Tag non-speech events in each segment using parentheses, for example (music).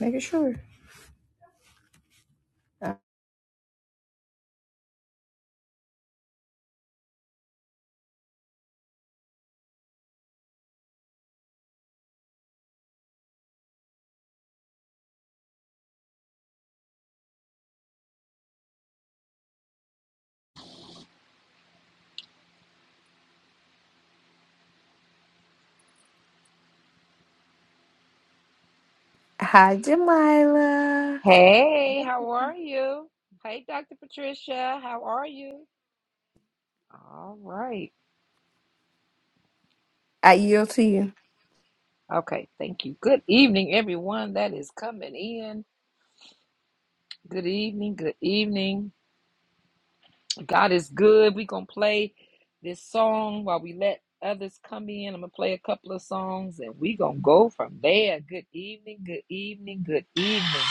Making sure. Uh, Hi, Jamila. Hey, how are you? Hey, Dr. Patricia, how are you? All right. I yield to you. Okay, thank you. Good evening, everyone that is coming in. Good evening, good evening. God is good. We're going to play this song while we let others come in. I'm going to play a couple of songs and we're going to go from there. Good evening, good evening, good evening. Miracle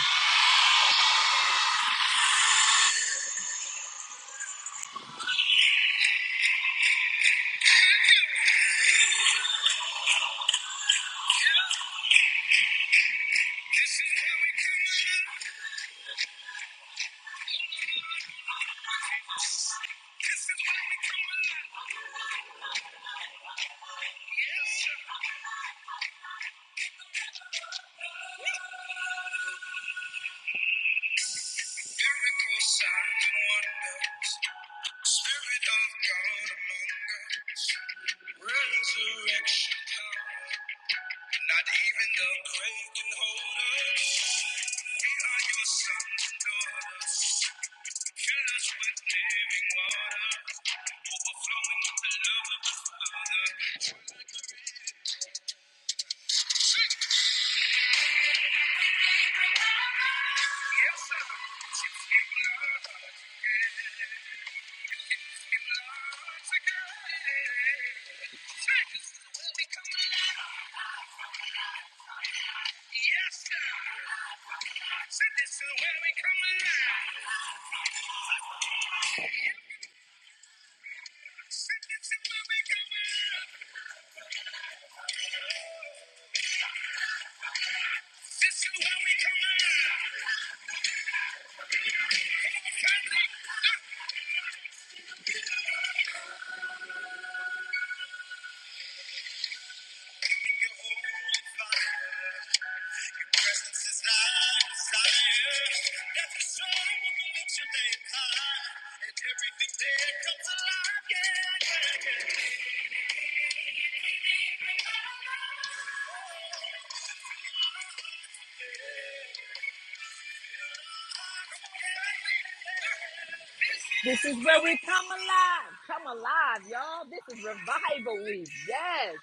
signs, wonders, Spirit of God among us, resurrection power. Not even the grave can hold us. We are your sons and daughters. Fill us with living water, overflowing with the love of the Father. Yes, sir. Yes, sir. Said this is where we come alive. Yeah, yeah, yeah. This is where we come alive. Come alive, y'all. This is revival week. Yes.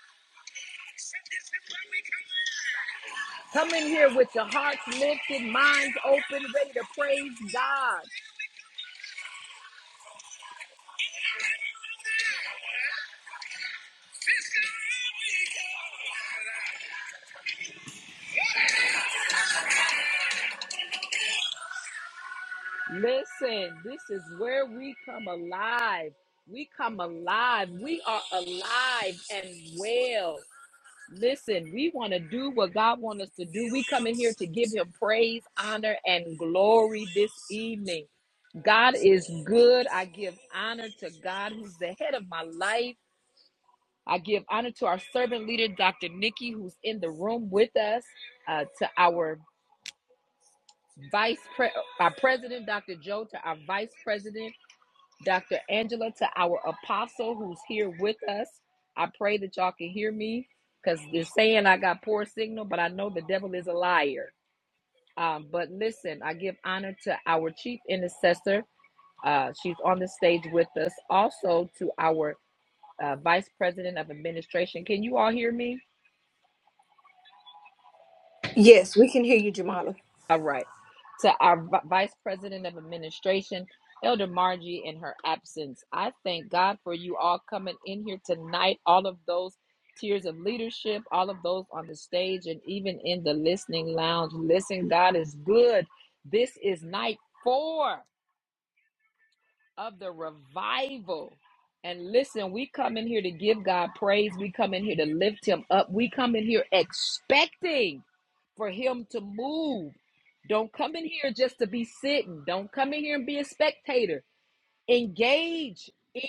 Come in here with your hearts lifted, minds open, ready to praise God. Listen, this is where we come alive. We come alive. We are alive and well. Listen, we want to do what God wants us to do. We come in here to give him praise, honor, and glory this evening. God is good. I give honor to God who's the head of my life. I give honor to our servant leader, Dr. Nikki, who's in the room with us, uh, to our vice pre- our president, Dr. Joe, to our vice president, Dr. Angela, to our apostle who's here with us. I pray that y'all can hear me because they're saying I got poor signal, but I know the devil is a liar. Um, but listen, I give honor to our chief intercessor. Uh, she's on the stage with us. Also to our uh, vice president of administration. Can you all hear me? Yes, we can hear you, Jamala. All right. To our v- Vice President of Administration, Elder Margie, in her absence, I thank God for you all coming in here tonight, all of those tiers of leadership, all of those on the stage, and even in the listening lounge. Listen, God is good. This is night four of the revival. And listen, we come in here to give God praise. We come in here to lift him up. We come in here expecting for him to move. Don't come in here just to be sitting. Don't come in here and be a spectator. Engage in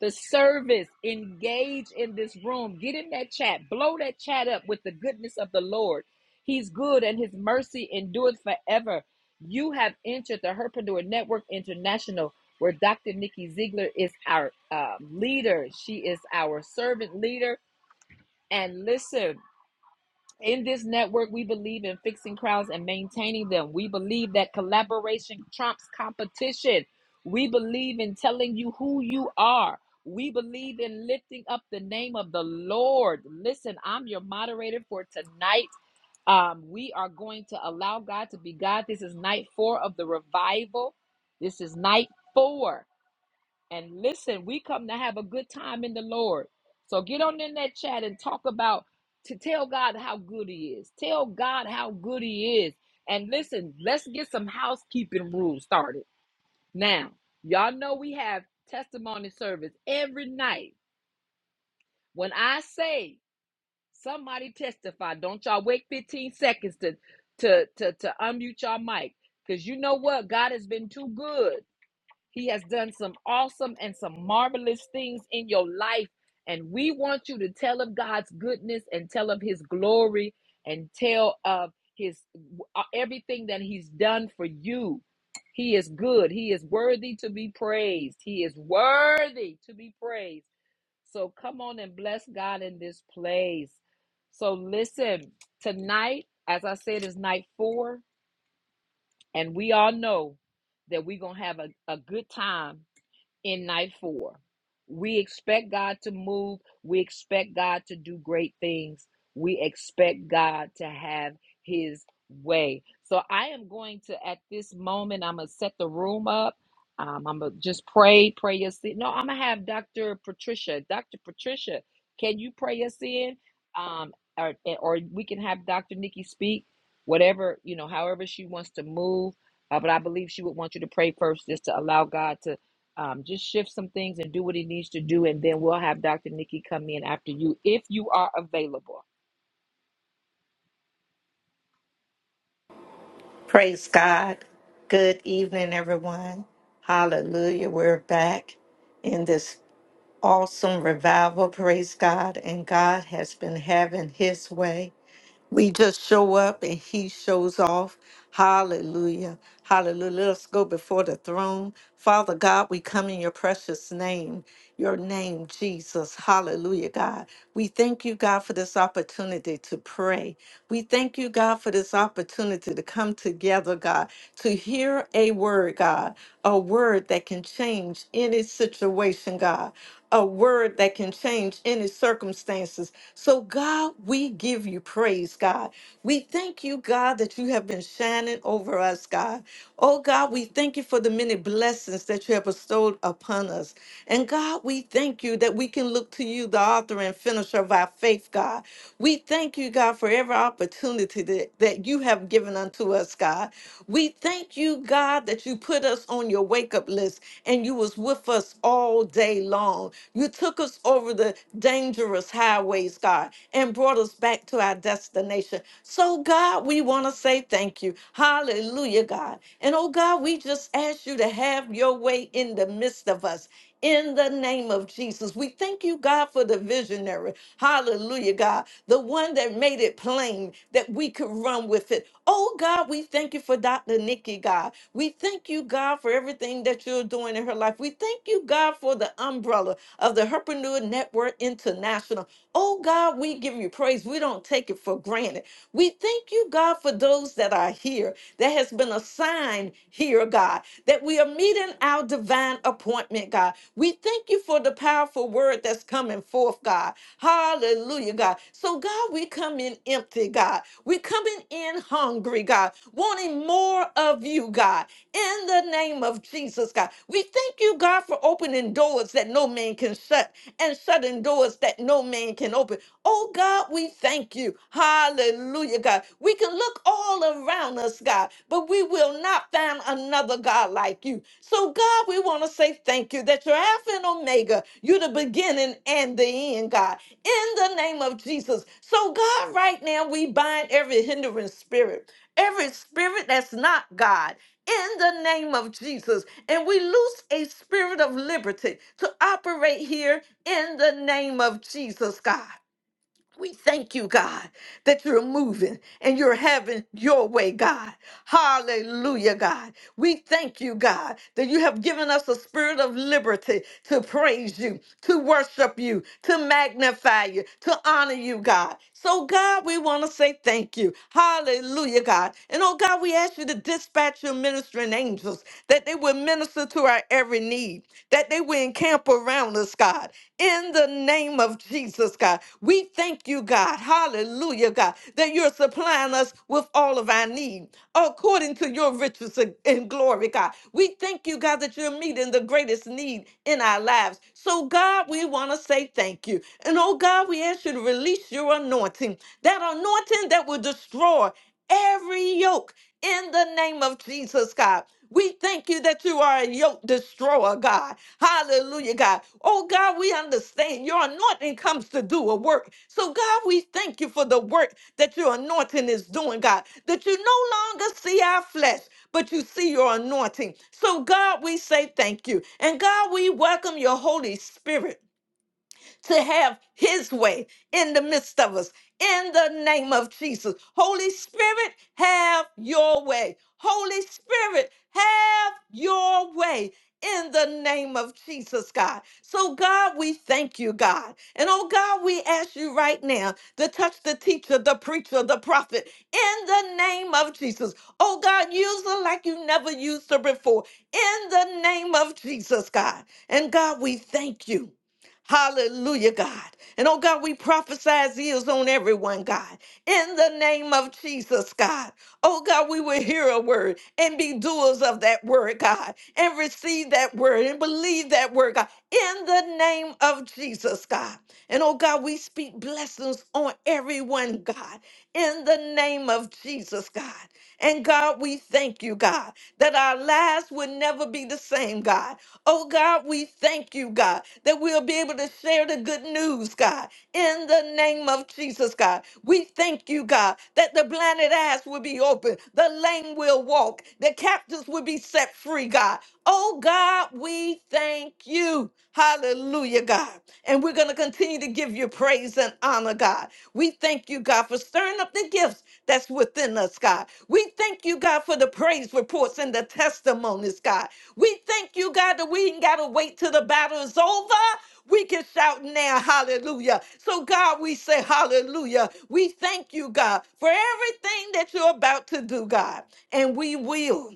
the service. Engage in this room. Get in that chat. Blow that chat up with the goodness of the Lord. He's good and his mercy endures forever. You have entered the Herpreneur Network International, where Dr. Nikki Ziegler is our uh, leader. She is our servant leader. And listen, in this network, we believe in fixing crowds and maintaining them. We believe that collaboration trumps competition. We believe in telling you who you are. We believe in lifting up the name of the Lord. Listen, I'm your moderator for tonight. Um, we are going to allow God to be God. This is night four of the revival. This is night four. And listen, we come to have a good time in the Lord. So get on in that chat and talk about to tell God how good he is. Tell God how good he is. And listen, let's get some housekeeping rules started. Now, y'all know we have testimony service every night. When I say somebody testify, don't y'all wait 15 seconds to to to, to unmute your mic. Because you know what? God has been too good. He has done some awesome and some marvelous things in your life. And we want you to tell of God's goodness and tell of his glory and tell of his uh, everything that he's done for you. He is good. He is worthy to be praised. He is worthy to be praised. So come on and bless God in this place. So listen, tonight, as I said, is night four, and we all know that we're going to have a, a good time in night four. We expect God to move. We expect God to do great things. We expect God to have his way. So I am going to, at this moment, I'm going to set the room up. Um, I'm going to just pray, pray your sin. No, I'm going to have Dr. Patricia. Dr. Patricia, can you pray us in? Um, or, or we can have Dr. Nikki speak, whatever, you know, however she wants to move. Uh, but I believe she would want you to pray first just to allow God to um, just shift some things and do what he needs to do, and then we'll have Dr. Nikki come in after you if you are available. Praise God. Good evening, everyone. Hallelujah. We're back in this awesome revival. Praise God. And God has been having his way. We just show up and he shows off. Hallelujah. Hallelujah. Let us go before the throne. Father God, we come in your precious name, your name, Jesus. Hallelujah, God. We thank you, God, for this opportunity to pray. We thank you, God, for this opportunity to come together, God, to hear a word, God, a word that can change any situation, God a word that can change any circumstances. So, God, we give you praise, God. We thank you, God, that you have been shining over us, God. Oh, God, we thank you for the many blessings that you have bestowed upon us. And, God, we thank you that we can look to you, the author and finisher of our faith, God. We thank you, God, for every opportunity that, that you have given unto us, God. We thank you, God, that you put us on your wake up list and you was with us us all day long. You took us over the dangerous highways, God, and brought us back to our destination. So, God, we want to say thank you. Hallelujah, God. And oh, God, we just ask you to have your way in the midst of us. In the name of Jesus, we thank you, God, for the visionary. Hallelujah, God. The one that made it plain that we could run with it Oh God, we thank you for Dr. Nikki, God. We thank you, God, for everything that you're doing in her life. We thank you, God, for the umbrella of the Herpreneur Network International. Oh God, we give you praise. We don't take it for granted. We thank you, God, for those that are here That there has been a sign here, God, that we are meeting our divine appointment, God. We thank you for the powerful word that's coming forth, God. Hallelujah, God. So, God, we come in empty, God. we coming in hungry, God, wanting more of you, God, in the name of Jesus, God. We thank you, God, for opening doors that no man can shut and shutting doors that no man can open. Oh God, we thank you. Hallelujah, God. We can look all around us, God, but we will not find another God like you. So, God, we want to say thank you that you're Alpha and Omega. You're the beginning and the end, God, in the name of Jesus. So, God, right now, we bind every hindering spirit, every spirit that's not God. In the name of Jesus, and we loose a spirit of liberty to operate here in the name of Jesus, God. We thank you, God, that you're moving and you're having your way, God. Hallelujah, God. We thank you, God, that you have given us a spirit of liberty to praise you, to worship you, to magnify you, to honor you, God. So, God, we want to say thank you. Hallelujah, God. And oh, God, we ask you to dispatch your ministering angels that they will minister to our every need, that they will encamp around us, God, in the name of Jesus, God. We thank you, God. Hallelujah, God, that you're supplying us with all of our need according to your riches in in glory, God. We thank you, God, that you're meeting the greatest need in our lives. So, God, we want to say thank you. And oh, God, we ask you to release your anointing, that anointing that will destroy every yoke in the name of Jesus, God. We thank you that you are a yoke destroyer, God. Hallelujah, God. Oh, God, we understand your anointing comes to do a work. So, God, we thank you for the work that your anointing is doing, God, that you no longer see our flesh. But you see your anointing. So, God, we say thank you. And God, we welcome your Holy Spirit to have his way in the midst of us. In the name of Jesus. Holy Spirit, have your way. Holy Spirit, have your way in the name of Jesus, God. So, God, we thank you, God. And oh, God, we ask you right now to touch the teacher, the preacher, the prophet in the name of Jesus. Oh, God, use her like you never used her before in the name of Jesus, God. And God, we thank you. Hallelujah, God. And oh God, we prophesize ears on everyone, God. In the name of Jesus, God. Oh God, we will hear a word and be doers of that word, God, and receive that word and believe that word, God. In the name of Jesus, God. And oh God, we speak blessings on everyone, God. In the name of Jesus, God. And God, we thank you, God, that our lives would never be the same, God. Oh God, we thank you, God, that we'll be able to share the good news, God, in the name of Jesus, God. We thank you, God, that the blinded eyes will be open, the lame will walk, the captives will be set free, God. Oh God, we thank you. Hallelujah, God. And we're going to continue to give you praise and honor, God. We thank you, God, for stirring up the gifts that's within us, God. We thank you, God, for the praise reports and the testimonies, God. We thank you, God, that we ain't got to wait till the battle is over. We can shout now, hallelujah. So, God, we say hallelujah. We thank you, God, for everything that you're about to do, God. And we will.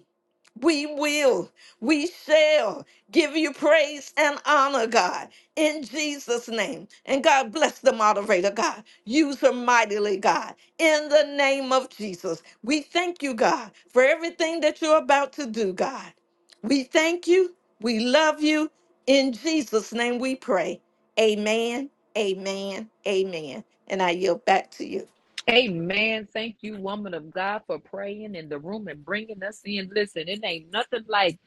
We will, we shall give you praise and honor, God, in Jesus' name. And God bless the moderator, God. Use her mightily, God, in the name of Jesus. We thank you, God, for everything that you're about to do, God. We thank you. We love you. In Jesus' name we pray. Amen, amen, amen. And I yield back to you. Amen. Thank you, woman of God, for praying in the room and bringing us in. Listen, it ain't nothing like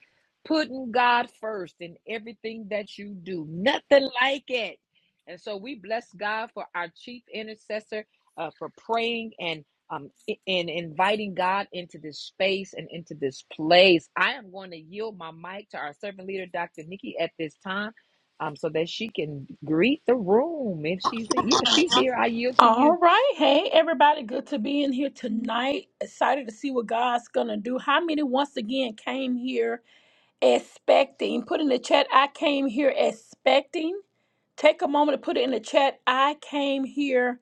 putting God first in everything that you do. Nothing like it. And so we bless God for our chief intercessor uh, for praying and um, and inviting God into this space and into this place. I am going to yield my mic to our servant leader, Dr. Nikki, at this time, um, so that she can greet the room. If she's yeah, she's here. I yield to you. All right. Hey, everybody. Good to be in here tonight. Excited to see what God's going to do. How many once again came here expecting? Put in the chat, I came here expecting. Take a moment to put it in the chat. I came here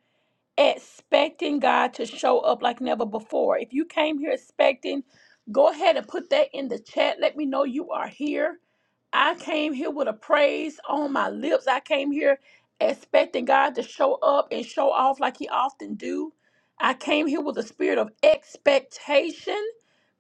expecting God to show up like never before. If you came here expecting, go ahead and put that in the chat. Let me know you are here. I came here with a praise on my lips. I came here expecting God to show up and show off like he often do. I came here with a spirit of expectation.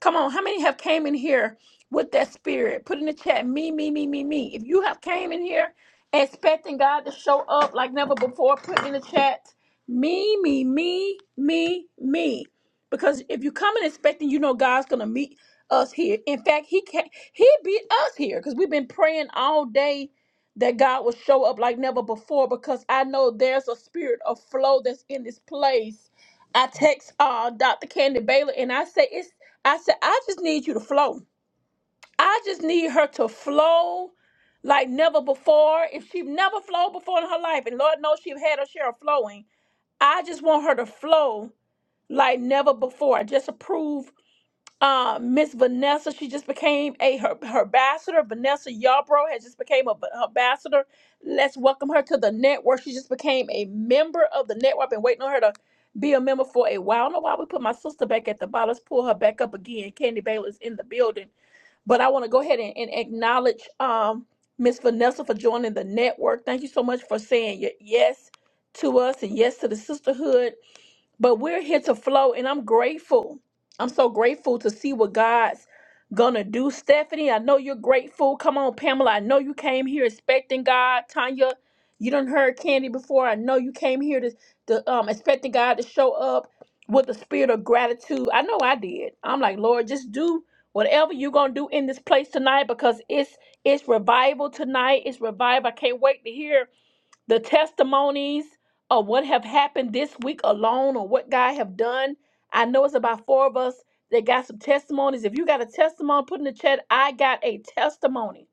Come on, how many have came in here with that spirit? Put in the chat me me me me me. If you have came in here expecting God to show up like never before, put in the chat me me me me me. Because if you come in expecting you know God's going to meet us here. In fact, he can he beat us here because we've been praying all day that God will show up like never before because I know there's a spirit of flow that's in this place. I text uh Dr. Candy Baylor and I say it's I said I just need you to flow. I just need her to flow like never before. If she've never flowed before in her life, and Lord knows she've had her share of flowing, I just want her to flow like never before. Just approve uh, Miss Vanessa, she just became a her, her ambassador. Vanessa Yarbrough has just became a b- ambassador. Let's welcome her to the network. She just became a member of the network. I've been waiting on her to be a member for a while. I don't know why we put my sister back at the bottom. Let's pull her back up again. Candy Baylor's in the building. But I want to go ahead and, and acknowledge um Miss Vanessa for joining the network. Thank you so much for saying your yes to us and yes to the sisterhood but we're here to flow, and I'm grateful. I'm so grateful to see what God's gonna do. Stephanie, I know you're grateful. Come on, Pamela. I know you came here expecting God. Tanya, you done heard Candy before. I know you came here to, to um expecting God to show up with a spirit of gratitude. I know I did. I'm like, Lord, just do whatever you're gonna do in this place tonight because it's it's revival tonight. It's revival. I can't wait to hear the testimonies of what have happened this week alone or what God have done. I know it's about four of us that got some testimonies. If you got a testimony, put in the chat, I got a testimony.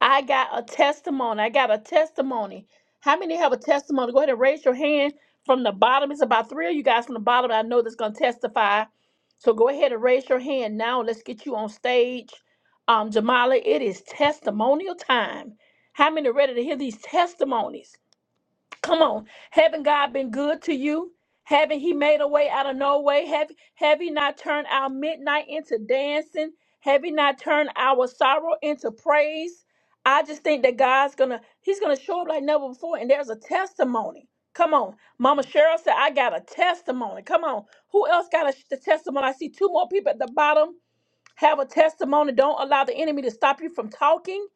I got a testimony. I got a testimony. How many have a testimony? Go ahead and raise your hand from the bottom. It's about three of you guys from the bottom. I know that's going to testify. So go ahead and raise your hand now. Let's get you on stage. Um, Jamala, it is testimonial time. How many are ready to hear these testimonies? Come on. Haven't God been good to you? Haven't He made a way out of no way? Have, have He not turned our midnight into dancing? Have He not turned our sorrow into praise? I just think that God's gonna, He's gonna show up like never before, and there's a testimony. Come on. Mama Cheryl said, I got a testimony. Come on. Who else got a the testimony? I see two more people at the bottom have a testimony. Don't allow the enemy to stop you from talking.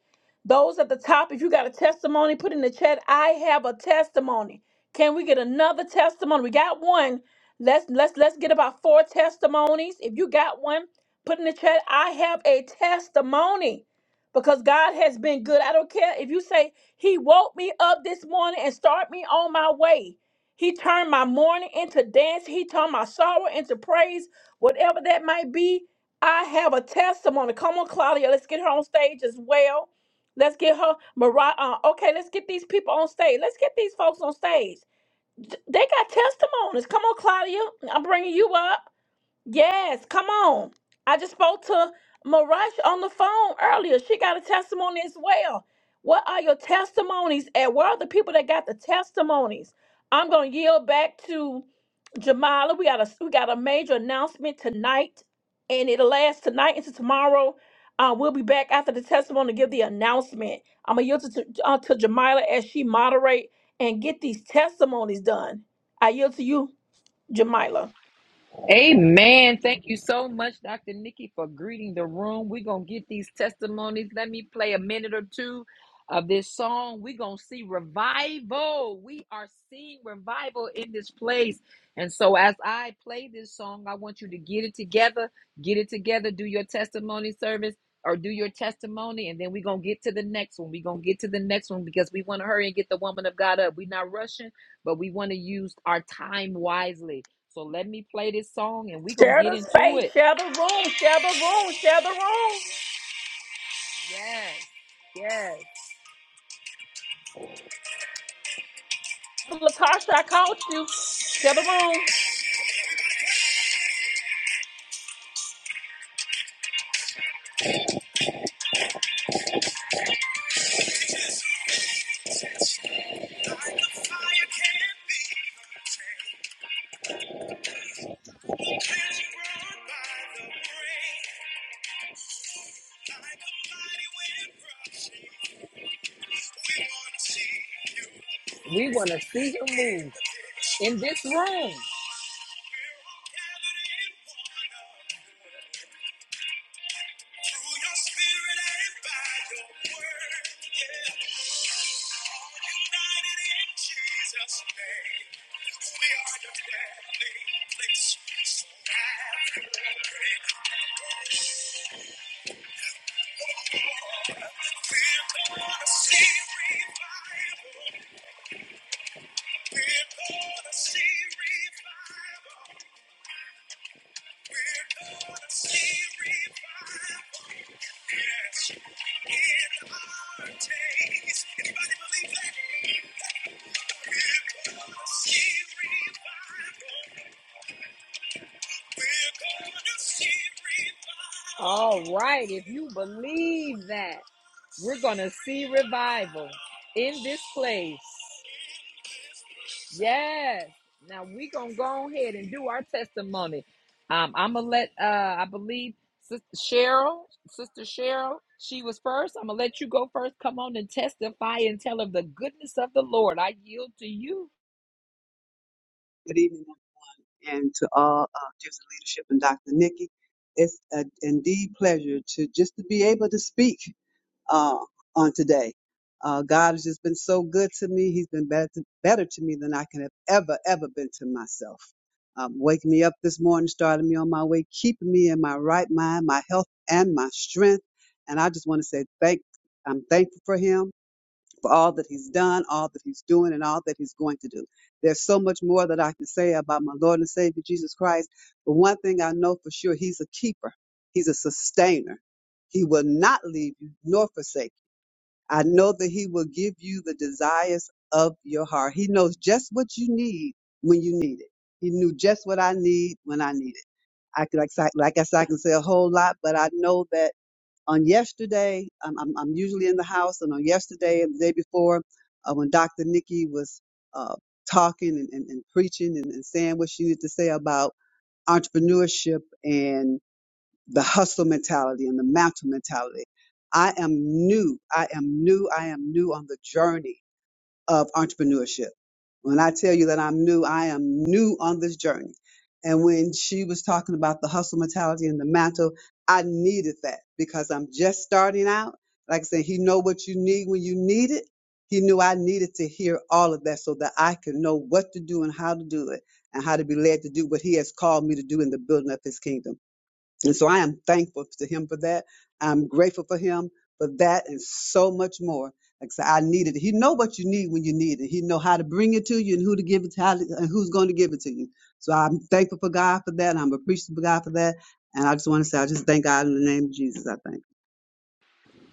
Those at the top, if you got a testimony, put in the chat, I have a testimony. Can we get another testimony? We got one. Let's let's let's get about four testimonies. If you got one, put in the chat, I have a testimony. Because God has been good. I don't care if you say he woke me up this morning and start me on my way. He turned my mourning into dance. He turned my sorrow into praise. Whatever that might be, I have a testimony. Come on, Claudia, let's get her on stage as well. Let's get her, Mariah. Uh, okay, let's get these people on stage. Let's get these folks on stage. Th- They got testimonies. Come on, Claudia. I'm bringing you up. Yes, come on. I just spoke to Marash on the phone earlier. She got a testimony as well. What are your testimonies? And where are the people that got the testimonies? I'm gonna yield back to Jamala. We got a we got a major announcement tonight, and it'll last tonight into tomorrow. Uh, we'll be back after the testimony to give the announcement. I'm gonna yield to, to, uh, to Jamila as she moderate and get these testimonies done. I yield to you, Jamila. Amen. Thank you so much, Dr. Nikki, for greeting the room. We're going to get these testimonies. Let me play a minute or two of this song. We're going to see revival. We are seeing revival in this place. And so, as I play this song, I want you to get it together, get it together, do your testimony service or do your testimony. And then we're going to get to the next one. We're going to get to the next one because we want to hurry and get the woman of God up. We're not rushing, but we want to use our time wisely. So let me play this song and we're going to Share get the into space, it. share the room, share the room, share the room. Yes, yes. Latasha, I called you. Share the room. We want to see him move in this room. All right, if you believe that, we're going to see revival in this place. Yes. Now we're going to go ahead and do our testimony. Um, I'm going to let, uh, I believe, Sister Cheryl, Sister Cheryl, she was first. I'm going to let you go first. Come on and testify and tell of the goodness of the Lord. I yield to you. Good evening, and to all uh, Gives of Leadership and Dr. Nikki. It's an indeed pleasure to just to be able to speak uh, on today. Uh, God has just been so good to me. He's been better, better to me than I can have ever, ever been to myself. Um, waking me up this morning, starting me on my way, keeping me in my right mind, my health and my strength. And I just want to say thank. I'm thankful for Him for all that he's done, all that he's doing, and all that he's going to do. There's so much more that I can say about my Lord and Savior Jesus Christ, but one thing I know for sure, he's a keeper, he's a sustainer. He will not leave you nor forsake you. I know that he will give you the desires of your heart. He knows just what you need when you need it. He knew just what I need when I need it. I could, like like I said, I can say a whole lot, but I know that on yesterday, I'm, I'm, I'm usually in the house, and on yesterday and the day before, uh, when Dr. Nikki was uh, talking and, and, and preaching and, and saying what she needed to say about entrepreneurship and the hustle mentality and the mountain mentality, I am new. I am new. I am new on the journey of entrepreneurship. When I tell you that I'm new, I am new on this journey. And when she was talking about the hustle mentality and the mantle, I needed that because I'm just starting out. Like I said, he know what you need when you need it. He knew I needed to hear all of that so that I could know what to do and how to do it and how to be led to do what he has called me to do in the building of his kingdom. And so I am thankful to him for that. I'm grateful for him for that and so much more. Like I said, I needed it. He know what you need when you need it. He know how to bring it to you and who to give it to how to, and who's going to give it to you. So I'm thankful for God for that. I'm appreciative of God for that. And I just want to say, I just thank God in the name of Jesus. I thank.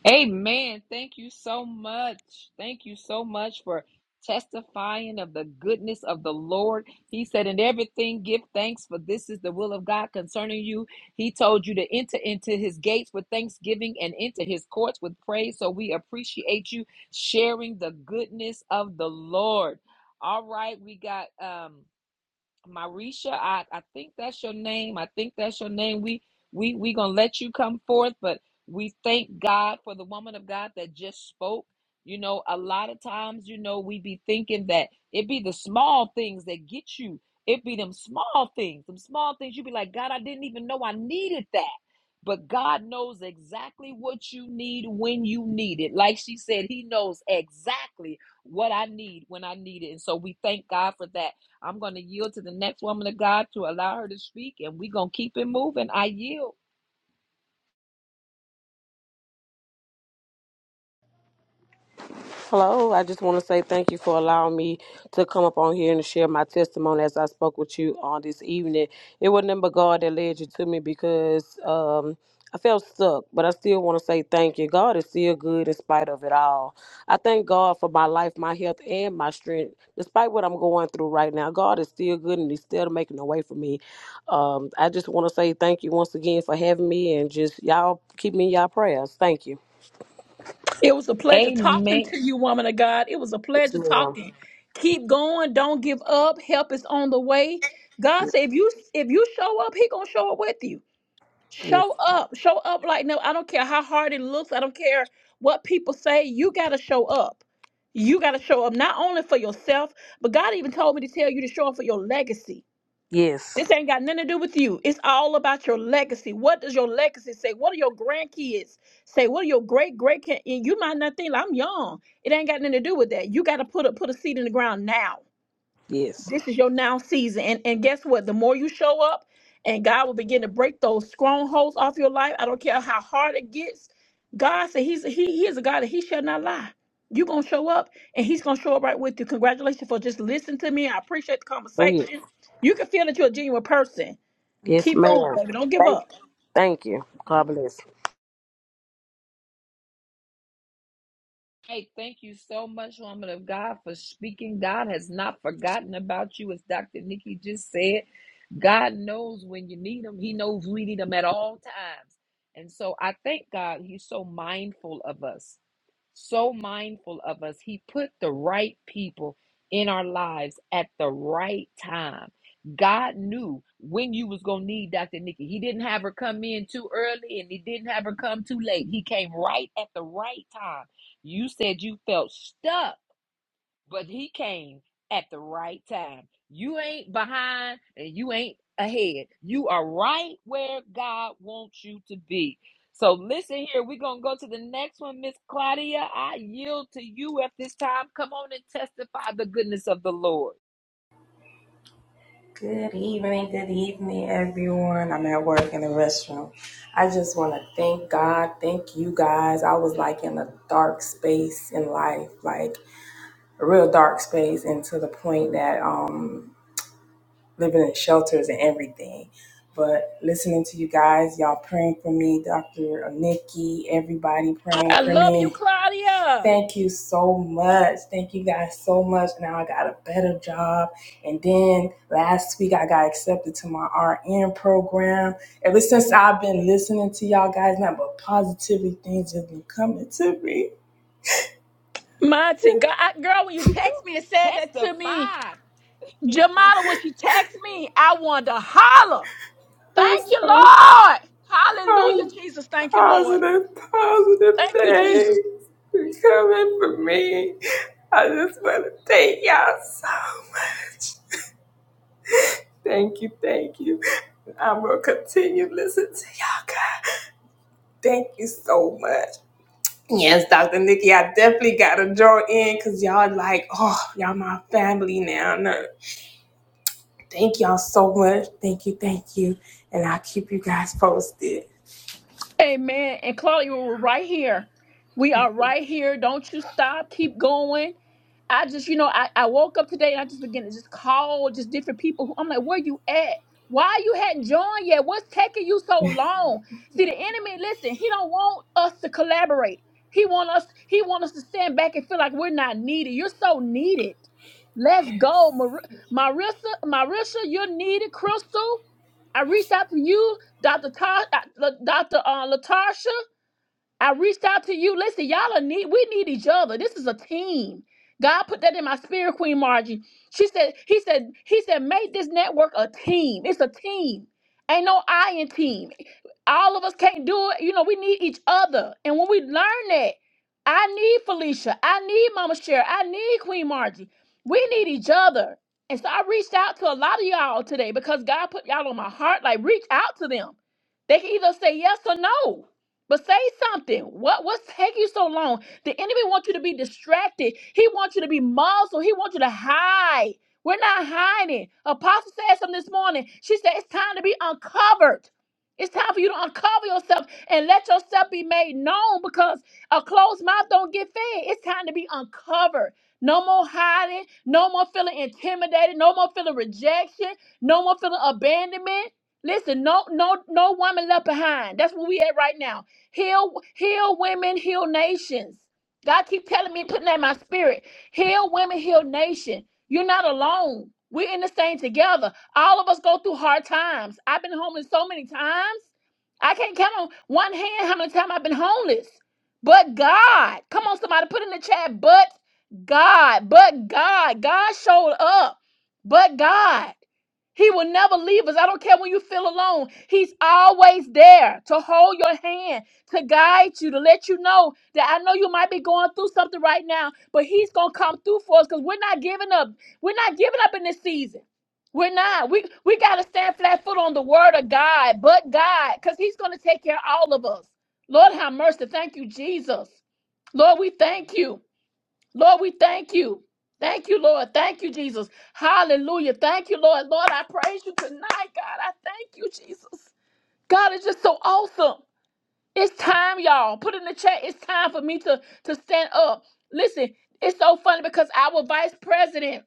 Amen. Thank you so much. Thank you so much for testifying of the goodness of the Lord. He said, In everything, give thanks, for this is the will of God concerning you. He told you to enter into his gates with thanksgiving and into his courts with praise. So we appreciate you sharing the goodness of the Lord. All right, we got um Marisha, I, I think that's your name. I think that's your name. We we we gonna let you come forth, but we thank God for the woman of God that just spoke. You know, a lot of times, you know, we be thinking that it be the small things that get you. It be them small things, them small things. You be like, God, I didn't even know I needed that. But God knows exactly what you need when you need it. Like she said, He knows exactly what I need when I need it. And so we thank God for that. I'm going to yield to the next woman of God to allow her to speak, and we're going to keep it moving. I yield. Hello, I just want to say thank you for allowing me to come up on here and share my testimony as I spoke with you on this evening. It wasn't nothing but God that led you to me because um, I felt stuck, but I still want to say thank you. God is still good in spite of it all. I thank God for my life, my health, and my strength, despite what I'm going through right now. God is still good and He's still making a way for me. Um, I just want to say thank you once again for having me and just y'all keep me in y'all prayers. Thank you. It was a pleasure talking Amen. to you, woman of God. It was a Yes, pleasure ma'am. talking. Keep going. Don't give up. Help is on the way. God said, if you if you show up, He gonna show up with you. Yes. Show up. Show up like no. I don't care how hard it looks. I don't care what people say. You gotta show up. You gotta show up not only for yourself, but God even told me to tell you to show up for your legacy Yes. This ain't got nothing to do with you. It's all about your legacy. What does your legacy say? What do your grandkids say? What are your great great grand- and you might not think I'm young. It ain't got nothing to do with that. You got to put a put a seed in the ground now. Yes. This is your now season. And and guess what? The more you show up, and God will begin to break those strongholds off your life. I don't care how hard it gets. God said He's He, he is a God that He shall not lie. You're gonna show up and He's gonna show up right with you. Congratulations for just listening to me. I appreciate the Oh, yes. conversation. You can feel that you're a genuine person Yes, Keep going, ma'am. baby. Don't give Thank you. up. Thank you. God bless. Hey, thank you so much, woman of God, for speaking. God has not forgotten about you, as Dr. Nikki just said. God knows when you need Him, He knows we need Him at all times. And so I thank God He's so mindful of us. so mindful of us. He put the right people in our lives at the right time. God knew when you was gonna need Dr. Nikki. He didn't have her come in too early and he didn't have her come too late. He came right at the right time. You said you felt stuck but he came at the right time. You ain't behind and you ain't ahead. You are right where God wants you to be. So listen here, we're gonna go to the next one, Miss Claudia. I yield to you at this time. Come on and testify the goodness of the Lord. Good evening, good evening, everyone. I'm at work in the restroom. I just want to thank God, thank you guys. I was like in a dark space in life, like a real dark space, and to the point that um living in shelters and everything. But listening to you guys, y'all praying for me, Dr. Nikki, everybody praying I for love me. you, Claudia. Thank you so much. Thank you guys so much. Now I got a better job. And then last week I got accepted to my RN program. Ever since I've been listening to y'all guys, nothing but positivity things have been coming to me. Monty, (laughs) girl, I- girl, when you text me and said that to me, Testify. (laughs) Jamala, when she text me, I wanted to holler. I'm Thank you, so Lord. Hallelujah, po- Jesus. Thank you, Lord. positive, positive Thank you, Jesus. things are coming for me. I just want to thank y'all so much. Thank you, thank you. I'm going to continue listening to y'all guys. Thank you so much. Yes, Dr. Nikki, I definitely got to draw in because y'all like, oh, y'all my family now. No, thank y'all so much. Thank you, thank you. And I'll keep you guys posted. Amen. And Claudia, we're right here. We are right here. Don't you stop. Keep going. I just, you know, I, I woke up today and I just began to just call just different people. Who, I'm like, where you at? Why you hadn't joined yet? What's taking you so long? See, the enemy, listen, he don't want us to collaborate. He want us, he want us to stand back and feel like we're not needed. You're so needed. Let's go. Mar- Marissa, Marisha, you're needed. Crystal, I reached out to you. Dr. Tar- uh, Dr. Uh, Latasha. I reached out to you. Listen, y'all are need we need each other. This is a team. God put that in my spirit, Queen Margie. She said, he said, he said, make this network a team. It's a team. Ain't no I in team. All of us can't do it. You know, we need each other. And when we learn that, I need Felicia. I need Mama Cher. I need Queen Margie. We need each other. And so I reached out to a lot of y'all today because God put y'all on my heart. Like, reach out to them. They can either say yes or no. But say something. What what's taking you so long? The enemy wants you to be distracted. He wants you to be muzzled. He wants you to hide. We're not hiding. Apostle said something this morning. She said it's time to be uncovered. It's time for you to uncover yourself and let yourself be made known because a closed mouth don't get fed. It's time to be uncovered. No more hiding. No more feeling intimidated. No more feeling rejection. No more feeling abandonment. Listen, no, no, no woman left behind. That's where we at right now. Heal, heal women, heal nations. God keep telling me, putting that in my spirit. Heal women, heal nation. You're not alone. We're in this thing together. All of us go through hard times. I've been homeless so many times. I can't count on one hand how many times I've been homeless. But God, come on, somebody put in the chat, but God, but God, God showed up. But God. He will never leave us. I don't care when you feel alone. He's always there to hold your hand, to guide you, to let you know that I know you might be going through something right now, but He's going to come through for us because we're not giving up. We're not giving up in this season. We're not. We, we got to stand flat foot on the word of God, but God, because He's going to take care of all of us. Lord, have mercy. Thank you, Jesus. Lord, we thank you. Lord, we thank you. Thank you, Lord. Thank you, Jesus. Hallelujah. Thank you, Lord. Lord, I praise you tonight, God. I thank you, Jesus. God is just so awesome. It's time, y'all. Put in the chat. It's time for me to, to stand up. Listen, it's so funny because our vice president,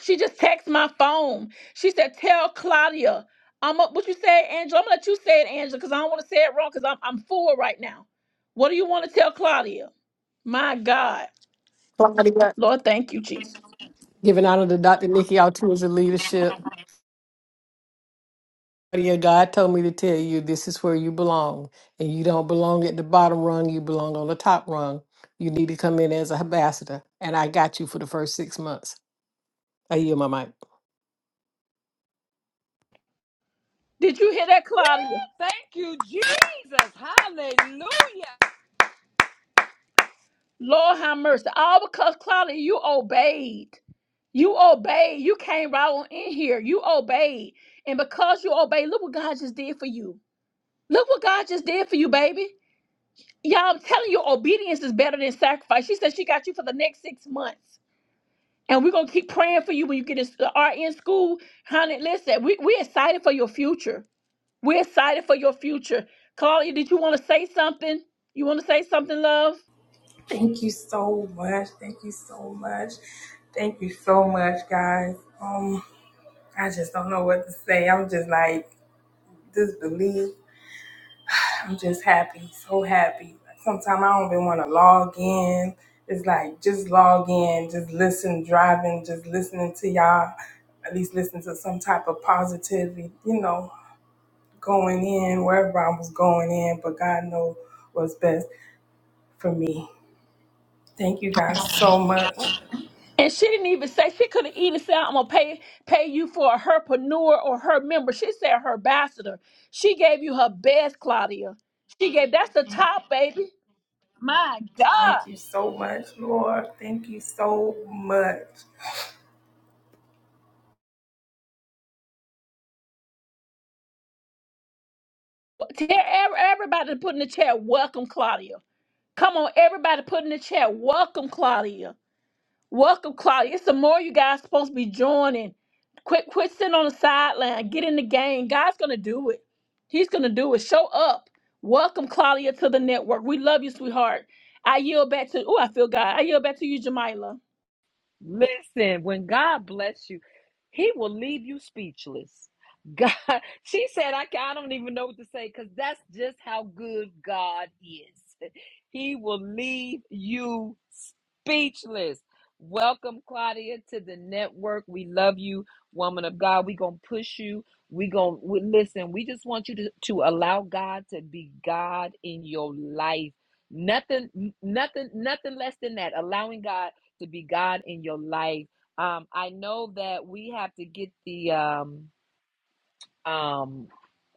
she just texted my phone. She said, Tell Claudia. I'm up. What you say, Angela? I'm gonna let you say it, Angela, because I don't want to say it wrong because I'm I'm full right now. What do you want to tell Claudia? My God. Claudia, Lord, thank you, Jesus. giving honor to Dr. Nikki Altua's leadership. Claudia, God told me to tell you this is where you belong. And you don't belong at the bottom rung, you belong on the top rung. You need to come in as an ambassador. And I got you for the first six months. I yield my mic. Did you hear that, Woo! Claudia? Thank you, Jesus. Hallelujah. Lord have mercy. All because Claudia, you obeyed. You obeyed. You came right on in here. You obeyed. And because you obeyed, look what God just did for you. Look what God just did for you, baby. Y'all, I'm telling you, obedience is better than sacrifice. She said she got you for the next six months. And we're gonna keep praying for you when you get in RN school. Honey, listen, we, we're excited for your future. We're excited for your future. Claudia, did you want to say something? You want to say something, love? Thank you so much. Thank you so much. Thank you so much, guys. Um, I just don't know what to say. I'm just like disbelieved. I'm just happy, so happy. Like, Sometimes I don't even want to log in. It's like just log in, just listen, driving, just listening to y'all. At least listen to some type of positivity, you know, going in wherever I was going in, but God know what's best for me. Thank you guys so much. And she didn't even say she could have even said, "I'm gonna pay pay you for a herpreneur or her member." She said her ambassador. She gave you her best, Claudia. She gave that's the top, baby. My God! Thank you so much, Lord. Thank you so much. Tell ev- everybody to put in the chat. Welcome, Claudia. Come on, everybody, put in the chat. Welcome, Claudia. Welcome, Claudia. Some more you guys supposed to be joining. Quit, quit sitting on the sideline. Get in the game. God's gonna do it. He's gonna do it. Show up. Welcome, Claudia, to the network. We love you, sweetheart. I yield back to. Oh, I feel God. I yield back to you, Jamila. Listen, when God bless you, He will leave you speechless. God, (laughs) she said, I, ca- I don't even know what to say because that's just how good God is. (laughs) He will leave you speechless. Welcome, Claudia, to the network. We love you, woman of God. we are going to push you. we are going to listen. We just want you to, to allow God to be God in your life. Nothing, nothing, nothing less than that. Allowing God to be God in your life. Um, I know that we have to get the um, um,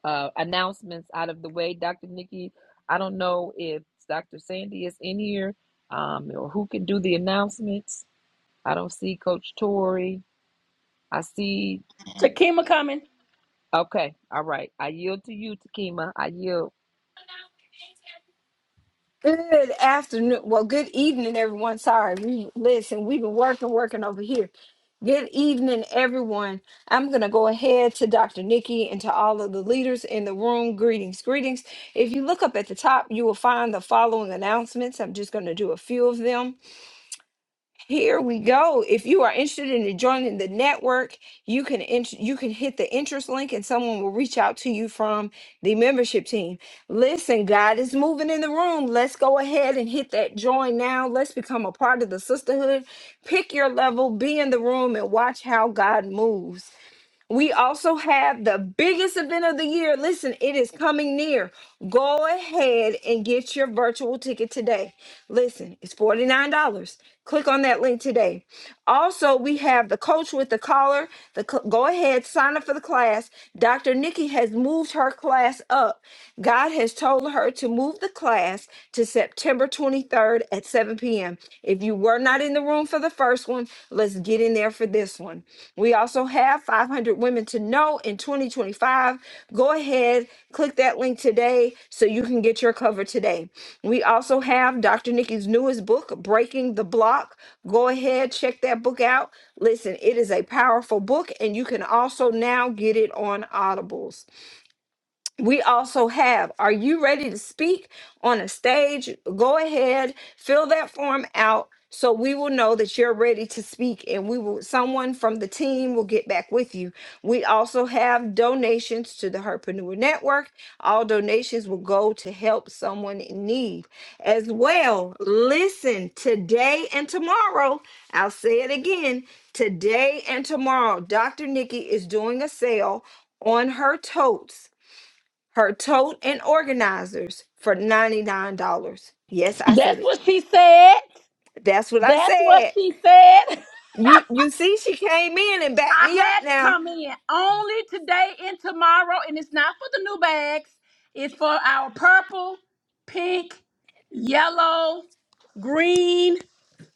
uh, announcements out of the way. Dr. Nikki, I don't know if Dr. Sandy is in here um, or who can do the announcements. I don't see Coach Tori. I see. Takima coming. Okay. All right. I yield to you, Takima. I yield. Good afternoon. Well, good evening, everyone. Sorry, we listen. We've been working, working over here. Good evening, everyone. I'm going to go ahead to Dr. Nikki and to all of the leaders in the room. Greetings, greetings. If you look up at the top, you will find the following announcements. I'm just going to do a few of them. Here we go. If you are interested in joining the network, you can int- you can hit the interest link and someone will reach out to you from the membership team. Listen, God is moving in the room. Let's go ahead and hit that join now. Let's become a part of the sisterhood. Pick your level, be in the room and watch how God moves. We also have the biggest event of the year. Listen, it is coming near. Go ahead and get your virtual ticket today. Listen, it's $49. Click on that link today. Also, we have the coach with the collar. The cl- go ahead, sign up for the class. Dr. Nikki has moved her class up. God has told her to move the class to September 23rd at 7 p.m. If you were not in the room for the for the first one. Let's get in there for this one. We also have 500 Women to Know in 2025. Go ahead, click that link today so you can get your cover today. We also have Dr. Nikki's newest book, Breaking the Block. Go ahead, check that book out. Listen, it is a powerful book, and you can also now get it on Audibles we also have are you ready to speak on a stage go ahead fill that form out so we will know that you're ready to speak and we will someone from the team will get back with you we also have donations to the herpreneur network all donations will go to help someone in need as well listen today and tomorrow i'll say it again today and tomorrow dr nikki is doing a sale on her totes her tote and organizers for $99. Yes, I said That's it. what she said. That's what I That's what said. she said. (laughs) You you see she came in and backed I me up had to now. come in only today and tomorrow, and it's not for the new bags. It's for our purple, pink, yellow, green.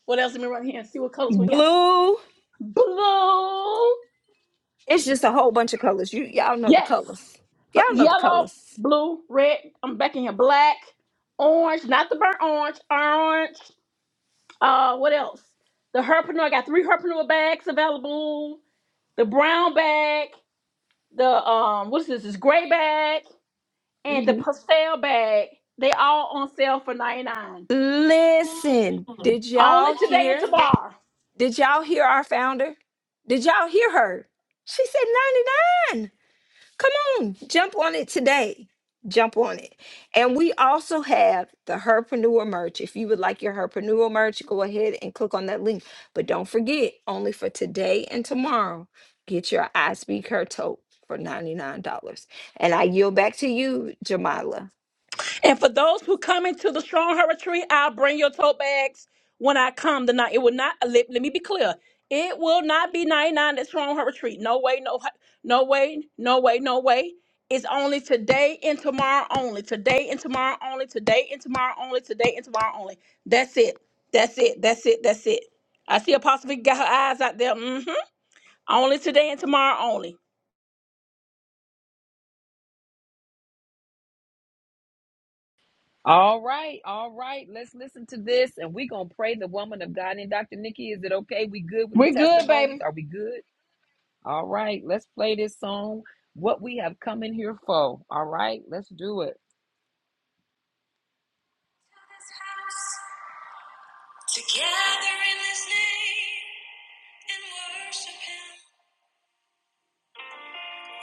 What else? Let me run here and see what colors we got. Blue. Blue. It's just a whole bunch of colors. You y'all know the Yes. colors. Y'all know the Yellow, colors. blue, red. I'm back in here. Black, orange, not the burnt orange, orange. Uh, what else? The herpreneur. I got three herpreneur bags available. The brown bag. The um, what is this? This gray bag and the Mhm. pastel bag. They all on sale for 99. Listen, did Only y'all today and hear? tomorrow. Did y'all hear our founder? Did y'all hear her? She said 99. Come on, jump on it today. Jump on it. And we also have the Herpreneur merch. If you would like your Herpreneur merch, go ahead and click on that link. But don't forget, only for today and tomorrow, get your I Speak Her tote for $99. And I yield back to you, Jamila. And for those who come into the Strong Her Retreat, I'll bring your tote bags when I come tonight. It will not let, let me be clear. It will not be 99 at Strong Her Retreat. No way, no ho- no way, no way, no way. It's only today and tomorrow only. Today and tomorrow only. Today and tomorrow only. Today and tomorrow only. That's it. That's it. That's it. That's it. I see Apostle Vicky got her eyes out there. hmm Only today and tomorrow only. All right. All right. Let's listen to this and we're going to pray the woman of God. And Dr. Nikki, is it okay? We good with the We good, testimonies? baby. Are we good? All right, let's play this song. What we have come in here for. All right, let's do it. Together in His name and worship Him.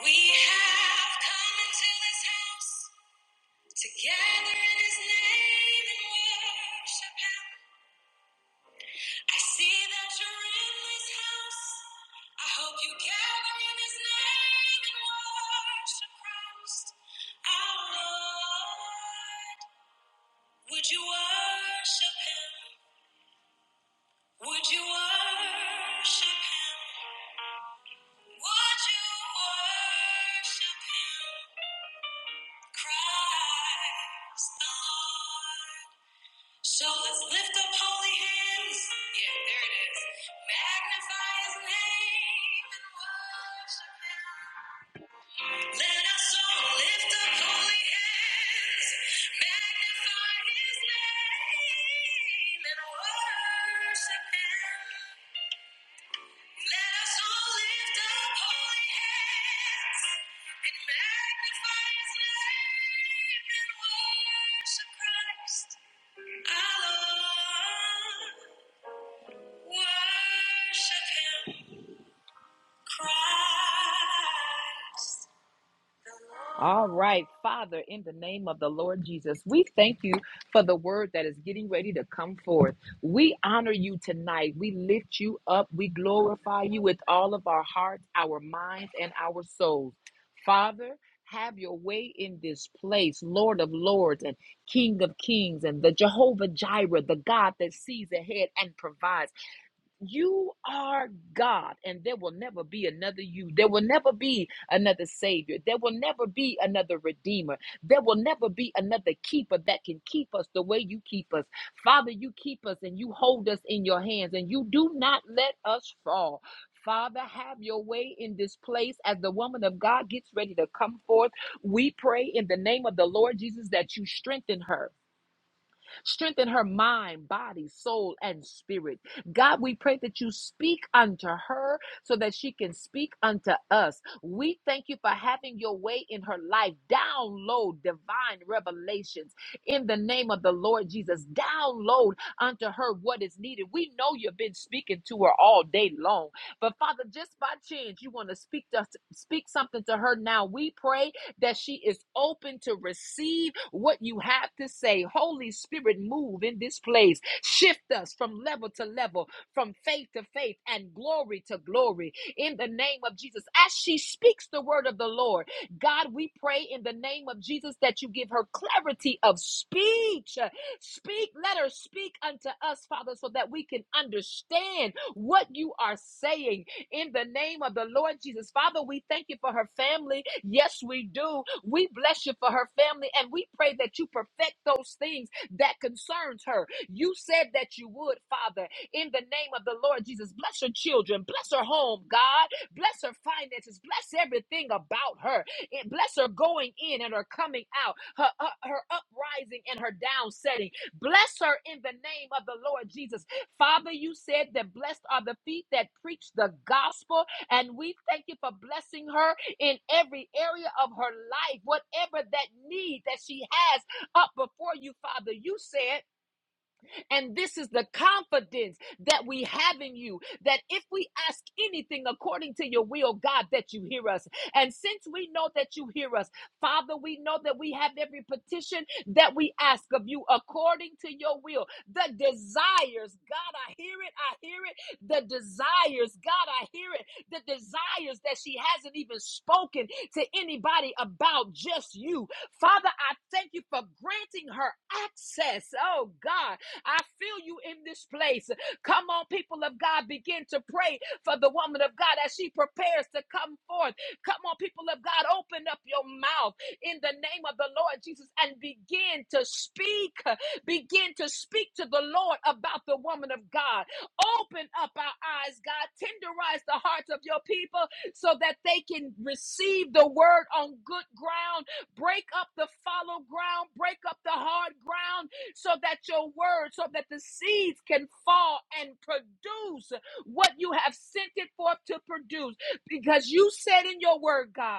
We have come into His house. Together in His name and worship Him. I see that you're in this house. I hope you gather in His name and worship Christ, our Lord. Would you worship him? Would you worship him? Would you worship him? Christ the Lord. So let's lift up holy hands. Yeah, there it is. Magnify his name and worship him. Let our soul lift up holy hands, magnify His name, and worship Him. Let us all lift up holy hands and magnify His name and worship Christ, our Worship Him, Christ. All right, Father, in the name of the Lord Jesus, we thank you for the word that is getting ready to come forth. We honor you tonight. We lift you up. We glorify you with all of our hearts, our minds, and our souls. Father, have your way in this place, Lord of Lords and King of Kings, and the Jehovah Jireh, the God that sees ahead and provides. You are God, and there will never be another you. There will never be another Savior. There will never be another Redeemer. There will never be another Keeper that can keep us the way you keep us. Father, you keep us and you hold us in your hands, and you do not let us fall. Father, have your way in this place as the woman of God gets ready to come forth. We pray in the name of the Lord Jesus that you strengthen her. Strengthen her mind, body, soul, and spirit. God, we pray that you speak unto her so that she can speak unto us. We thank you for having your way in her life. Download divine revelations in the name of the Lord Jesus. Download unto her what is needed. We know you've been speaking to her all day long. But Father, just by chance, you want to speak to speak something to her now. We pray that she is open to receive what you have to say. Holy Spirit, move in this place. Shift us from level to level, from faith to faith, and glory to glory. In the name of Jesus, as she speaks the word of the Lord, God, we pray in the name of Jesus that you give her clarity of speech. Speak, let her speak unto us, Father, so that we can understand what you are saying in the name of the Lord Jesus. Father, we thank you for her family. Yes, we do. We bless you for her family and we pray that you perfect those things that concerns her. You said that you would, Father, in the name of the Lord Jesus. Bless her children, bless her home, God. Bless her finances, bless everything about her. And Bless her going in and her coming out, her, her her uprising and her down setting. Bless her in the name of the Lord Jesus. Father, you said that blessed are the feet that preach the gospel, and we thank you for blessing her in every area of her life, whatever that need that she has up before you, Father. You said and this is the confidence that we have in you that if we ask anything according to your will, God, that you hear us. And since we know that you hear us, Father, we know that we have every petition that we ask of you according to your will. The desires, God, I hear it, I hear it. The desires, God, I hear it. The desires that she hasn't even spoken to anybody about, just you. Father, I thank you for granting her access, oh God, I feel you in this place. Come on, people of God, begin to pray for the woman of God as she prepares to come forth. Come on, people of God, open up your mouth in the name of the Lord Jesus and begin to speak. Begin to speak to the Lord about the woman of God. Open up our eyes, God. Tenderize the hearts of your people so that they can receive the word on good ground. Break up the follow ground. Break up the hard ground so that your word, so that the seeds can fall and produce what you have sent it forth to produce. Because you said in your word, God,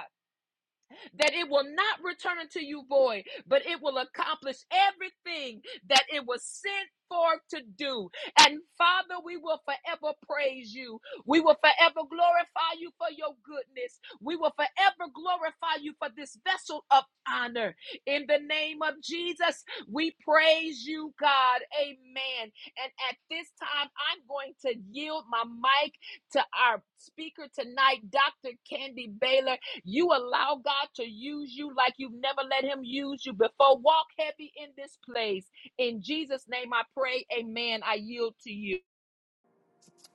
that it will not return unto you void, but it will accomplish everything that it was sent forth to do. And Father, we will forever praise you. We will forever glorify you for your goodness. We will forever glorify you for this vessel of honor. In the name of Jesus, we praise you, God. Amen. And at this time, I'm going to yield my mic to our speaker tonight, Dr. Candy Baylor. You allow God to use you like you've never let Him use you before. Walk heavy in this place. In Jesus' name I pray, Amen. I yield to you.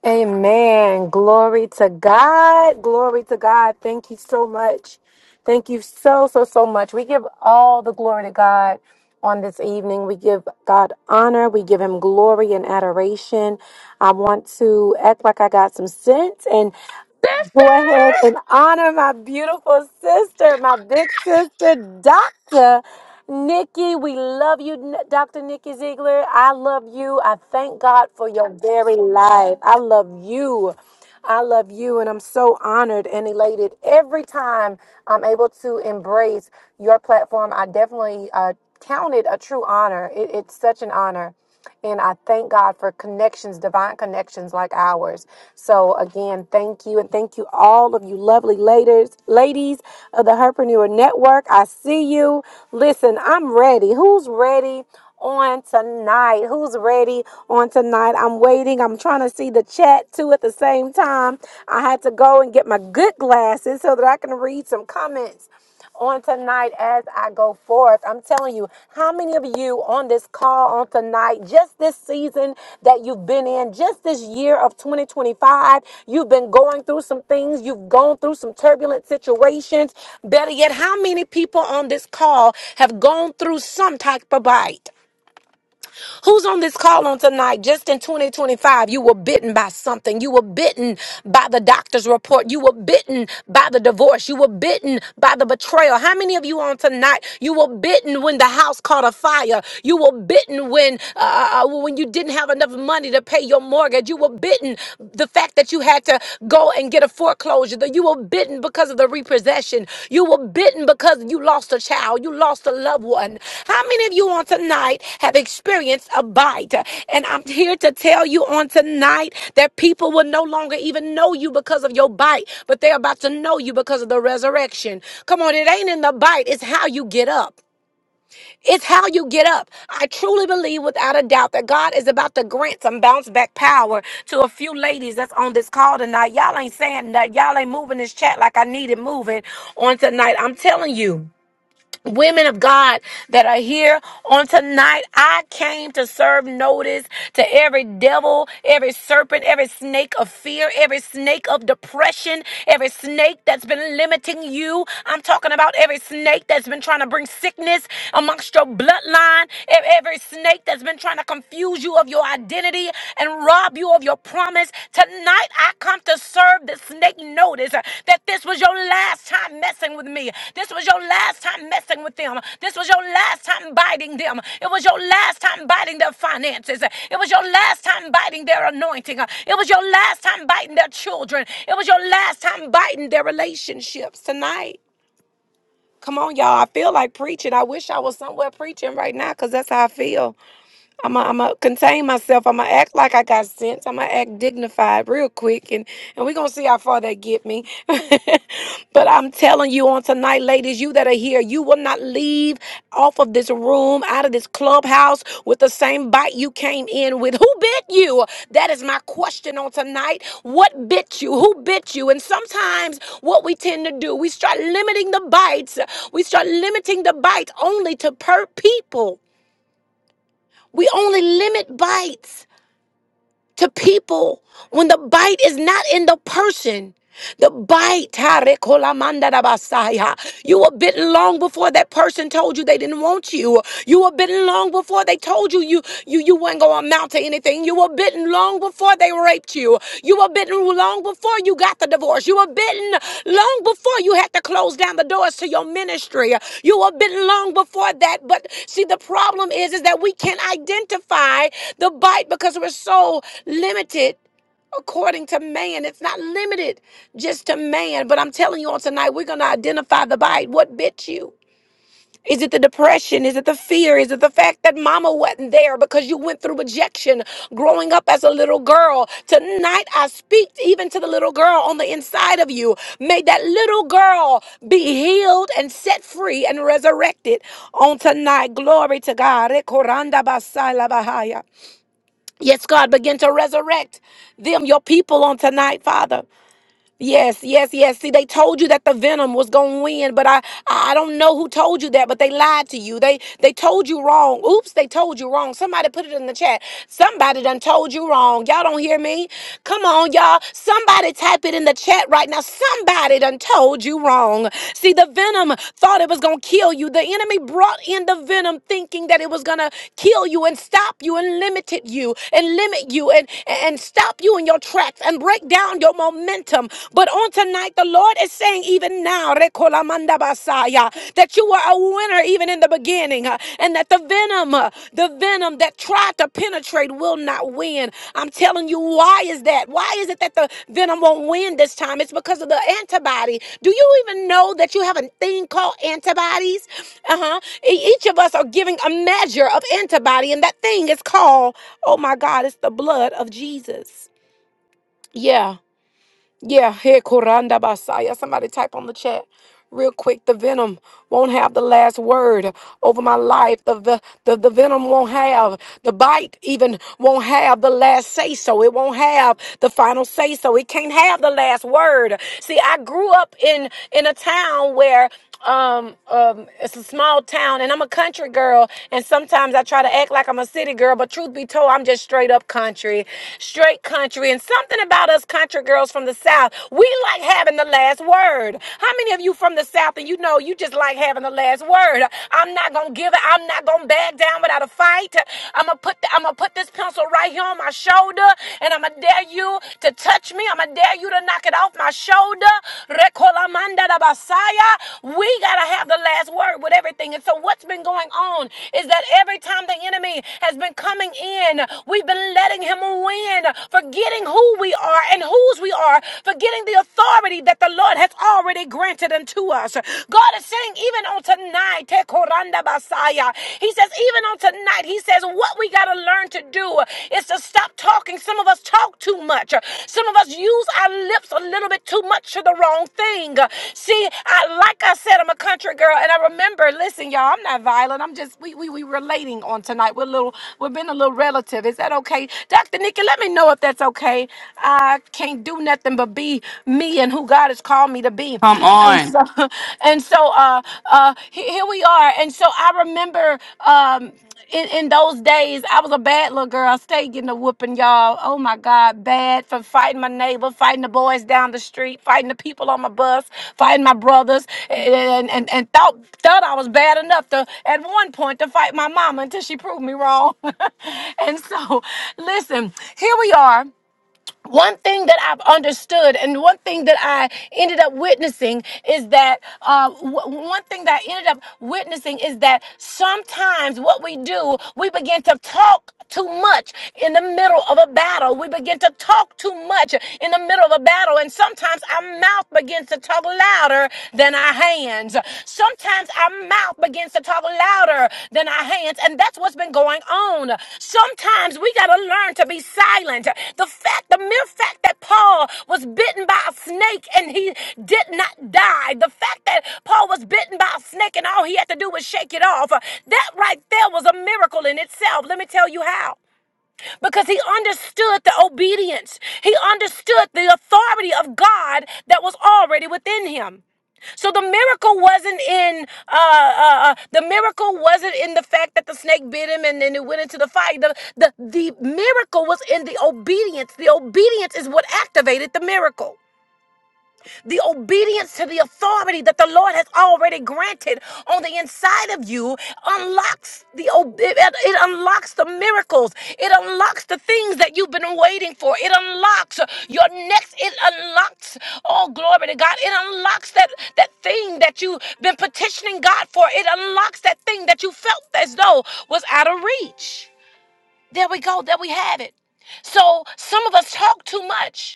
Amen. Glory to God. Glory to God. Thank you so much. Thank you so, so, so much. We give all the glory to God on this evening. We give God honor. We give him glory and adoration. I want to act like I got some sense Sister! go ahead and honor my beautiful sister, my big sister, Dr. Nikki. We love you, N- Dr. Nikki Ziegler. I love you. I thank God for your very life. I love you. I love you, and I'm so honored and elated every time I'm able to embrace your platform. I definitely uh, count it a true honor. It, it's such an honor. And I thank God for connections, divine connections like ours. So again, thank you. And thank you all of you lovely ladies, ladies of the Herpreneur Network. I see you. Listen, I'm ready. Who's ready? On tonight, who's ready? On tonight, I'm waiting. I'm trying to see the chat too at the same time. I had to go and get my good glasses so that I can read some comments on tonight as I go forth. I'm telling you, how many of you on this call on tonight, just this season that you've been in, just this year of 2025, you've been going through some things, you've gone through some turbulent situations. Better yet, how many people on this call have gone through some type of bite? Who's on this call on tonight? Just in 2025, you were bitten by something. You were bitten by the doctor's report. You were bitten by the divorce. You were bitten by the betrayal. How many of you on tonight? You were bitten when the house caught a fire. You were bitten when uh, uh, uh, when you didn't have enough money to pay your mortgage. You were bitten the fact that you had to go and get and get a foreclosure. That you were bitten because of the repossession. You were bitten because you lost a child. You lost a loved one. How many of you on tonight have experienced a bite? And I'm here to tell you on tonight that people will no longer even know you because of your bite, but they're about to know you because of the resurrection. Come on, it ain't in the bite, it's how you get up. It's how you get up. I truly believe without a doubt that God is about to grant some bounce back power to a few ladies that's on this call tonight. Y'all ain't saying that. Y'all ain't moving this chat like I need it moving on tonight. I'm telling you women of God that are here on tonight. I came to serve notice to every devil, every serpent, every snake of fear, every snake of depression, every snake that's been limiting you. I'm talking about every snake that's been trying to bring sickness amongst your bloodline, e- every snake that's been trying to confuse you of your identity and rob you of your promise. Tonight, I come to serve the snake notice uh, that this was your last time messing with me. This was your last time messing with them. This was your last time biting them. It was your last time biting their finances. It was your last time biting their anointing. It was your last time biting their children. It was your last time biting their relationships tonight. Come on, y'all. I feel like preaching. I wish I was somewhere preaching right now because that's how I feel. I'm gonna I'm gonna contain myself. I'm gonna act like I got sense. I'm gonna act dignified real quick, and and we're gonna see how far that get me. (laughs) but I'm telling you on tonight, ladies, you that are here, you will not leave off of this room, out of this clubhouse with the same bite you came in with. Who bit you? That is my question on tonight. What bit you? Who bit you? And sometimes what we tend to do, we start limiting the bites. We start limiting the bites only to per people. We only limit bites to people when the bite is not in the person. The bite, tarekolamandadabasaya. you were bitten long before that person told you they didn't want you. You were bitten long before they told you you you, you weren't going to amount to anything. You were bitten long before before they raped you. You were bitten long before you got the divorce. You were bitten long before you had to close down the doors to your ministry. You were bitten long before that. But see, the problem is, is that we can't identify the bite because we're so limited according to man. It's not limited just to man. But I'm telling you on tonight, we're going to identify the bite. What bit you? Is it the depression? Is it the fear? Is it the fact that mama wasn't there because you went through rejection growing up as a little girl? Tonight, I speak even to the little girl on the inside of you. May that little girl be healed and set free and resurrected on tonight. Glory to God. Rekoranda basai labahaya. Yes, God, begin to resurrect them, your people, on tonight, Father. Yes, yes, yes. See, they told you that the venom was gonna win, but I, I I don't know who told you that, but they lied to you. They, they told you wrong. Oops, they told you wrong. Somebody put it in the chat. Somebody done told you wrong. Y'all don't hear me? Come on, y'all. Somebody type it in the chat right now. Somebody done told you wrong. See, the venom thought it was gonna kill you. The enemy brought in the venom thinking that it was gonna kill you and stop you and limited you and limit you and and stop you in your tracks and break down down your momentum. But on tonight, the Lord is saying, even now, Recolamanda Basaya, that you were a winner even in the beginning, uh, and that the venom, uh, the venom that tried to penetrate will not win. I'm telling you, why is that? Why is it that the venom won't win this time? It's because of the antibody. Do you even know that you have a thing called antibodies? Uh huh. Each of us are giving a measure of antibody, and that thing is called, oh my God, it's the blood of Jesus. Yeah. Yeah, hey, Koranda Basaya. Somebody type on the chat real quick. The venom won't have the last word over my life. The, the, the, the venom won't have, the bite even won't have the last say so. It won't have the final say so. It can't have the last word. See, I grew up in, in a town where um um it's a small town and I'm a country girl and sometimes I try to act like I'm a city girl but truth be told I'm just straight up country straight country and something about us country girls from the south we like having the last word how many of you from the south and you know you just like having the last word I'm not going to give it I'm not going to back down without a fight I'm gonna put the, I'm gonna put this pencil right here on my shoulder and I'm gonna dare you to touch me. I'm going to dare you to knock it off my shoulder. Recolamanda da basaya. We got to have the last word with everything. And so, what's been going on is that every time the enemy has been coming in, we've been letting him win, forgetting who we are and whose we are, forgetting the authority that the Lord has already granted unto us. God is saying, even on tonight, Tekoranda Basaya, He says, even on tonight, tonight. He says, What we got to learn to do is to stop talking. Some of us talk too much. Some of us use our lips a little bit too much to the wrong thing. See, I, like I said, I'm a country girl, and I remember, listen, y'all, I'm not violent. I'm just, we, we, we relating on tonight. We're a little, we're being a little relative. Is that okay? Dr. Nikki, let me know if that's okay. I can't do nothing but be me and who God has called me to be. Come And on. so, (laughs) and so, uh, uh, he- here we are. And so I remember, um, in, in those days, I was a bad little girl. I stayed getting a whooping, y'all. Oh my God, bad for fighting my neighbor, fighting the boys down the street, fighting the people on my bus, fighting my brothers, and and, and thought thought I was bad enough to at one point to fight my mama until she proved me wrong. (laughs) and so, listen, here we are one thing that I've understood and one thing that I ended up witnessing is that uh, w- one thing that I ended up witnessing is that sometimes what we do, we begin to talk too much in the middle of a battle. We begin to talk too much in the middle of a battle. And sometimes our mouth begins to talk louder than our hands. Sometimes our mouth begins to talk louder than our hands, and that's what's been going on. Sometimes we got to learn to be silent. The fact, the mere fact that Paul was bitten by a snake and he did not die, the fact that Paul was bitten by a snake and all he had to do was shake it off, that right there was a miracle in itself. Let me tell you how because he understood the obedience, he understood the authority of God that was already within him. So the miracle wasn't in uh, uh, uh, the miracle wasn't in the fact that the snake bit him and then it went into the fire. The, the the miracle was in the obedience. The obedience is what activated the miracle the obedience to the authority that the Lord has already granted on the inside of you unlocks the ob- it, it it unlocks the miracles. It unlocks the things that you've been waiting for. It unlocks your next. It unlocks all glory to God. It unlocks that that thing that you've been petitioning God for. It unlocks that thing that you felt as though was out of reach. There we go. There we have it. So some of us talk too much.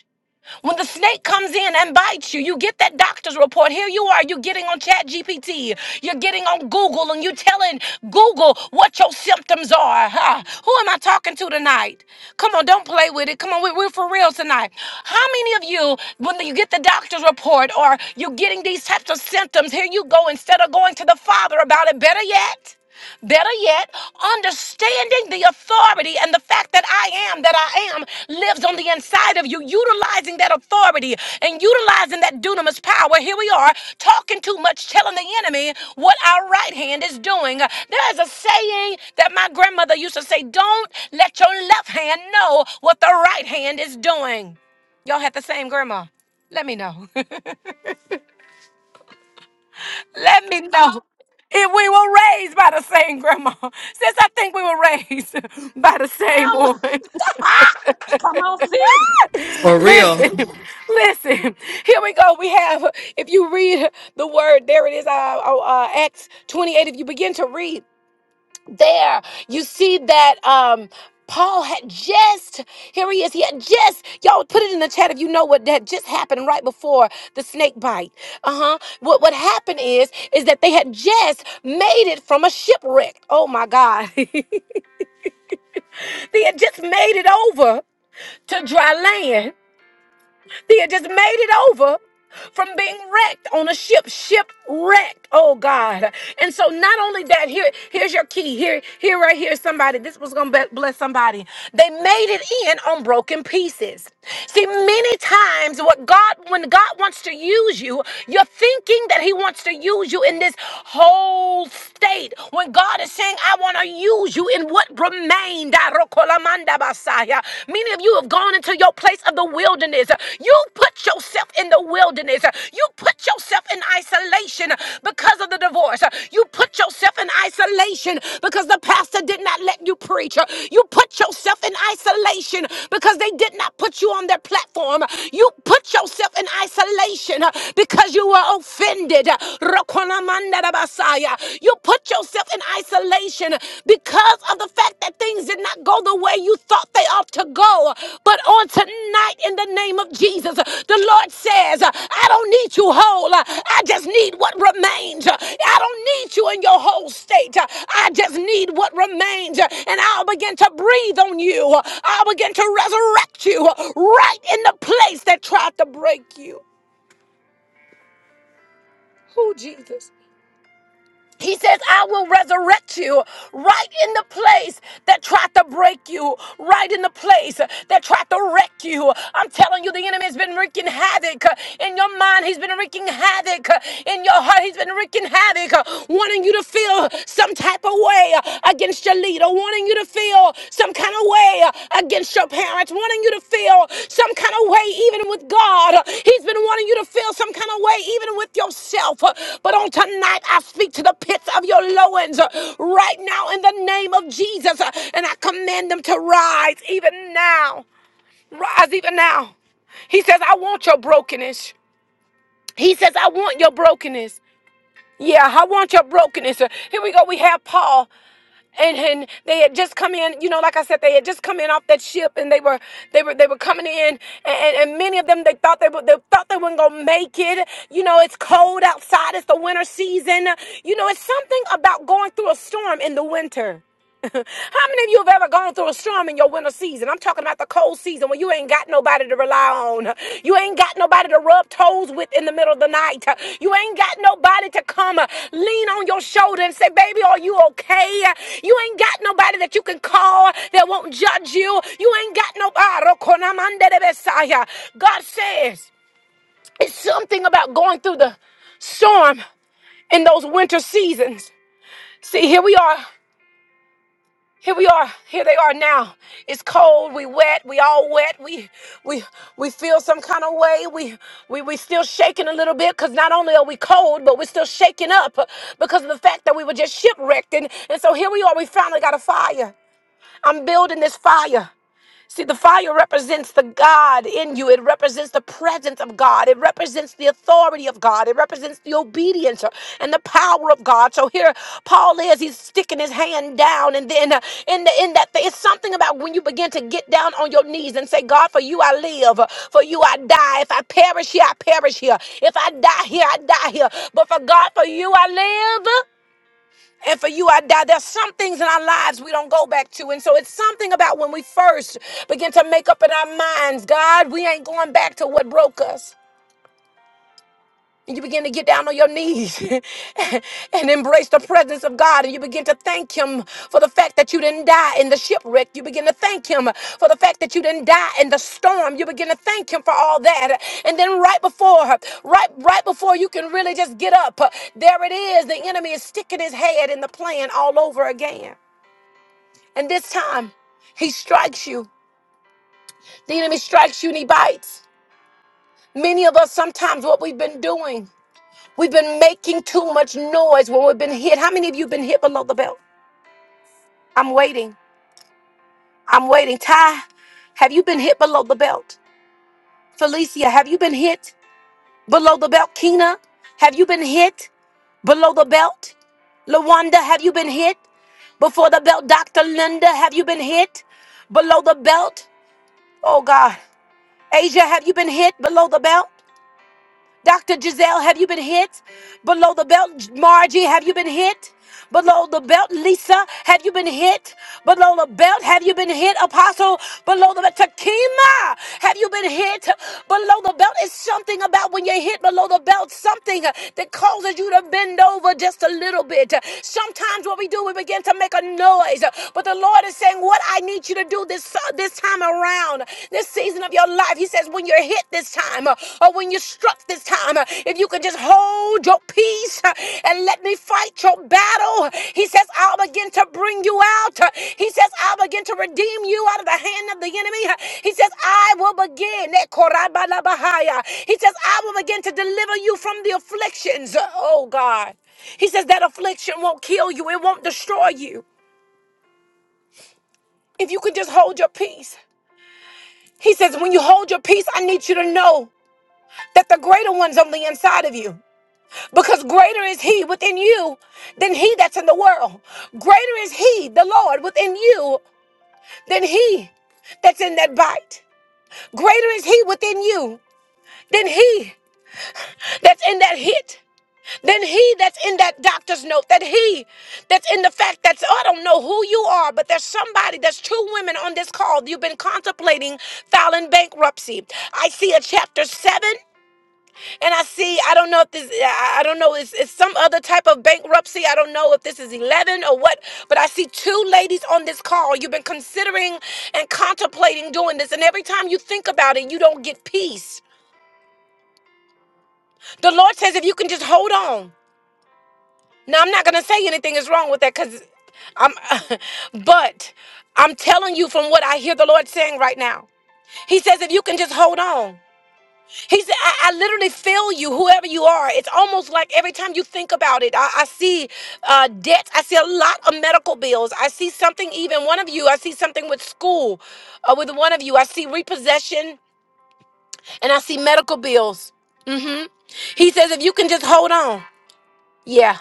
When the snake comes in and bites you, you get that doctor's report. Here you are, you're getting on Chat GPT, you're getting on Google, and you're telling Google what your symptoms are. Huh? Who am I talking to tonight? Come on, don't play with it. Come on, we- we're for real tonight. How many of you, when you get the doctor's report or you're getting these types of symptoms, here you go, instead of going to the Father about it, better yet? Better yet, understanding the authority and the fact that I am that I am lives on the inside of you, utilizing that authority and utilizing that dunamis power. Here we are talking too much, telling the enemy what our right hand is doing. There is a saying that my grandmother used to say don't let your left hand know what the right hand is doing. Y'all had the same grandma. Let me know. (laughs) Let me know if we were raised by the same grandma. Since I think we were raised (laughs) by the same Em- one. (laughs) Come on, sis. For (laughs) real. listen, listen. Here we go. We have, if you read the word, there it is, uh, uh, uh, Acts 28. If you begin to read, there you see that um Paul had just, here he is, he had just, y'all put it in the chat if you know what had just happened right before the snake bite. Uh-huh. What what happened is, is that they had just made it from a shipwreck. Oh my God. (laughs) they had just made it over to dry land They had just made it over from being wrecked on a ship, shipwrecked. Oh God! And so not only that, here, here's your key. Here, here, right here, somebody. This was gonna be- bless somebody. They made it in on broken pieces. See, many times what God, when God wants to use you, you're thinking that He wants to use you in this whole state. When God is saying, "I want to use you in what remained," Rokolamanda Basaya. Many of you have gone into your place of the wilderness. You put yourself in the wilderness. You put yourself in isolation because of the divorce. You put yourself in isolation because the pastor did not let you preach. You put yourself in isolation because they did not put you on their platform. You put yourself in isolation because you were offended. Rokolamanda Basaya. You put yourself in isolation because of the fact that things did not go the way you thought they ought to go. But on tonight, in the name of Jesus, the Lord says, I don't need you whole. I just need what remains. I don't need you in your whole state. I just need what remains. And I'll begin to breathe on you. I'll begin to resurrect you right in the place that tried to break you. Oh, Jesus. He says, I will resurrect you right in the place that tried to break you, right in the place that tried to wreck you. I'm telling you, the enemy has been wreaking havoc uh, in your mind. He's been wreaking havoc uh, in your heart. He's been wreaking havoc, uh, wanting you to feel some type of way uh, against your leader, wanting you to feel some kind of way uh, against your parents, wanting you to feel some kind of way even with God. Uh, He's been wanting you to feel some kind of way even with yourself. Uh, But on tonight, I speak to the pits of your loins uh, right now in the name of Jesus, uh, and I command them to rise even now. Rise even now. He says, I want your brokenness. He says, I want your brokenness. Yeah, I want your brokenness. Here we go. We have Paul and and they had just come in you know like i said they had just come in off that ship and they were they were they were coming in and, and, and many of them they thought they would they thought they weren't gonna make it you know it's cold outside it's the winter season you know it's something about going through a storm in the winter (laughs) How many of you have ever gone through a storm in your winter season? I'm talking about the cold season when you ain't got nobody to rely on. You ain't got nobody to rub toes with in the middle of the night. You ain't got nobody to come uh, lean on your shoulder and say, Baby, are you okay? You ain't got nobody that you can call that won't judge you. You ain't got nobody. God says, It's something about going through the storm in those winter seasons. See, here we are. Here we are. Here they are now. It's cold. We wet. We all wet. We we we feel some kind of way. We we we still shaking a little bit because not only are we cold, but we're still shaking up uh, because of the fact that we were just shipwrecked. And, and so here we are. We finally got a fire. I'm building this fire. See, the fire represents the God in you. It represents the presence of God. It represents the authority of God. It represents the obedience uh, and the power of God. So here Paul is, he's sticking his hand down. And then uh, in, the, in that, thing, it's something about when you begin to get down on your knees and say, God, for you I live, uh, for you I die. If I perish here, I perish here. If I die here, I die here. But for God, for you I live and for you I die. There's some things in our lives we don't go back to. And so it's something about when we first begin to make up in our minds, God, we ain't going back to what broke us. And you begin to get down on your knees (laughs) and embrace the presence of God. And you begin to thank Him for the fact that you didn't die in the shipwreck. You begin to thank Him for the fact that you didn't die in the storm. You begin to thank Him for all that. And then right before, right, right before you can really just get up, there it is. The enemy is sticking his head in the plan all over again. And this time, he strikes you. The enemy strikes you and he bites. Many of us, sometimes, what we've been doing, we've been making too much noise when we've been hit. How many of you been hit below the belt? I'm waiting. I'm waiting. Ty, have you been hit below the belt? Felicia, have you been hit below the belt? Kina, have you been hit below the belt? Lawanda, have you been hit before the belt? Dr. Linda, have you been hit below the belt? Oh God. Asia, have you been hit below the belt? Dr. Giselle, have you been hit? Below the belt, Margie, have you been hit? Below the belt, Lisa, have you been hit? Below the belt, have you been hit? Apostle, below the belt, Takima, have you been hit? Below the belt is something about when you're hit below the belt, something that causes you to bend over just a little bit. Sometimes what we do, we begin to make a noise, but the Lord is saying, What I need you to do this, this time around this season of your life. He says, when you're hit this time uh, or when you're struck this time, uh, if you can just hold your peace uh, and let me fight your battle, he says, I'll begin to bring you out. Uh, He says, I'll begin to redeem you out of the hand of the enemy. Uh, He says, I will begin. Eh, korabalabahaya. He says, I will begin to deliver you from the afflictions. Uh, Oh, God. He says, that affliction won't kill you, it won't destroy you. If you can just hold your peace. He says, when you hold your peace, I need you to know. that the greater one's on the inside of you. Because greater is he within you than he that's in the world. Greater is he, the Lord, within you than he that's in that bite. Greater is he within you than he that's in that hit. Than he that's in that doctor's note, that he that's in the fact that's I don't know who you are, but there's somebody, there's two women on this call. You've been contemplating filing bankruptcy. I see a chapter 7 And I see, I don't know if this, I I don't know, it's, it's some other type of bankruptcy. I don't know if this is 11 or what, but I see two ladies on this call. You've been considering and contemplating doing this. And every time you think about it, you don't get peace. The Lord says, if you can just hold on. Now, I'm not going to say anything is wrong with that because I'm, (laughs) but I'm telling you from what I hear the Lord saying right now. He says, if you can just hold on. He said, I, I literally feel you, whoever you are. It's almost like every time you think about it, I, I see uh, debts. I see a lot of medical bills. I see something, even one of you, I see something with school, uh, with one of you. I see repossession and I see medical bills. hmm He says, if you can just hold on. Yeah.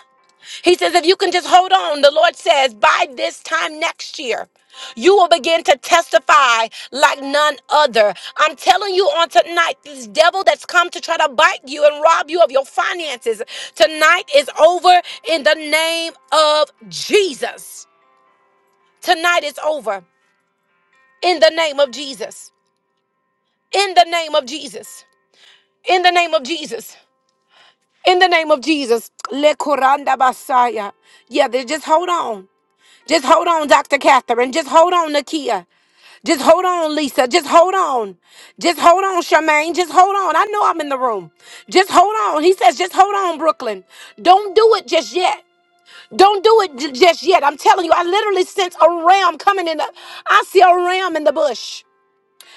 He says, if you can just hold on, the Lord says, by this time next year, you will begin to testify like none other. I'm telling you on tonight, this devil that's come to try to bite you and rob you of your finances, tonight is over in the name of Jesus. Tonight is over in the name of Jesus. In the name of Jesus. In the name of Jesus. In the name of Jesus. Le Kuranda Basaya. Yeah, they just hold on. Just hold on, Dr. Catherine. Just hold on, Nakia. Just hold on, Lisa. Just hold on. Just hold on, Charmaine. Just hold on. I know I'm in the room. Just hold on. He says, just hold on, Brooklyn. Don't do it just yet. Don't do it j- just yet. I'm telling you, I literally sense a ram coming in the. I see a ram in the bush.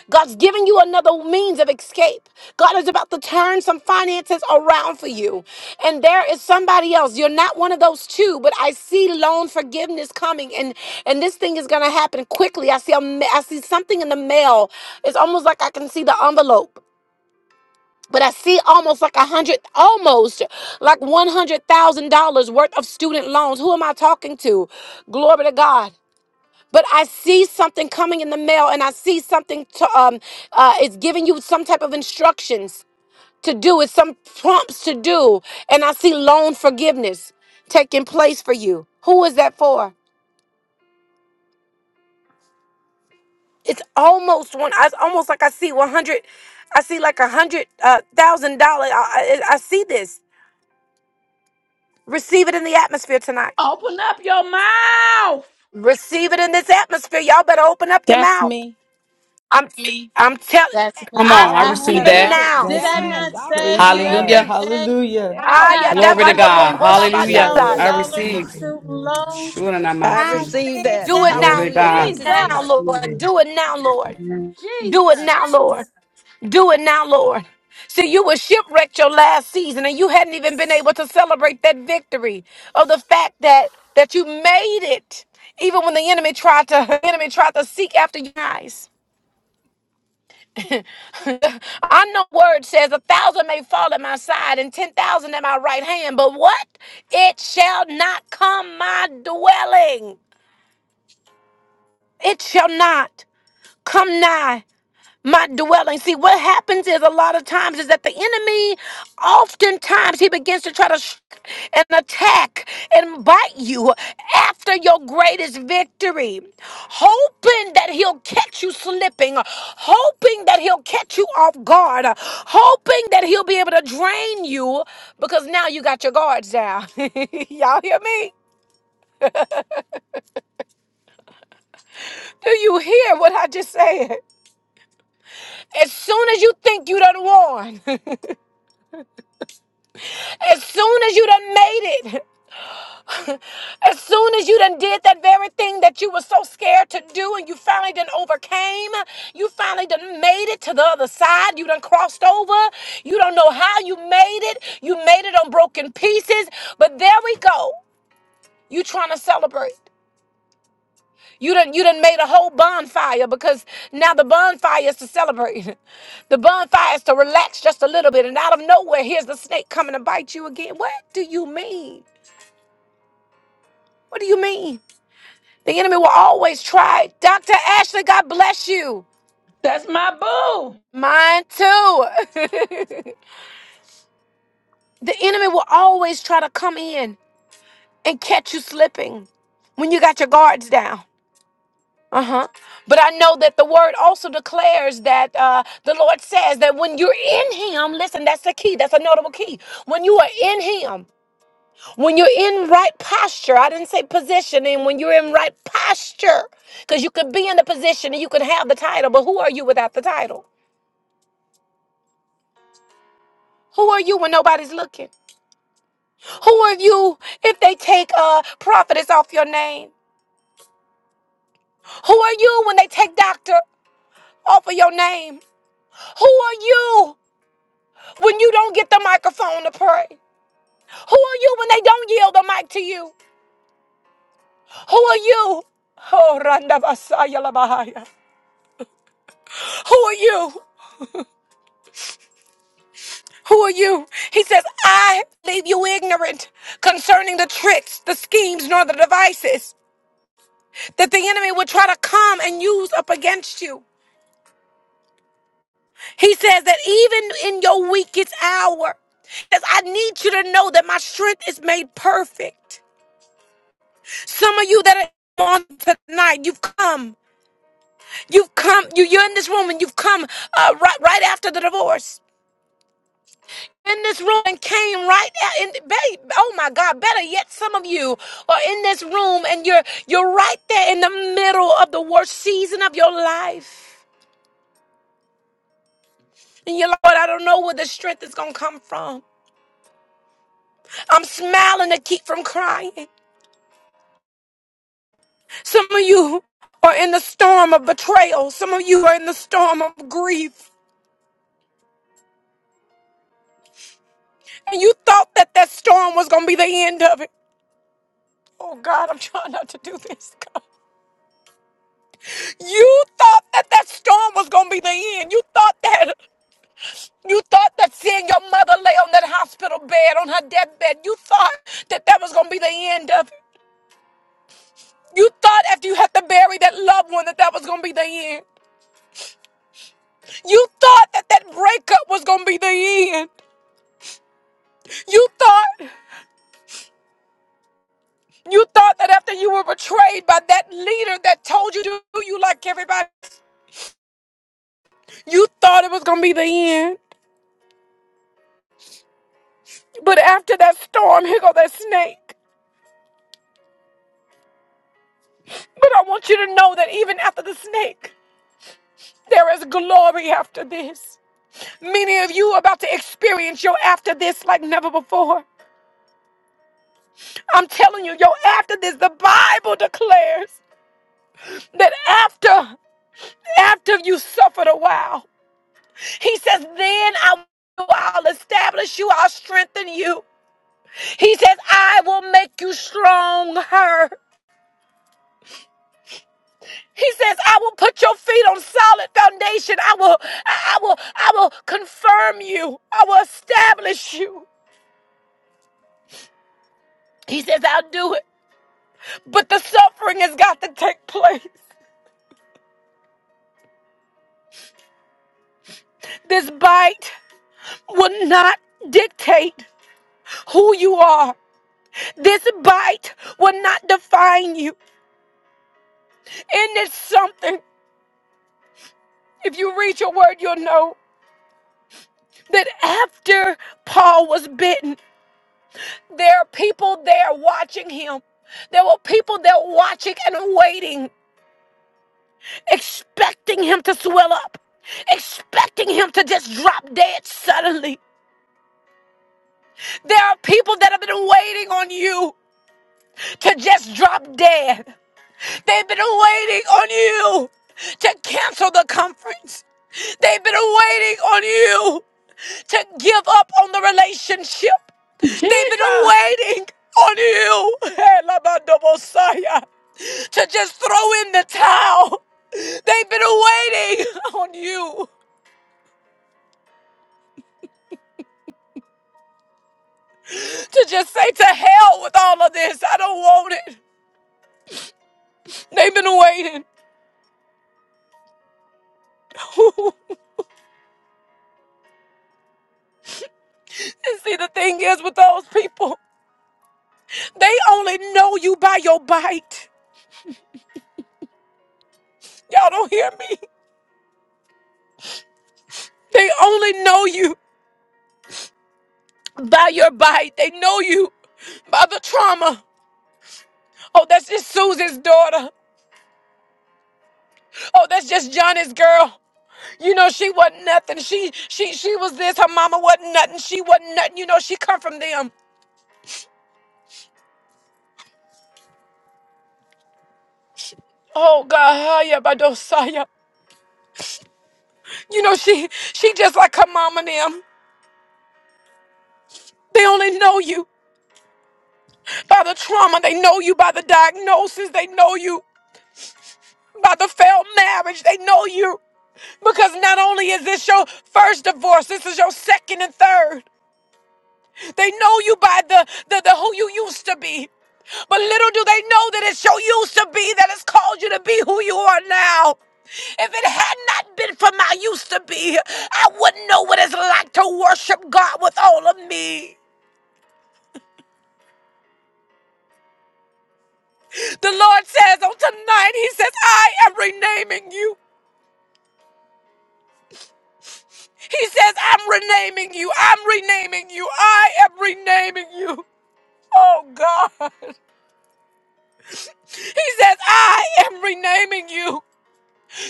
God's giving you another means of escape. God is about to turn some finances around for you. And there is somebody else. You're not one of those two, but I see loan forgiveness coming and and this thing is going to happen quickly. I see a, ma- I see something in the mail. It's almost like I can see the envelope. But I see almost like a hundred, almost like one hundred thousand dollars worth of student loans. Who am I talking to? Glory to God but I see something coming in the mail, and I see something to um, uh, it's giving you some type of instructions to do. It's some prompts to do, and I see loan forgiveness taking place for you. Who is that for? It's almost one. It's almost like I see one hundred. I see like a hundred uh, thousand dollar. I, I I see this. Receive it in the atmosphere tonight. Open up your mouth. Receive it in this atmosphere. Y'all better open up your That's mouth. me. I'm Me. I'm telling. That's Come me. I I on. I see I received have even receive that. a. it. now. Did That's I Yes, me. not I say Praise the receive God. other Hallelujah. it. day Hallelujah. I Yes, Oh, got Aya a Glory to God. Lord hundred God. and Jesus. fifty Hallelujah. Lord, thousand I dabadobokolabadataya. I dollars receive of it. receive. Glory. student I loan? Sure and I might I I see. receive said that. Do Jesus. it that. Glory now, to Hallelujah. God. Thank you, now, Jesus, Jesus. Oh, receive it. I Lord. receive Do it now, Lord. it. Do God, it now, Jesus. Lord. Jesus. Do it now, Lord. See, you were shipwrecked your last season, and you hadn't even been able to celebrate that victory of the fact that that you made it, even when the enemy tried to (laughs) the enemy tried to seek after your eyes. (laughs) I know word says a thousand may fall at my side and ten thousand at my right hand, but what? It shall not come my dwelling. it shall not come nigh my dwelling. See, what happens is a lot of times is that the enemy, oftentimes, he begins to try to sh- and attack and bite you after your greatest victory, hoping that he'll catch you slipping, hoping that he'll catch you off guard, hoping that he'll be able to drain you because now you got your guards down. (laughs) Y'all hear me? Do you hear what I just said? As soon as you think you done won, (laughs) as soon as you done made it, (laughs) as soon as you done did that very thing that you were so scared to do and you finally done overcame, you finally done made it to the other side, you done crossed over, you don't know how you made it, you made it on broken pieces, but there we go. You trying to celebrate. You done you done made a whole bonfire because now the bonfire is to celebrate. (laughs) The bonfire is to relax just a little bit. And out of nowhere, here's the snake coming to bite you again. What do you mean? What do you mean? The enemy will always try. Dr. Ashley, God bless you. that's my boo. Mine too. (laughs) the enemy will always try to come in and catch you slipping when you got your guards down. Uh-huh. But I know that the word also declares that uh, the Lord says that when you're in him, listen, that's the key. That's a notable key. When you are in him, when you're in right posture, I didn't say position, and when you're in right posture, because you could be in the position and you could have the title, but who are you without the title? Who are you when nobody's looking? Who are you if they take uh, prophetess off your name? Who are you when they take doctor off of your name? Who are you when you don't get the microphone to pray? Who are you when they don't yield the mic to you? Who are you? Oh, Randa Basaya Labahaya. Who are you? Who are you? He says, I leave you ignorant concerning the tricks, the schemes, nor the devices that the enemy will try to come and use up against you. He says that even in your weakest hour, he says, I need you to know that my strength is made perfect. Some of you that are on tonight, you've come. You've come, you, you're in this room and you've come uh, right, right after the divorce. In this room and came right out in babe. Oh my God! Better yet, some of you are in this room and you're you're right there in the middle of the worst season of your life. And you're like, Lord, I don't know where the strength is gonna come from. I'm smiling to keep from crying. Some of you are in the storm of betrayal. Some of you are in the storm of grief. And you thought that that storm was gonna be the end of it. Oh God, I'm trying not to do this. God. You thought that that storm was gonna be the end. You thought that. You thought that seeing your mother lay on that hospital bed, on her deathbed, you thought that that was gonna be the end of it. You thought after you had to bury that loved one that that was gonna be the end. You thought that that breakup was gonna be the end. You thought. You thought that after you were betrayed by that leader that told you to do you like everybody, else, you thought it was gonna be the end. But after that storm, here go that snake. But I want you to know that even after the snake, there is glory after this. Many of you are about to experience your after this like never before. I'm telling you, your after this, the Bible declares that after, after you suffered a while, he says, then I I'll establish you, I'll strengthen you. He says, I will make you stronger. He says, I will put your feet on solid foundation. I will, I will, I will confirm you. I will establish you. He says, I'll do it. But the suffering has got to take place. This bite will not dictate who you are. This bite will not define you. And it's something, if you read your word, you'll know that after Paul was bitten, there are people there watching him. There were people there watching and waiting expecting him to swell up, expecting him to just drop dead suddenly. There are people that have been waiting on you to just drop dead. They've been waiting on you to cancel the conference. They've been waiting on you to give up on the relationship. They've been Jesus. waiting on you (laughs) Elabadobosaya, to just throw in the towel. They've been waiting (laughs) on you. to just say to hell with all of this. I don't want it. They've been waiting. (laughs) and see, the thing is with those people, they only know you by your bite. Y'all don't hear me. They only know you by your bite. They know you by the trauma. Oh, that's just Susan's daughter. Oh, that's just Johnny's girl. You know, she wasn't nothing. She she she was this. Her mama wasn't nothing. She wasn't nothing. You know, she come from them. Oh God, Haya Badosaya. You know, she she just like her mama and them. They only know you by the trauma. They know you by the diagnosis. They know you by the failed marriage. They know you because not only is this your first divorce, this is your second and third. They know you by the the, the who you used to be. But little do they know that it's your used to be that has called you to be who you are now. If it had not been for my used to be, I wouldn't know what it's like to worship God with all of me. The Lord says on tonight, He says, I am renaming you. He says, I'm renaming you. I'm renaming you. I am renaming you. Oh God. He says, I am renaming you.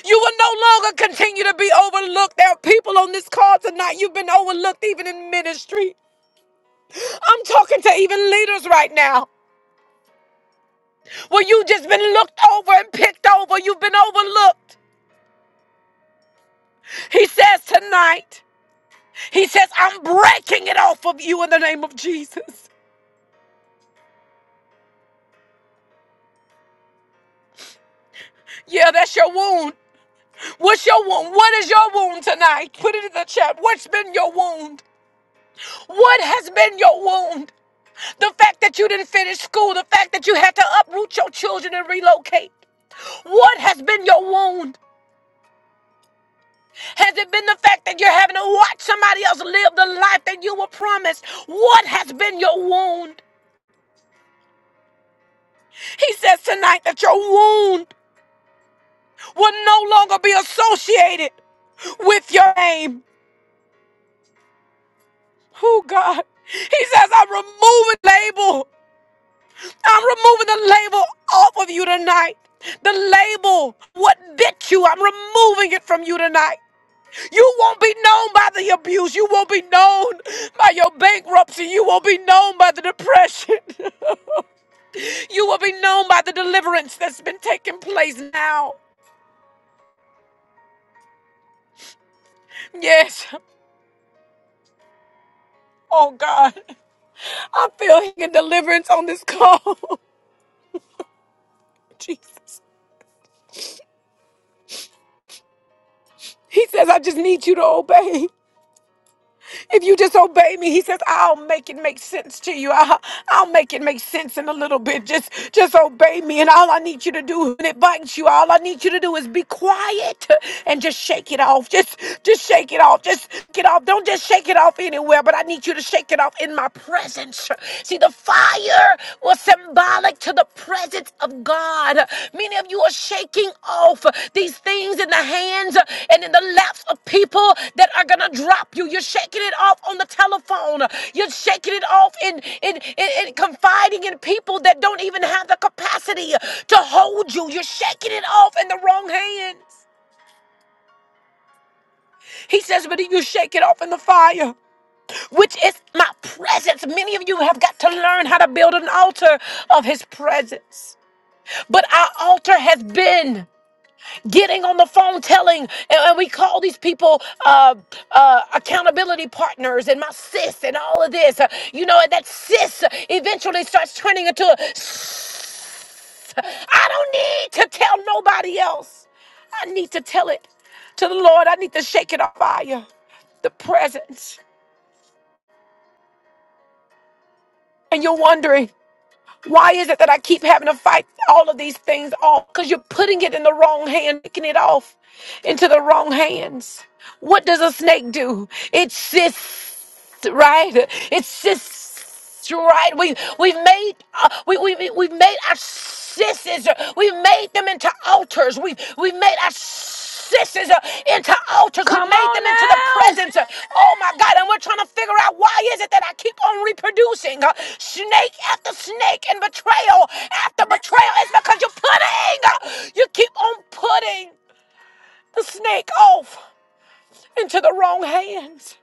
You will no longer continue to be overlooked. There are people on this call tonight. You've been overlooked even in ministry. I'm talking to even leaders right now where you just been looked over and picked over. You've been overlooked. He says tonight. He says, I'm breaking it off of you in the name of Jesus. Yeah, that's your wound. What's your wound? What is your wound tonight? Put it in the chat. What's been your wound? What has been your wound? The fact that you didn't finish school, the fact that you had to uproot your children and relocate. What has been your wound? Has it been the fact that you're having to watch somebody else live the life that you were promised? What has been your wound? He says tonight that your wound will no longer be associated. with your name. Oh God. He says, I'm removing label. I'm removing the label off of you tonight. The label, what bit you, I'm removing it from you tonight. You won't be known by the abuse. You won't be known by your bankruptcy. You won't be known by the depression. (laughs) You will be known by the deliverance that's been taking place now. Yes. Oh God. I feel healing and deliverance on this call. (laughs) Jesus. He says, I just need you to obey. If you just obey me, he says, I'll make it make sense to you. I'll, I'll make it make sense in a little bit. Just just obey me. And all I need you to do when it bites you, all I need you to do is be quiet and just shake it off. Just just shake it off. Just shake it off. Don't just shake it off anywhere, but I need you to shake it off in my presence. See, the fire was symbolic symbolic to the presence of God. Many of you are shaking off these things in the hands and in the laps of people that are gonna drop you. You're shaking it off on the telephone. You're shaking it off in in, in, in confiding in people that don't even have the capacity to hold you. You're shaking it off in the wrong hands. He says, but if you shake it off in the fire, which is my presence. Many of you have got to learn how to build an altar of his presence. But our altar has been getting on the phone telling, and, and we call these people uh, uh, accountability partners and my sis and all of this. Uh, you know, and that sis eventually starts turning into a "Ss- I don't need to tell nobody else. I need to tell it to the Lord. I need to shake it off by you, the presence. And you're wondering. Why is it that I keep having to fight all of these things off? Because you're putting it in the wrong hand, picking it off into the wrong hands. What does a snake do? It sits, right? It sits, right? We we've made uh, we we we- we've made our sisses. We've made them into altars. We we've made our sisters uh, into altars. We Come made them into the on now. presence. uh, oh my God. And we're trying to figure out why is it that I keep on reproducing uh, snake after snake and betrayal after betrayal. It's because you're putting, uh, you keep on putting the snake off into the wrong hands.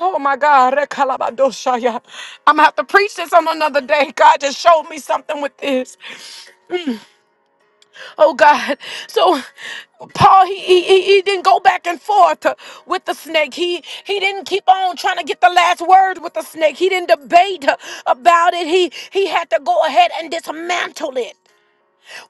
Oh my God, Rekalabadoshaya. I'm gonna have to preach this on another day. God just showed me something with this. Oh God. So Paul, he, he, he he didn't go back and forth uh, with the snake. He he didn't keep on trying to get the last word with the snake. He didn't debate uh, about it. He he had to go ahead and dismantle it.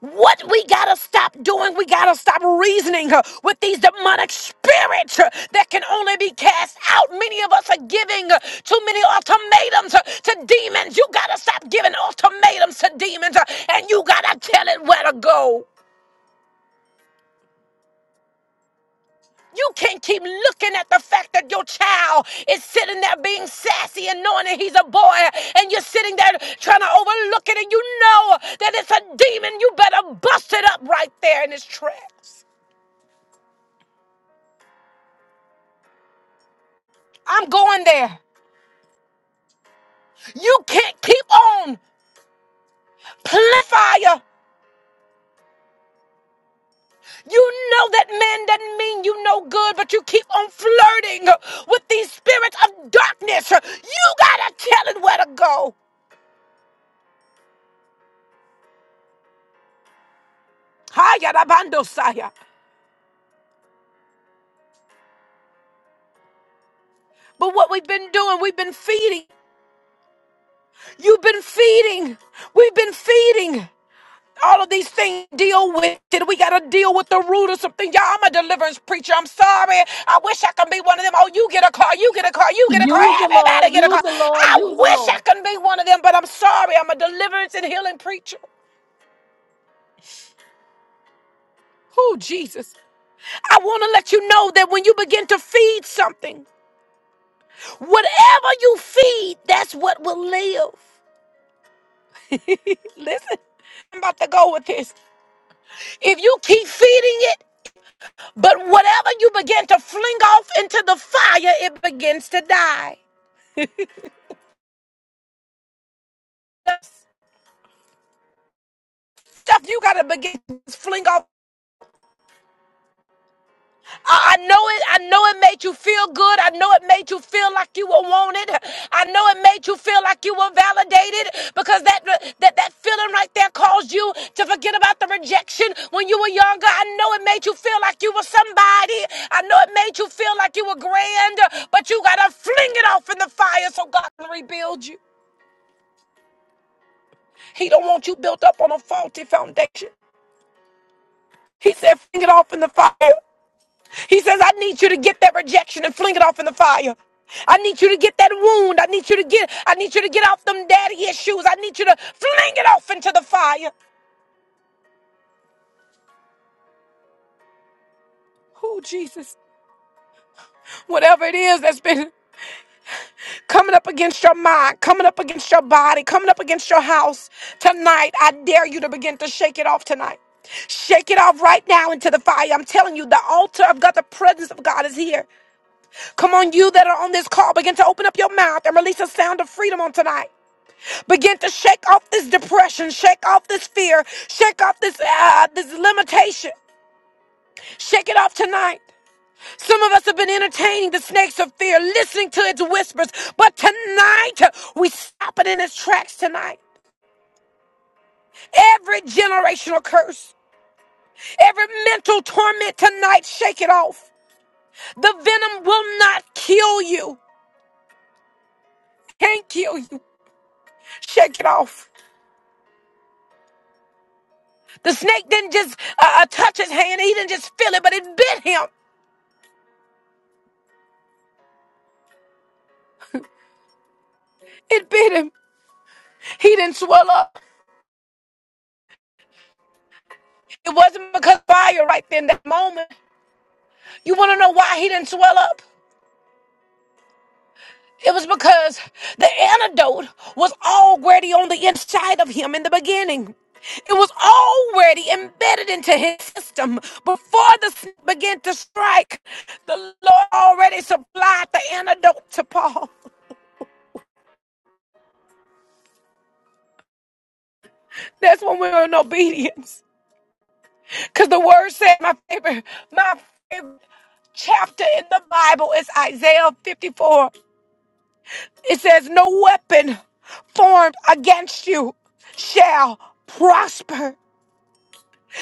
What we gotta stop doing, we gotta stop reasoning uh, with these demonic spirits uh, that can only be cast out. Many of us are giving uh, too many ultimatums uh, to demons. You gotta stop giving ultimatums to demons uh, and you gotta tell it where to go. You can't keep looking at the fact that your child is sitting there being sassy and knowing that he's a boy, and you're sitting there trying to overlook it, and you know that it's a demon. You better bust it up right there in its tracks. I'm going there. You can't keep on playing fire. You know that man doesn't mean you no good, but you keep on flirting with these spirits of darkness. You gotta tell it where to go. Hayarabando Saya. But what we've been doing, we've been feeding. You've been feeding. We've been feeding. All of these things deal with it. We gotta deal with the root of something. Y'all, I'm a deliverance preacher. I'm sorry. I wish I could be one of them. Oh, you get a car, you get a car, you get a car, Use the Lord. everybody get a Use car. the Lord. I Use the wish I Lord. could be one of them, but I'm sorry. I'm a deliverance and healing preacher. Oh, Jesus. I want to let you know that when you begin to feed something, whatever you feed, that's what will live. (laughs) Listen, I'm about to go with this. If you keep feeding it, but whatever you begin to fling off into the fire, it begins to die. The stuff you gotta begin to fling off I, I know it. I know it made you feel good. I know it made you feel like you were wanted. I know it made you feel like you were validated because that that that feeling right there caused you to forget about the rejection when you were younger. I know it made you feel like you were somebody. I know it made you feel like you were grand, but you gotta fling it off in the fire so God can rebuild you. He don't want you built up on a faulty foundation. He said, fling it off in the fire. He says, I need you to get that rejection and fling it off in the fire. I need you to get that wound. I need you to get, I need you to get off them daddy issues. I need you to fling it off into the fire. Oh, Jesus. Whatever it is that's been coming up against your mind, coming up against your body, coming up against your house tonight, I dare you to begin to shake it off tonight. Shake it off right now into the fire. I'm telling you, the altar of God, the presence of God is here. Come on, you that are on this call, begin to open up your mouth and release a sound of freedom on tonight. Begin to shake off this depression, shake off this fear, shake off this uh, this limitation. Shake it off tonight. Some of us have been entertaining the snakes of fear, listening to its whispers, but tonight we stop it in its tracks tonight. Every generational curse, every mental torment tonight, shake it off. The venom will not kill you. Can't kill you. Shake it off. The snake didn't just uh, uh, touch his hand. He didn't just feel it, but it bit him. It bit him. He didn't swell up. It wasn't because of fire right then that moment. You want to know why he didn't swell up? It was because the antidote was already on the inside of him in the beginning. It was already embedded into his system before the snake began to strike. The Lord already supplied the antidote to Paul. That's when we're in obedience. Because the word said, my favorite, my favorite chapter in the Bible is Isaiah 54. It says, No weapon formed against you shall prosper.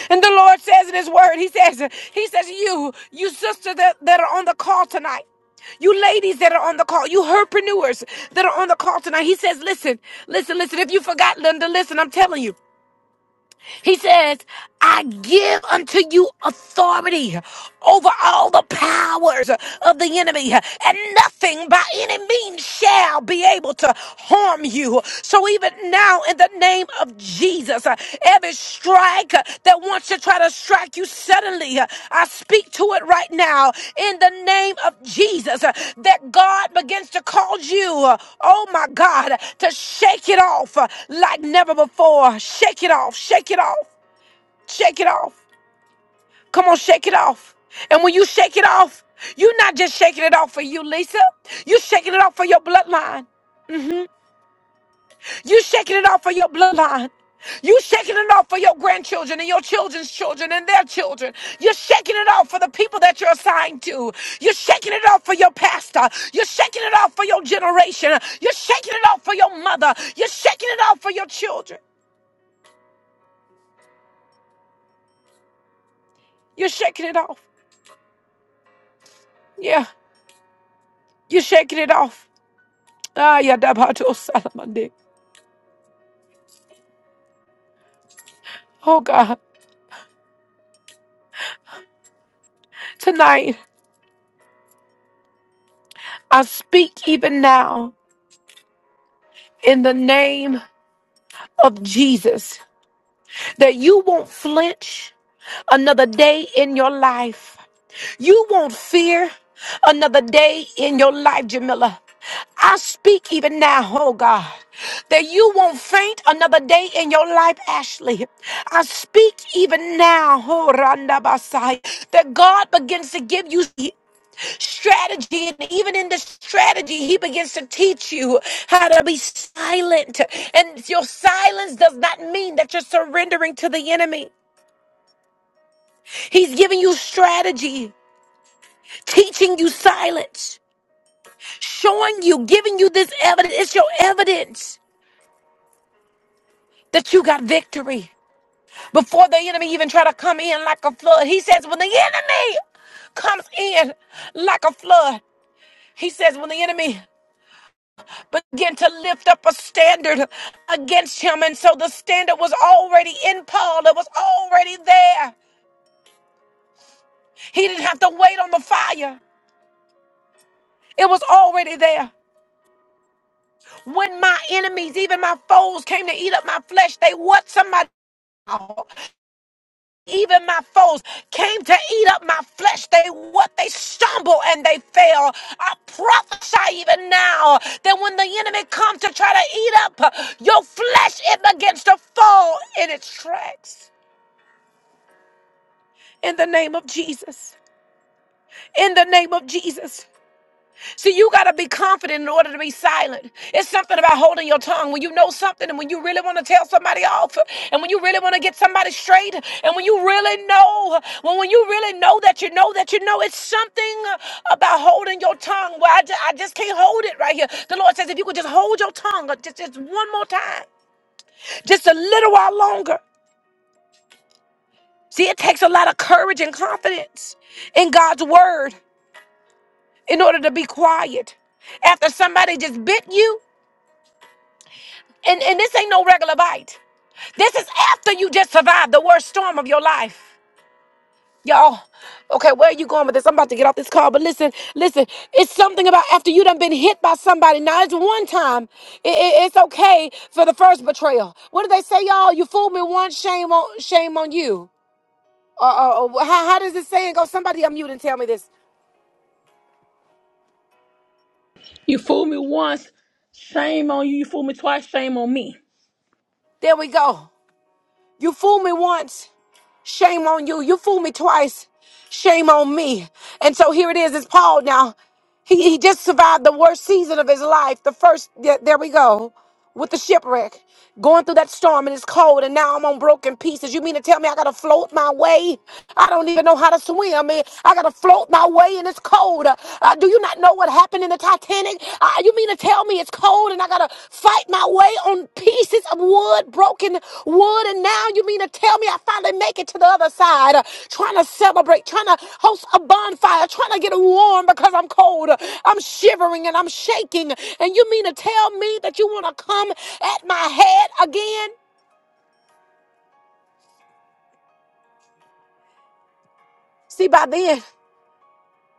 And the Lord says in His word, He says, He says, You, you sisters that, that are on the call tonight. You ladies that are on the call, you herpreneurs that are on the call tonight. He says, listen, listen, listen. If you forgot, Linda, listen, I'm telling you. He says, I give unto you authority over all the powers of the enemy, and nothing by any means shall be able to harm you. So even now, in the name of Jesus, every strike uh, that wants to try to strike you suddenly. uh, I speak to it right now in the name of Jesus uh, that God begins to cause you, uh, oh my God, uh, to shake it off uh, like never before. Shake it off, shake it off, shake it off. Come on, shake it off. And when you shake it off, you're not just shaking it off for you, Lisa. You're shaking it off for your bloodline. You shaking it off for your bloodline. You shaking it off for your grandchildren and your children's children and their children. You're shaking it off for the people that you're assigned to. You're shaking it off for your pastor. You're shaking it off for your generation. You're shaking it off for your mother. You're shaking it off for your children. You're shaking it off. Yeah. You're shaking it off. Ah, yeah, Dabato (laughs) Salamande. Oh God. Tonight, I speak even now in the name of Jesus. that you won't flinch another day in your life. You won't fear another day in your life, Jamila. I speak even now, oh God, that you won't faint another day in your life, Ashley. I speak even now, oh Randa Basai, that God begins to give you strategy. And even in the strategy, he begins to teach you how to be silent. And your silence does not mean that you're surrendering to the enemy. He's giving you strategy, teaching you silence, showing you, giving you this evidence. It's your evidence that you got victory before the enemy even try to come in like a flood. He says, when the enemy comes in like a flood, he says, when the enemy began to lift up a standard against him. And so the standard was already in Paul, it was already there. He didn't have to wait on the fire, it was already there. When my enemies, even my foes, came to eat up my flesh, they what somebody. Even my foes came to eat up my flesh. They what they stumble and they fail. I prophesy even now that when the enemy comes to try to eat up your flesh, it begins to fall in its tracks. in the name of Jesus. In the name of Jesus. See, you got to be confident in order to be silent. It's something about holding your tongue when you know something and when you really want to tell somebody off and when you really want to get somebody straight and when you really know, when, when you really know that you know that you know, it's something about holding your tongue. Well, I just, I just can't hold it right here. The Lord says if you could just hold your tongue uh, just, just one more time, just a little while longer. See, it takes a lot of courage and confidence in God's word in order to be quiet after somebody just bit you. And, and this ain't no regular bite. This is after you just survived the worst storm of your life. Y'all, okay, where are you going with this? I'm about to get off this call, but listen, listen, it's something about after you done been hit by somebody. Now, it's one time. I- I- it's okay for the first betrayal. What do they say, y'all? You fooled me once, shame on, shame on you. Or, or, or how, how does this saying go? Somebody unmute and tell me this. You fooled me once. Shame on you. You fooled me twice. Shame on me. There we go. You fooled me once. Shame on you. You fooled me twice. Shame on me. And so here it is. It's Paul now. He, he just survived the worst season of his life. The first, there there we go, with the shipwreck, going through that storm and it's cold. And now I'm on broken pieces. You mean to tell me I got to float my way? I don't even know how to swim. man. I got to float my way and it's cold. Uh, uh, do you not know what happened in the Titanic? Uh, you mean to tell me it's cold? and I gotta fight my way on pieces of wood, broken wood, and now you mean to tell me I finally make it to the other side? Uh, trying to celebrate, trying to host a bonfire, trying to get warm because I'm cold. Uh, I'm shivering and I'm shaking, and you mean to tell me that you want to come at my head again? See, by then,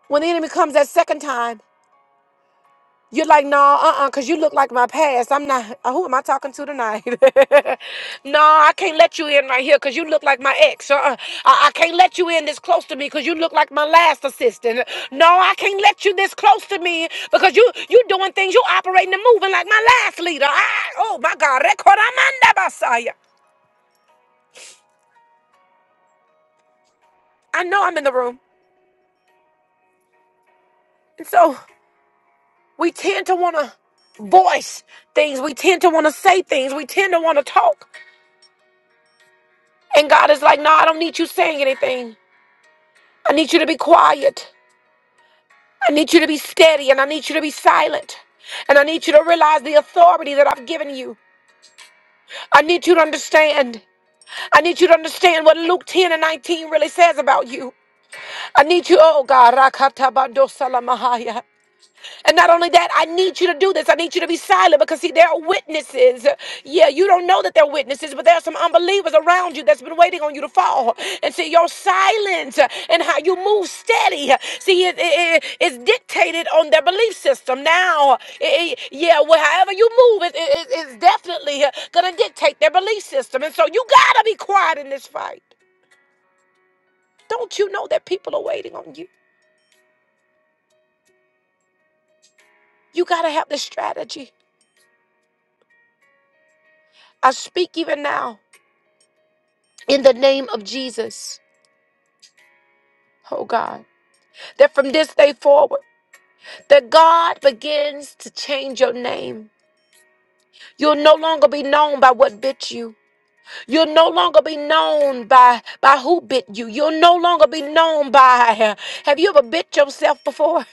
when the enemy comes that second time. You're like, no, uh uh because you look like my past. I'm not, uh, who am I talking to tonight? (laughs) no, I can't let you in right here because you look like my ex. Uh-uh. I-, I can't let you in this close to me because you look like my last assistant. No, I can't let you this close to me because you you doing things, you operating and moving like my last leader. I, oh my God, Rekoramanda Basaya. I know I'm in the room. And so we tend to want to voice things, we tend to want to say things, we tend to want to talk. And God is like, no, I don't need you saying anything. I need you to be quiet. I need you to be steady and I need you to be silent. And I need you to realize the authority that I've given you. I need you to understand. I need you to understand what Luke 10 and 19 really says about you. I need you, oh God, Rakatabando And not only that, I need you to do this. I need you to be silent because, see, there are witnesses. Yeah, you don't know that they're witnesses, but there are some unbelievers around you that's been waiting on you to fall. And see, your silence and how you move steady, see, it, it, it- it's dictated on their belief system. Now, it- it- yeah, well, however you move, it, it, it- it's definitely going to dictate their belief system. And so you got to be quiet in this fight. Don't you know that people are waiting on you? You got to have the strategy. I speak even now. in the name of Jesus. Oh God, that from this day forward, that God begins to change your name. You'll no longer be known by what bit you. You'll no longer be known by by who bit you. You'll no longer be known by. (laughs) Have you ever bit yourself before?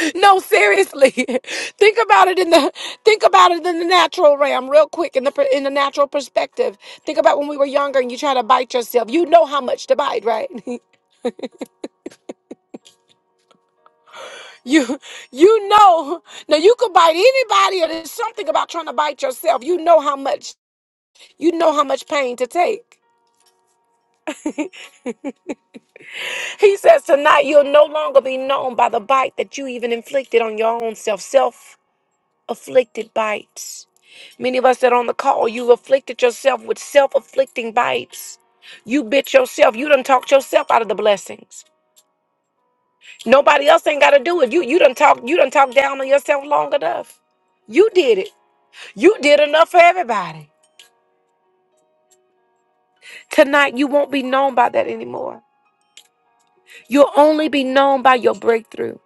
(laughs) no, seriously. (laughs) think about it in the think about it in the natural realm, real quick, in the per- in the natural perspective. Think about when we were younger and you try to bite yourself. You know how much to bite, right? (laughs) You you know now you could bite anybody or there's something about trying to bite yourself. You know how much you know how much pain to take. He says tonight you'll no longer be known by the bite that you even inflicted on your own self. Self afflicted bites. Many of us that are on the call, you afflicted yourself with self afflicting bites. You bit yourself. You done talked yourself out of the blessings. Nobody else ain't gotta do it. You you done talk you done talk down on yourself long enough. You did it. You did enough for everybody. Tonight, you won't be known by that anymore. You'll only be known by your breakthrough.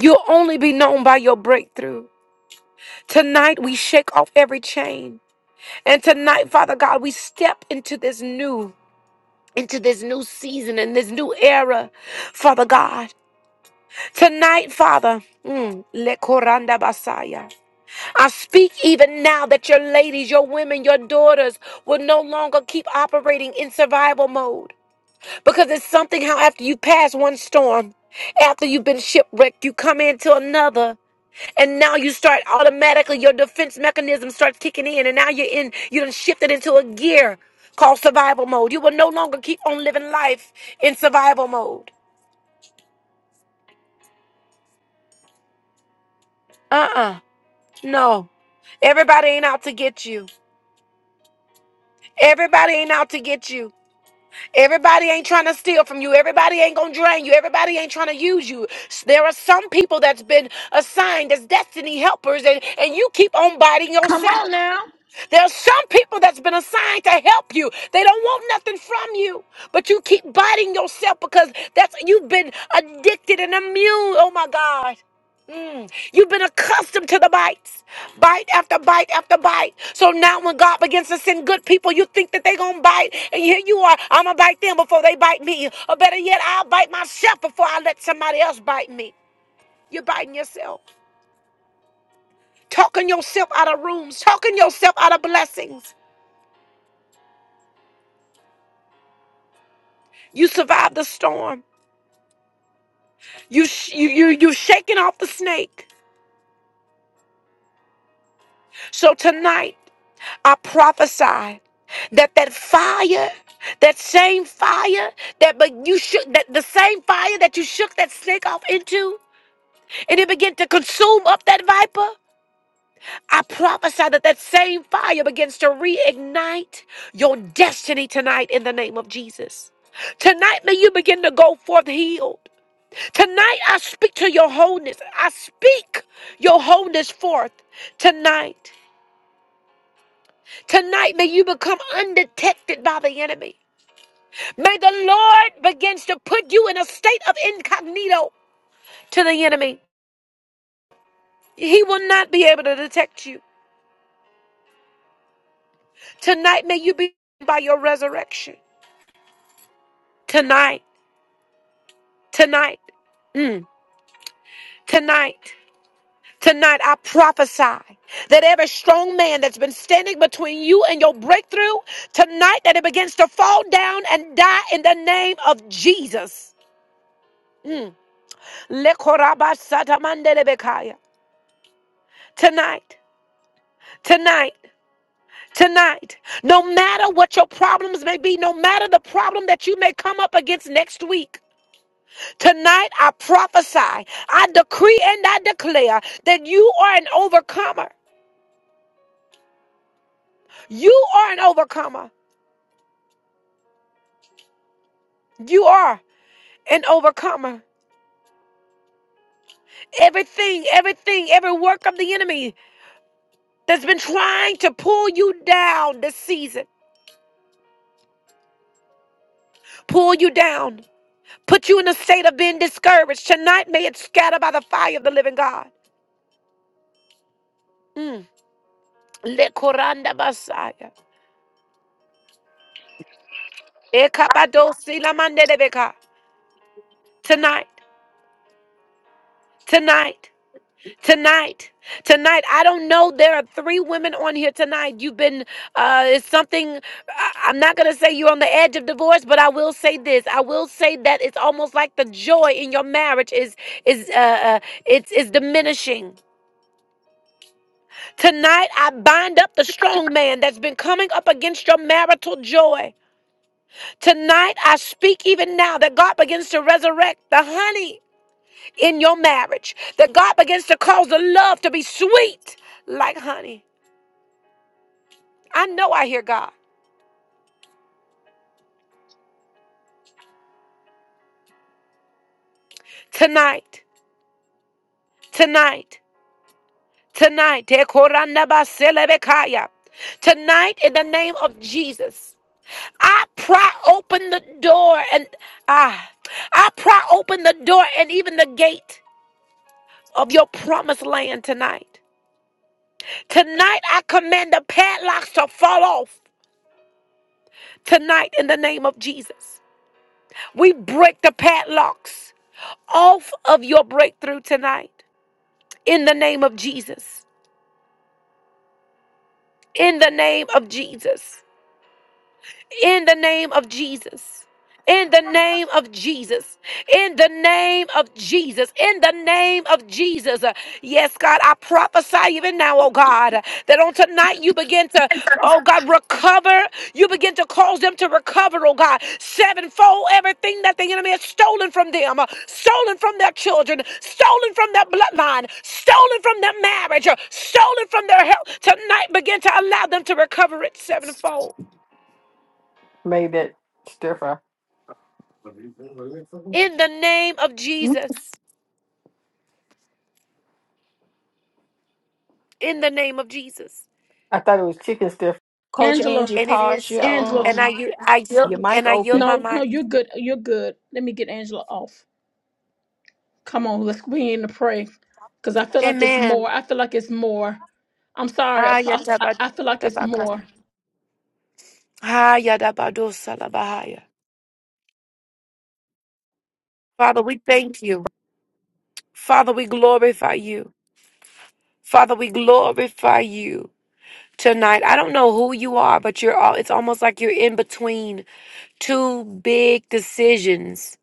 You'll only be known by your breakthrough. Tonight, we shake off every chain. And tonight, Father God, we step into this new. Into this new season and this new era, Father God. Tonight, Father, mm, le koranda basaya. I speak even now that your ladies, your women, your daughters will no longer keep operating in survival mode. Because it's something how after you pass one storm, after you've been shipwrecked, you come into another, and now you start automatically your defense mechanism starts kicking in, and now you're in you done shifted into a gear called survival mode. You will no longer keep on living life in survival mode. Uh-uh. No. Everybody ain't out to get you. Everybody ain't out to get you. Everybody ain't trying to steal from you. Everybody ain't gonna drain you. Everybody ain't trying to use you. S- There are some people that's been assigned as destiny helpers, and, and you keep on biting Come yourself. on now. There are some people that's been assigned to help you. They don't want nothing from you, but you keep biting yourself because that's you've been addicted and immune. Oh my God. Mm. You've been accustomed to the bites, bite after bite after bite. So now, when God begins to send good people, you think that they're gonna bite, and here you are. I'm gonna bite them before they bite me, or better yet, I'll bite myself before I let somebody else bite me. You're biting yourself, talking yourself out of rooms, talking yourself out of blessings. You survived the storm. You sh- you you you shaking off the snake. So tonight, I prophesy that that fire, that same fire that but you shook that the same fire that you shook that snake off into, and it began to consume up that viper. I prophesy that that same fire begins to reignite your destiny tonight in the name of Jesus. Tonight, may you begin to go forth healed. Tonight, I speak to your wholeness. I speak your wholeness forth tonight. Tonight, may you become undetected by the enemy. May the Lord begins to put you in a state of incognito to the enemy. He will not be able to detect you. Tonight, may you be by your resurrection. Tonight, tonight, mm, tonight. Tonight, I prophesy that every strong man that's been standing between you and your breakthrough, tonight, that it begins to fall down and die in the name of Jesus. Mm. Lekorabasatamandelebekaya. Tonight, tonight, tonight, no matter what your problems may be, no matter the problem that you may come up against next week, tonight I prophesy, I decree and I declare that you are an overcomer. You are an overcomer. You are. an overcomer. Everything, everything, every work of the enemy that's been trying to pull you down this season, pull you down, put you in a state of being discouraged. Tonight, may it scatter by the fire of the living God. Mm. Le koranda basaya. Ekapadosi la mandelebeka. Tonight, tonight. tonight tonight i don't know there are three women on here tonight you've been uh it's something I- i'm not gonna say you're on the edge of divorce but i will say this i will say that it's almost like the joy in your marriage is is uh, uh it's is diminishing tonight i bind up the strong man that's been coming up against your marital joy tonight i speak even now that god begins to resurrect the honey in your marriage that god begins to cause the love to be sweet like honey I know I hear God. Tonight, tonight, tonight. Tonight, in the name of Jesus, I pry open the door and I I pry open the door and even the gate of your promised land tonight. Tonight, I command the padlocks to fall off. Tonight, in the name of Jesus, we break the padlocks off of your breakthrough tonight in the name of Jesus. in the name of Jesus in the name of Jesus. In the name of Jesus. In the name of Jesus. In the name of Jesus. Uh, Yes, God, I prophesy even now, oh God, uh, that on tonight you begin to, oh God, recover. You begin to cause them to recover, oh God, sevenfold everything that the enemy has stolen from them, uh, stolen from their children, stolen from their bloodline, stolen from their marriage, uh, stolen from their health. Tonight begin to allow them to recover it sevenfold. Made that stir fry. in the name of Mm. Jesus. In the name of Jesus. I thought it was chicken stir fry. Coach Angela. Angie, And it is pause your so. Angela. And I um yield, I your yield mic and I yield open. my No, no, mind. you're good. You're good. Let me get Angela off. Come on, let's we need to pray, cause I feel like it's more. Amen. I feel like it's more. I'm sorry, Apostle. I, I feel like it's Ayatabadabaka. more. Ayadabadosalabahaya. Father, we thank you. Father, we glorify you. Father, we glorify you tonight. I don't know who you are, but you're all it's almost like you're in between two big decisions.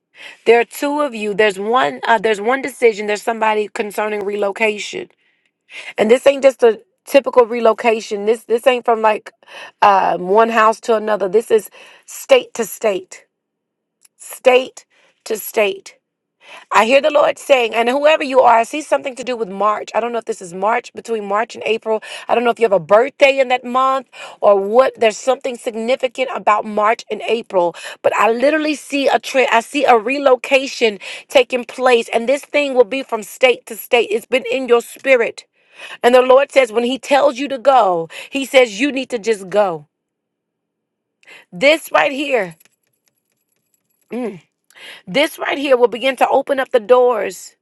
There are two of you. There's one uh, there's one decision. There's somebody concerning relocation. and this ain't just a typical relocation this this ain't from like um, one house to another this is state to state state to state i hear the lord saying and whoever you are i see something to do with march i don't know if this is march between march and april i don't know if you have a birthday in that month or what there's something significant about march and april but i literally see a trend i see a relocation taking place and this thing will be from state to state it's been in your spirit and the Lord says, when He tells you to go, He says, you need to just go. This right here, mm, this right here will begin to open up the doors,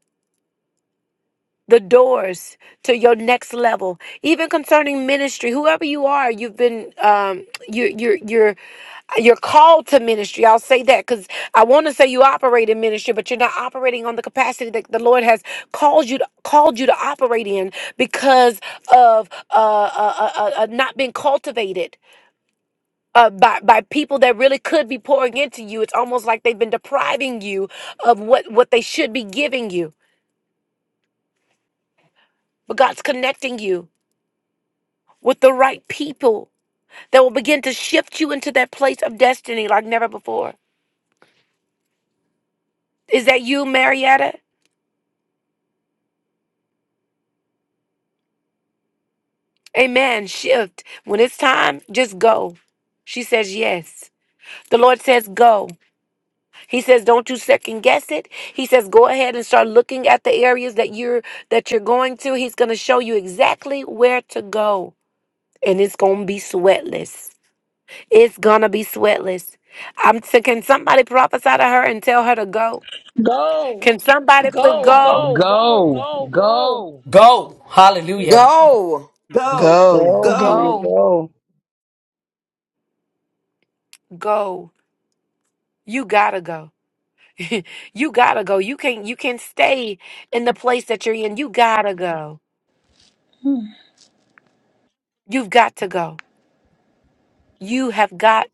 the doors to your next level. Even concerning ministry, whoever you are, you've been, um, you, you're, you're, you're called to ministry. I'll say that because I want to say you operate in ministry, but you're not operating on the capacity that the Lord has called you to, called you to operate in because of uh, uh, uh, uh, uh, not being cultivated uh, by by people that really could be pouring into you. It's almost like they've been depriving you of what what they should be giving you. But God's connecting you with the right people that will begin to shift you into that place of destiny like never before. Is that you, Marietta? Amen. Shift. When it's time, just go. She says yes. The Lord says go. He says don't you second guess it. He says go ahead and start looking at the areas that you're that you're going to. He's going to show you exactly where to go. and it's gonna be sweatless. It's gonna be sweatless. I'm t- can somebody prophesy to her and tell her to go? Go, Can somebody put go, go? go, go, Go, go, go. go. Go. Hallelujah. Go. Go, Go. Go, go. honey, Mhm. Go. go. Go. You gotta go. (laughs) you gotta go. You can't you can't stay in the place that you're in. You gotta go. You've got to go. You have got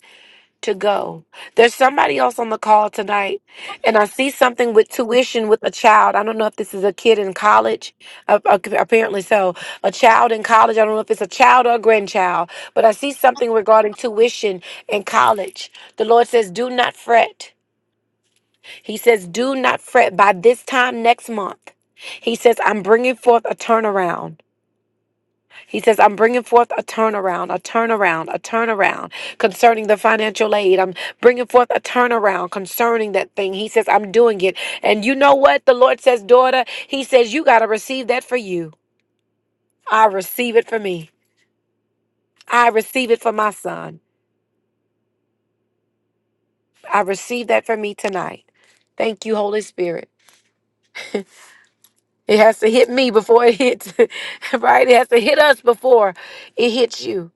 to go. There's somebody else on the call tonight, and I see something with tuition with a child. I don't know if this is a kid in college. Uh, uh, apparently, so a child in college. I don't know if it's a child or a grandchild, but I see something regarding tuition in college. The Lord says, "Do not fret." He says, "Do not fret." By this time next month, He says, "I'm bringing forth a turnaround." He says, I'm bringing forth a turnaround, a turnaround, a turnaround concerning the financial aid. I'm bringing forth a turnaround concerning that thing. He says, I'm doing it. And you know what? The Lord says, daughter, He says, you got to receive that for you. I receive it for me. I receive it for my son. I receive that for me tonight. Thank you, Holy Spirit. It has to hit me before it hits, (laughs) right? It has to hit us before it hits you.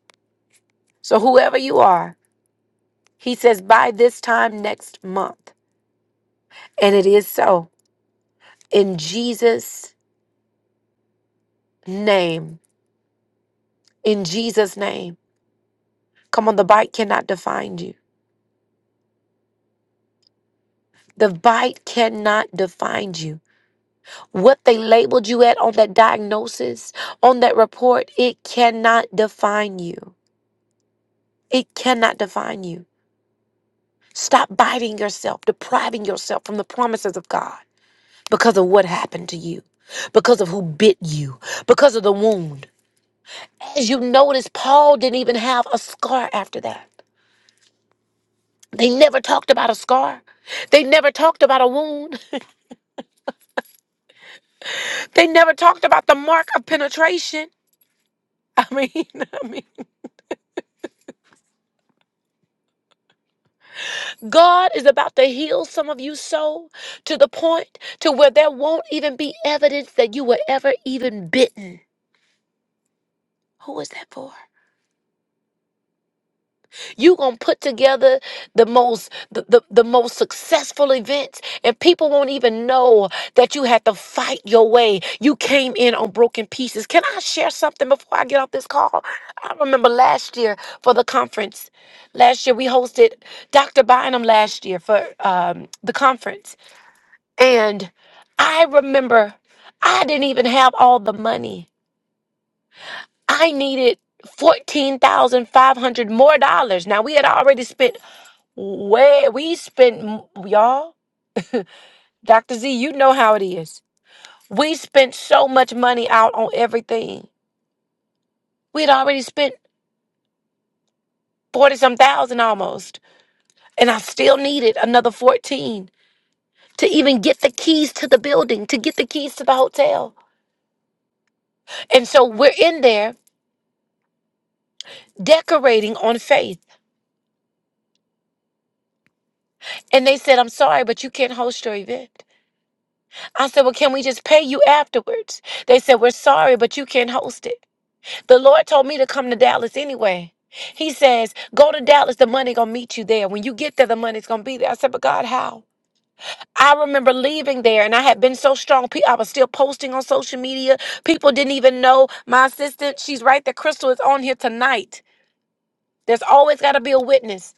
So, whoever you are, he says, by this time next month. And it is so. In Jesus' name, in Jesus' name. Come on, the bite cannot define you. The bite cannot define you. What they labeled you at on that diagnosis, on that report, it cannot define you. It cannot define you. Stop biting yourself, depriving yourself from the promises of God because of what happened to you, because of who bit you, because of the wound. As you notice, Paul didn't even have a scar after that. They never talked about a scar. They never talked about a wound. They never talked about the mark of penetration. I mean, (laughs) I mean, God is about to heal some of you so to the point to where there won't even be evidence that you were ever even bitten. Who is that for? you gonna put together the most the, the, the most successful events and people won't even know that you had to fight your way you came in on broken pieces can i share something before i get off this call i remember last year for the conference last year we hosted dr bynum last year for um, the conference and i remember i didn't even have all the money i needed 14,500 more dollars. Now we had already spent Way we spent m- y'all, Dr. Z, you know how it is. We spent so much money out on everything. We had already spent 40 some thousand almost, and I still needed another 14 to even get the keys to the building, to get the keys to the hotel. And so we're in there decorating on faith. And they said, I'm sorry, but you can't host your event. I said, Well, can we just pay you afterwards? They said, We're sorry, but you can't host it. The Lord told me to come to Dallas anyway. He says, go to Dallas, the money gonna meet you there. When you get there, the money's gonna be there. I said, but God, how? I remember leaving there and I had been so strong. Pe- I was still posting on social media. People didn't even know my assistant. She's right there. Crystal is on here tonight. There's always got to be a witness.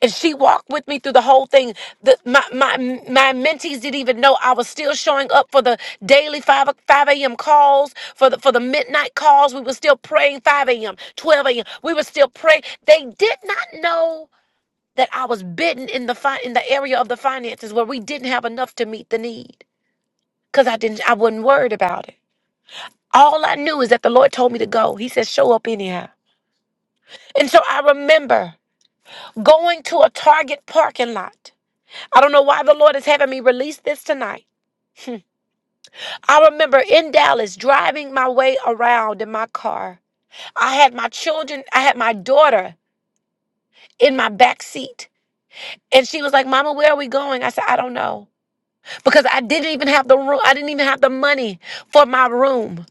And she walked with me through the whole thing. The, my, my, my mentees didn't even know I was still showing up for the daily 5, o- 5 a.m. calls, for the, for the midnight calls. We were still praying 5 a.m., 12 a.m. We were still praying. They did not know that I was bitten in the, fi- in the area of the finances where we didn't have enough to meet the need because I, didn't I wasn't worried about it. All I knew is that the Lord told me to go. He said, show up anyhow. And so I remember going to a Target parking lot I don't know why the Lord is having me release this tonight. (laughs) I remember in Dallas driving my way around in my car. I had my children, I had my daughter in my back seat. And she was like, Mama, where are we going? I said, I don't know. Because I didn't even have the room. I didn't even have the money for my room.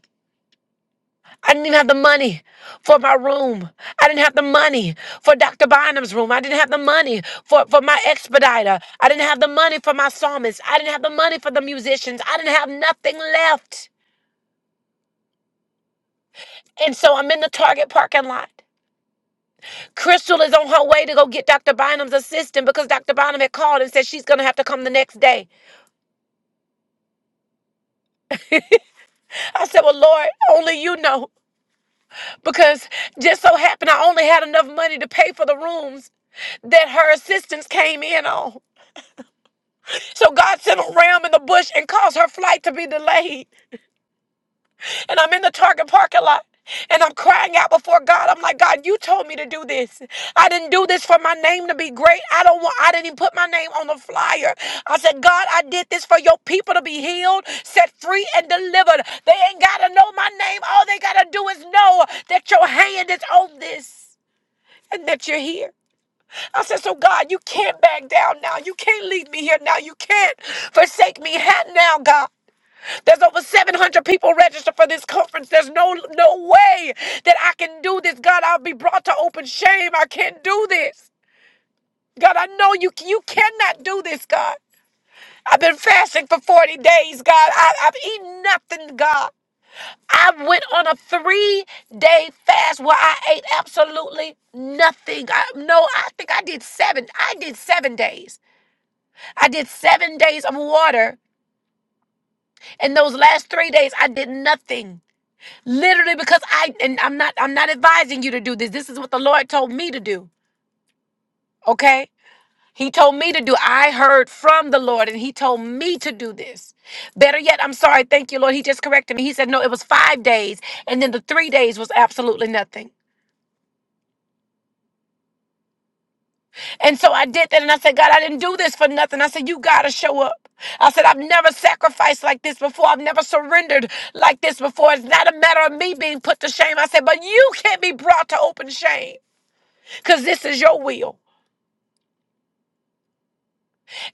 I didn't even have the money for my room. I didn't have the money for Dr. Bynum's room. I didn't have the money for, for my expediter. I didn't have the money for my psalmist. I didn't have the money for the musicians. I didn't have nothing left. And so I'm in the Target parking lot. Crystal is on her way to go get Dr. Bynum's assistant because Dr. Bynum had called and said she's going to have to come the next day. I said, Well, Lord, only you know. Because just so happened I only had enough money to pay for the rooms that her assistants came in on. So God sent a ram in the bush and caused her flight to be delayed. and I'm in the Target parking lot. And I'm crying out before God. I'm like, God, you told me to do this. I didn't do this for my name to be great. I don't want, I didn't even put my name on the flyer. I said, God, I did this for your people to be healed, set free, and delivered. They ain't got to know my name. All they got to do is know that your hand is on this and that you're here. I said, So God, you can't back down now. You can't leave me here now. You can't forsake me ha- now, God. There's over 700 people registered for this conference. There's no no way that I can do this. God, I'll be brought to open shame. I can't do this. God, I know you you cannot do this, God. I've been fasting for 40 days, God. I, I've eaten nothing, God. I went on a three day fast where I ate absolutely nothing. I, no, I think I did seven. I did seven days. I did seven days of water. And those last three days, I did nothing. Literally because I and I'm not I'm not advising you to do this. This is what the Lord told me to do. Okay? He told me to do. I heard from the Lord and he told me to do this. Better yet, I'm sorry. Thank you, Lord. He just corrected me. He said, "No, it was 5 days and then the 3 days was absolutely nothing." And so I did that and I said, "God, I didn't do this for nothing." I said, "You got to show up." I said, I've never sacrificed like this before. I've never surrendered like this before. It's not a matter of me being put to shame. I said, but you can't be brought to open shame because this is your will.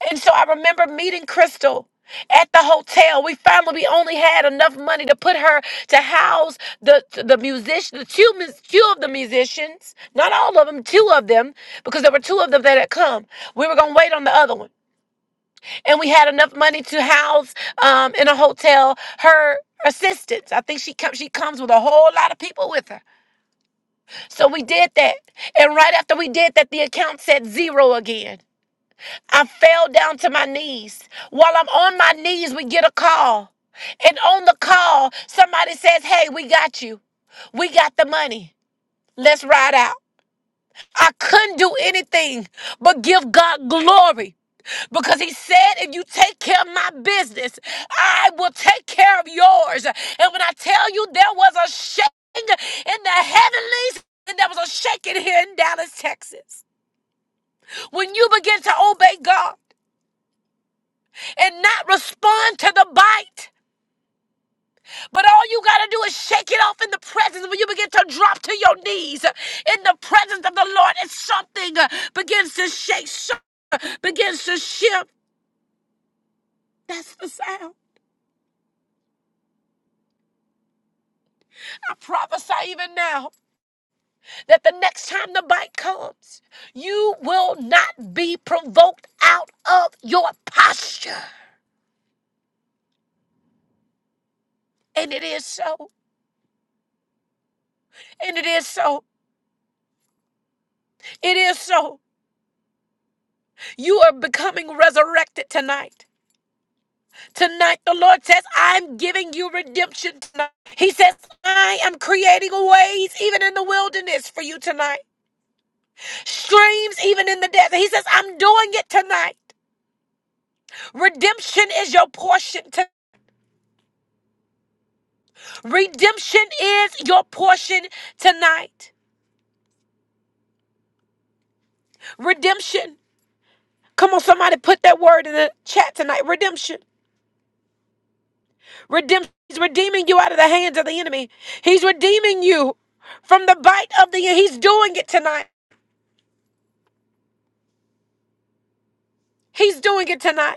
And so I remember meeting Crystal at the hotel. We finally we only had enough money to put her to house the the musician, the two mus- two of the musicians, not all of them, two of them, because there were two of them that had come. We were gonna wait on the other one, and we had enough money to house um, in a hotel her assistants. I think she comes she comes with a whole lot of people with her. So we did that, and right after we did that, the account said zero again. I fell down to my knees. While I'm on my knees, we get a call. And on the call, somebody says, Hey, we got you. We got the money. Let's ride out. I couldn't do anything but give God glory because He said, If you take care of my business, I will take care of yours. And when I tell you there was a shaking in the heavenlies, and there was a shaking here in Dallas, Texas. When you begin to obey God, and not respond to the bite. But all you got to do is shake it off in the presence when you begin to drop to your knees uh, in the presence of the Lord and something uh, begins to shake, so- uh, begins to shift. That's the sound. I prophesy even now that the next time the bite comes, you will not be provoked out of your posture. And it is so. And it is so. It is so. You are becoming resurrected tonight. Tonight, the Lord says, I'm giving you redemption tonight. He says, I am creating ways even in the wilderness for you tonight, streams even in the desert. He says, I'm doing it tonight. Redemption is your portion. tonight. redemption is your portion tonight. Redemption. Come on, somebody put that word in the chat tonight. Redemption. Redemption. He's redeeming you out of the hands of the enemy. He's redeeming you from the bite of the. enemy. He's doing it tonight. He's doing it tonight.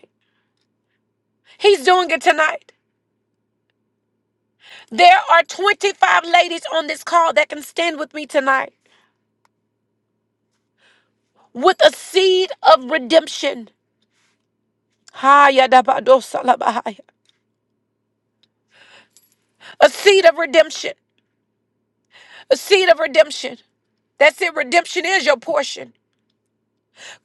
He's doing it tonight. There are 25 ladies on this call that can stand with me tonight with a seed of redemption. Haya da ba do sa la ba haya. A seed of redemption. A seed of redemption. That's it. Redemption is your portion.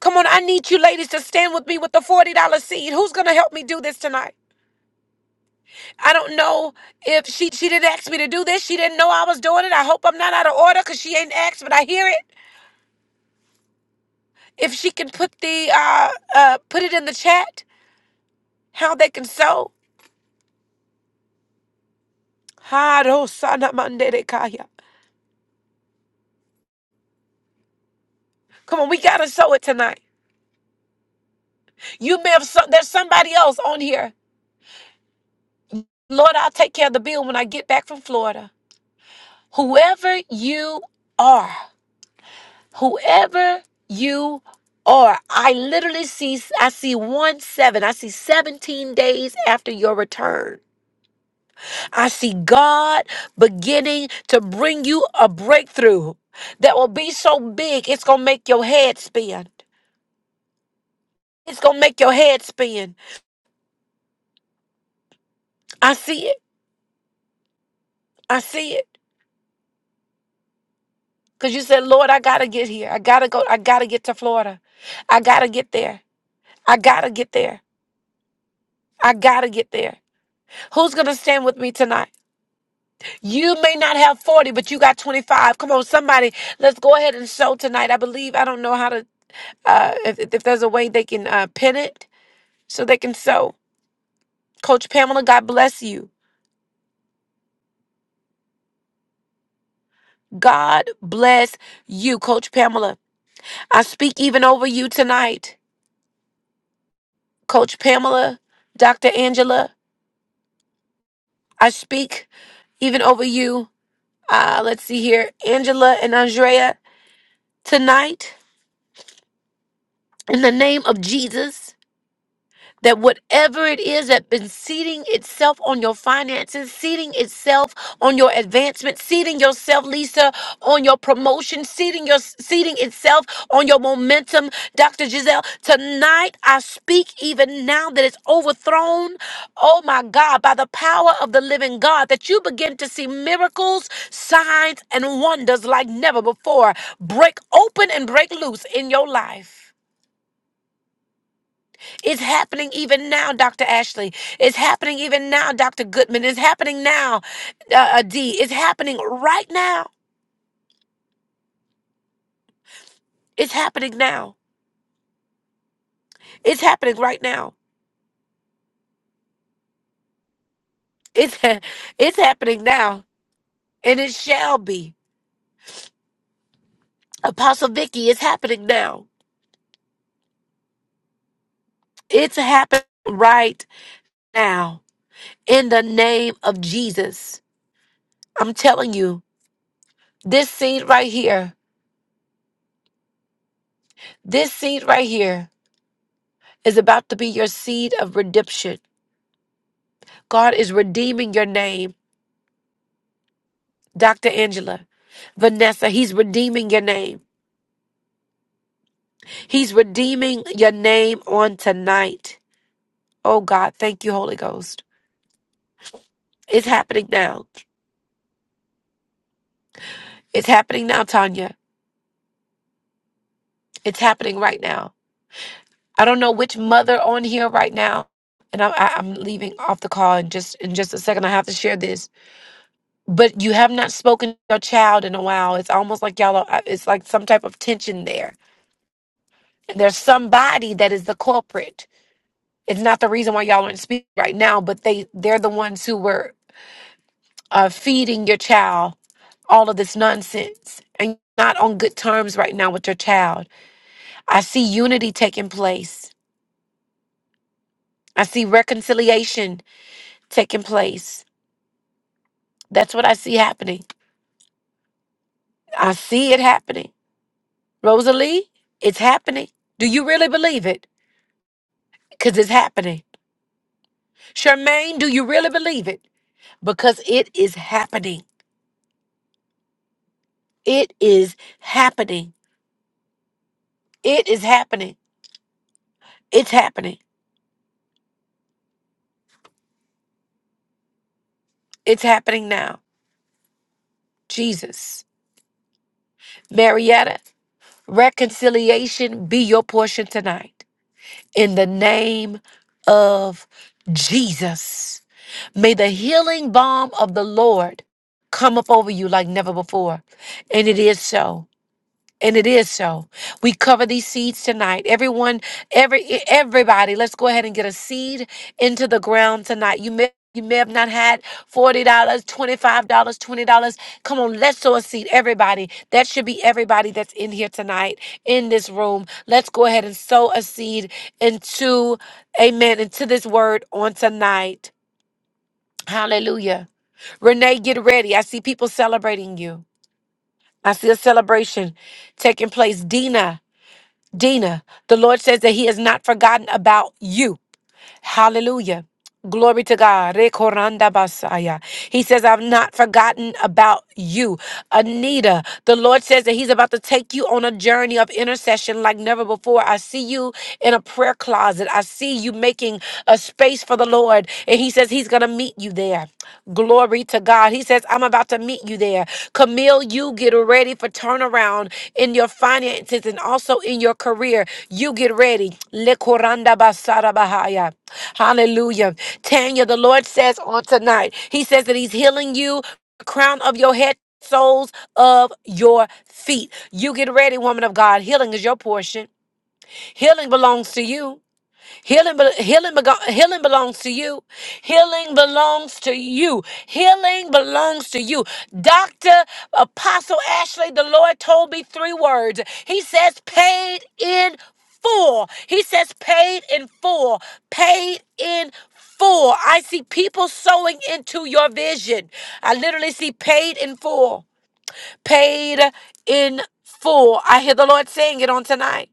Come on, I need you ladies to stand with me with the $40 seed. Who's going to help me do this tonight? I don't know if she, she didn't ask me to do this. She didn't know I was doing it. I hope I'm not out of order because she ain't asked, but I hear it. If she can put the uh, uh, put it in the chat, how they can sow. Harosanamandedekaya. Come on, we gotta sow it tonight. You may have so, there's somebody else on here. Lord, I'll take care of the bill when I get back from Florida. Whoever you are, whoever you are, I literally see I see one seven. I see 17 days after your return. I see God beginning to bring you a breakthrough that will be so big it's gonna make your head spin. It's gonna make your head spin. I see it. I see it. Cause you said, Lord, I gotta get here. I gotta go. I gotta get to Florida. I gotta get there. I gotta get there. I gotta get there. Who's gonna stand with me tonight? You may not have 40, but you got 25. Come on, somebody, let's go ahead and show tonight. I believe, I don't know how to, uh, if, if there's a way they can uh, pin it so they can sew. Coach Pamela, God bless you. God bless you, Coach Pamela. I speak even over you tonight. Coach Pamela, Dr. Angela, I speak even over you. Uh, let's see here, Angela and Andrea, tonight in the name of Jesus. that whatever it is that's been seating itself on your finances, seating itself on your advancement, seating yourself, Lisa, on your promotion, seating your seating itself on your momentum, Dr. Giselle. Tonight I speak even now that it's overthrown. Oh my God, by the power of the living God, that you begin to see miracles, signs, and wonders like never before. Break open and break loose in your life. It's happening even now, Dr. Ashley. It's happening even now, Dr. Goodman. It's happening now, uh, uh, D. It's happening right now. It's happening now. It's happening right now. It's (laughs) it's happening now, and it shall be. Apostle Vicky, it's happening now. It's happening right now in the name of Jesus. I'm telling you, this seed right here, this seed right here is about to be your seed of redemption. God is redeeming your name. Dr. Angela. Vanessa, he's redeeming your name. He's redeeming your name on tonight. Oh God, thank you, Holy Ghost. It's happening now. It's happening now, Tanya. It's happening right now. I don't know which mother on here right now, and I, I, I'm leaving off the call in just in just a second. I have to share this, but you have not spoken to your child in a while. It's almost like y'all. Are, uh, it's like some type of tension there. And there's somebody that is the culprit. it's not the reason why y'all aren't speaking right now, but they they're the ones who were uh, feeding your child all of this nonsense and you're not on good terms right now with your child. I see unity taking place. I see reconciliation taking place. That's what I see happening. I see it happening. Rosalie, it's happening. Do you really believe it? Because it's happening. Charmaine, do you really believe it? Because it is happening. It is happening. It is happening. It's happening. It's happening now. Jesus. Marietta, reconciliation be your portion tonight. In the name of Jesus. May the healing balm of the Lord come up over you like never before. And it is so. And it is so. We cover these seeds tonight. Everyone, every e- everybody, let's go ahead and get a seed into the ground tonight. You may you may have not had $40, dollars, $25, dollars, $20. Come on, let's sow a seed. Everybody. That should be everybody that's in here tonight in this room. Let's go ahead and sow a seed into, amen, into this word on tonight. Hallelujah. Renee, get ready. I see people celebrating you. I see a celebration taking place. Dina. Dina, the Lord says that He has not forgotten about you. Hallelujah. Glory to God. Rekoranda basaya. He says, I've not forgotten about you. Anita, the Lord says that He's about to take you on a journey of intercession like never before. I see you in a prayer closet. I see you making a space for the Lord. And He says He's going to meet you there. Glory to God. He says, I'm about to meet you there. Camille, you get ready for turnaround in your finances and also in your career. You get ready. Le koranda basara bahaya. Hallelujah. Tanya, the Lord says on tonight, He says that He's healing you, the crown of your head. Soles of your feet. You get ready, woman of God. Healing is your portion. Healing belongs to you. Healing, bel- healing, bego- healing belongs to you. Healing belongs to you. Healing belongs to you. Dr. Apostle Ashley, the Lord told me three words. He says, paid in full. He says, paid in full. Paid in full. I see people sowing into your vision. I literally see paid in full. Paid in full. I hear the Lord saying it on tonight.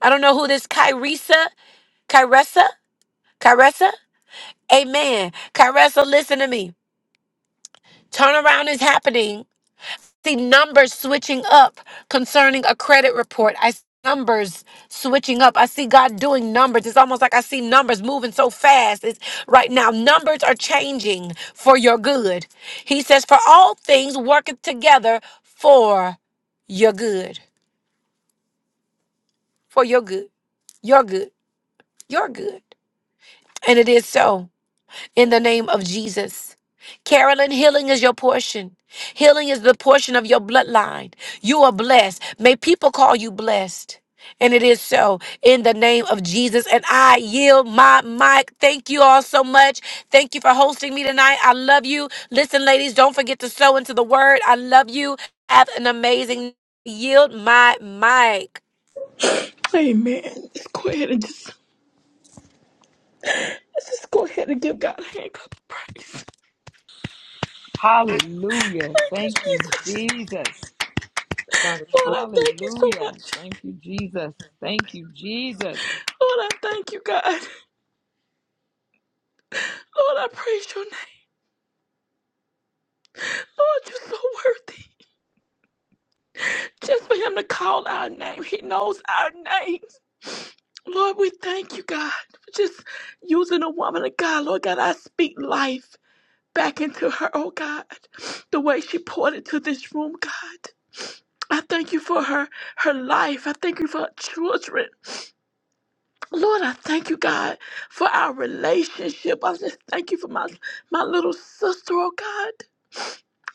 I don't know who this Kyresa, Kyresa. Caressa, amen. Caressa, listen to me. Turnaround is happening. See numbers switching up concerning a credit report. I see numbers switching up. I see God doing numbers. It's almost like I see numbers moving so fast. It's right now. Numbers are changing for your good. He says, For all things working together for your good. For your good. Your good. Your good. And it is so. in the name of Jesus. Carolyn, healing is your portion. Healing is the portion of your bloodline. You are blessed. May people call you blessed. And it is so in the name of Jesus. And I yield my mic. Thank you all so much. Thank you for hosting me tonight. I love you. Listen, ladies, don't forget to sow into the word. I love you. Have an amazing yield my mic. Amen. Let's go ahead and just let's just go ahead and give God a hand clap of praise. Hallelujah. Thank Thank you, you, Jesus. Jesus. Lord, I thank you so Hallelujah. much. Thank you, Jesus. Thank you, Jesus. Lord, I thank you, God. Lord, I praise your name. Lord, you're so worthy. Just for him to call our name, he knows our name. Lord, we thank you, God, for just using a woman of God. Lord God, I speak life back into her, oh God, the way she poured into this room, God. I thank you for her, her life. I thank you for her children. Lord, I thank you, God, for our relationship. I just thank you for my my little sister, oh God.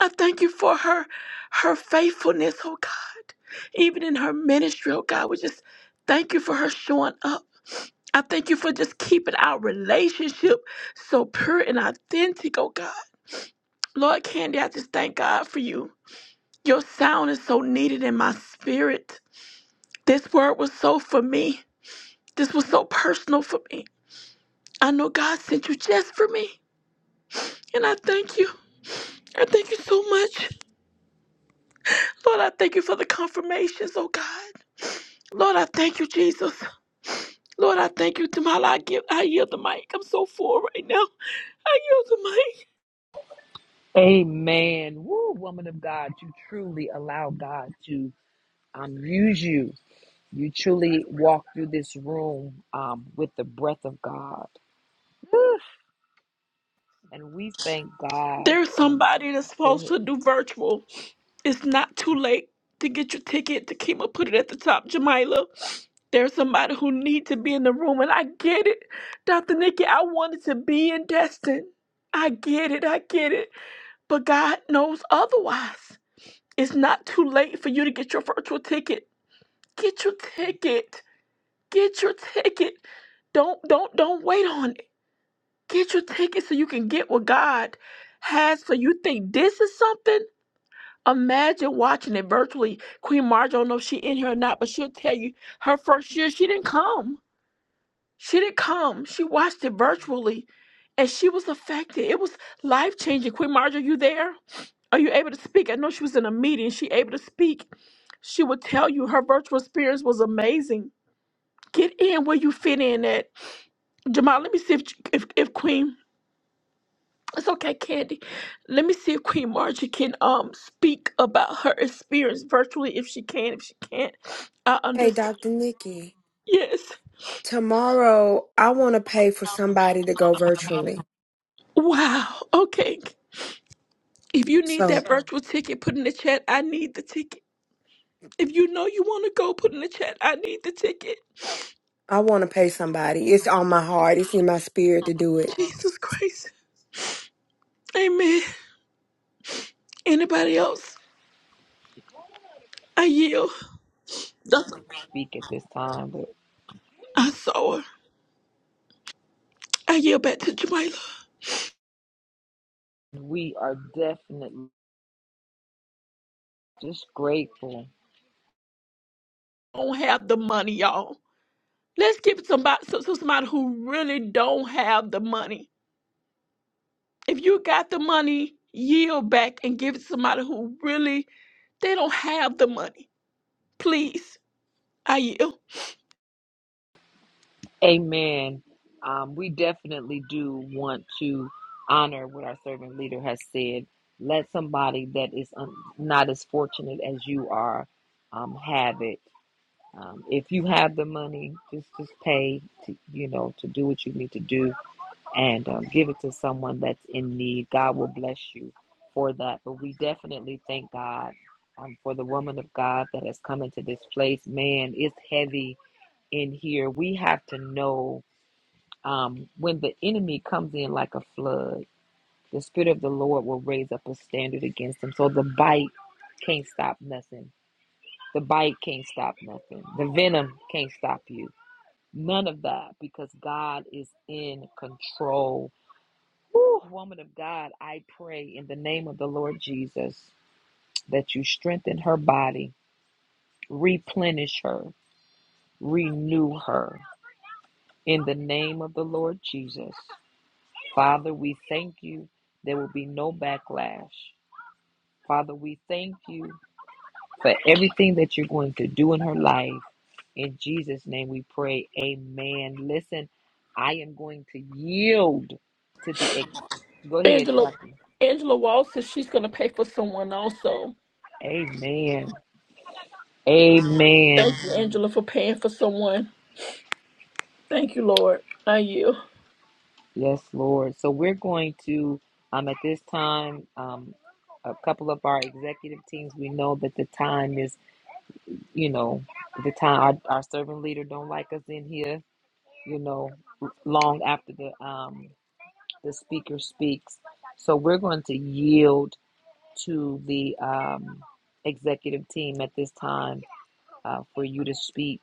I thank you for her her faithfulness, oh God. Even in her ministry, oh God, we just thank you for her showing up. I thank you for just keeping our relationship so pure and authentic, oh God. Lord Candy, I just thank God for you. Your sound is so needed in my spirit. This word was so for me. This was so personal for me. I know God sent you just for me. And I thank you. I thank you so much. Lord, I thank you for the confirmations, oh God. Lord, I thank you, Jesus. Lord, I thank you, Tamala. I, give, I yield the mic. I'm so full right now. I yield the mic. Amen. Woo, woman of God, you truly allow God to um, use you You truly walk through this room um, with the breath of God. Woo! And we thank God. There's Um, somebody that's go supposed ahead to and do virtual. It's not too late to get your ticket. to Takima put it at the top, Jamila. There's somebody who needs to be in the room, and I get it. Dr. Nikki, I wanted to be in Destin. I get it, I get it. But God knows otherwise. It's not too late for you to get your virtual ticket. Get your ticket. Get your ticket. Don't don't don't wait on it. Get your ticket so you can get what God has for you. Think this is something? Imagine watching it virtually. Queen Marge, I don't know if she in here or not, but she'll tell you her first year she didn't come. She didn't come. She watched it virtually, and she was affected. It was life changing. Queen Marge, you there? Are you able to speak? I know she was in a meeting. She able to speak. She would tell you her virtual experience was amazing. Get in where you fit in at. Jamal, let me see if if, if Queen. It's okay, Candy. Let me see if Queen Margie can um speak about her experience virtually if she can. If she can't, I Hey, understand. Dr. Nikki, Yes. tomorrow I want to pay for somebody to go virtually. Wow. Okay. If you need So that Sure. virtual ticket, put in the chat. I need the ticket. If you know you want to go, put in the chat. I need the ticket. I want to pay somebody. It's on my heart, it's in my spirit to do it. Jesus Christ. Amen. Anybody else? I yield. That's- speak at this time, but I saw her. I yield back to Jamila. we are definitely just grateful. don't have the money, y'all. Let's give somebody, so- so somebody who really don't have the money. if you got the money, yield back and give it to somebody who really they don't have the money. Please, I yield. Amen. Um, we definitely do want to honor what our servant leader has said. Let somebody that is um, not as fortunate as you are um, have it. Um, if you have the money, just just pay to you know to do what you need to do and um, give it to someone that's in need. God will bless you for that. But we definitely thank God um, for the woman of God that has come into this place. Man, it's heavy in here. We have to know um, when the enemy comes in like a flood, the Spirit of the Lord will raise up a standard against him. So the bite can't stop nothing. The bite can't stop nothing. The venom can't stop you. None of that because God is in control Whew, woman of God, I pray in the name of the Lord Jesus that you strengthen her body, replenish her, renew her in the name of the Lord Jesus. Father, we thank you. There will be no backlash. Father, we thank you for everything that you're going to do in her life. In Jesus' name we pray. Amen. Listen, I am going to yield to the. ex- Go ahead, Angela Doctor. Angela Wall says she's gonna pay for someone also. Amen. Thank Amen. you, Angela, for paying for someone. Thank you, Lord. I yield. Yes, Lord. So we're going to, um, at this time, um, a couple of our executive teams. We know that the time is, you know, the time our, our servant leader don't like us in here, you know, long after the um the speaker speaks. So we're going to yield to the um executive team at this time uh, for you to speak.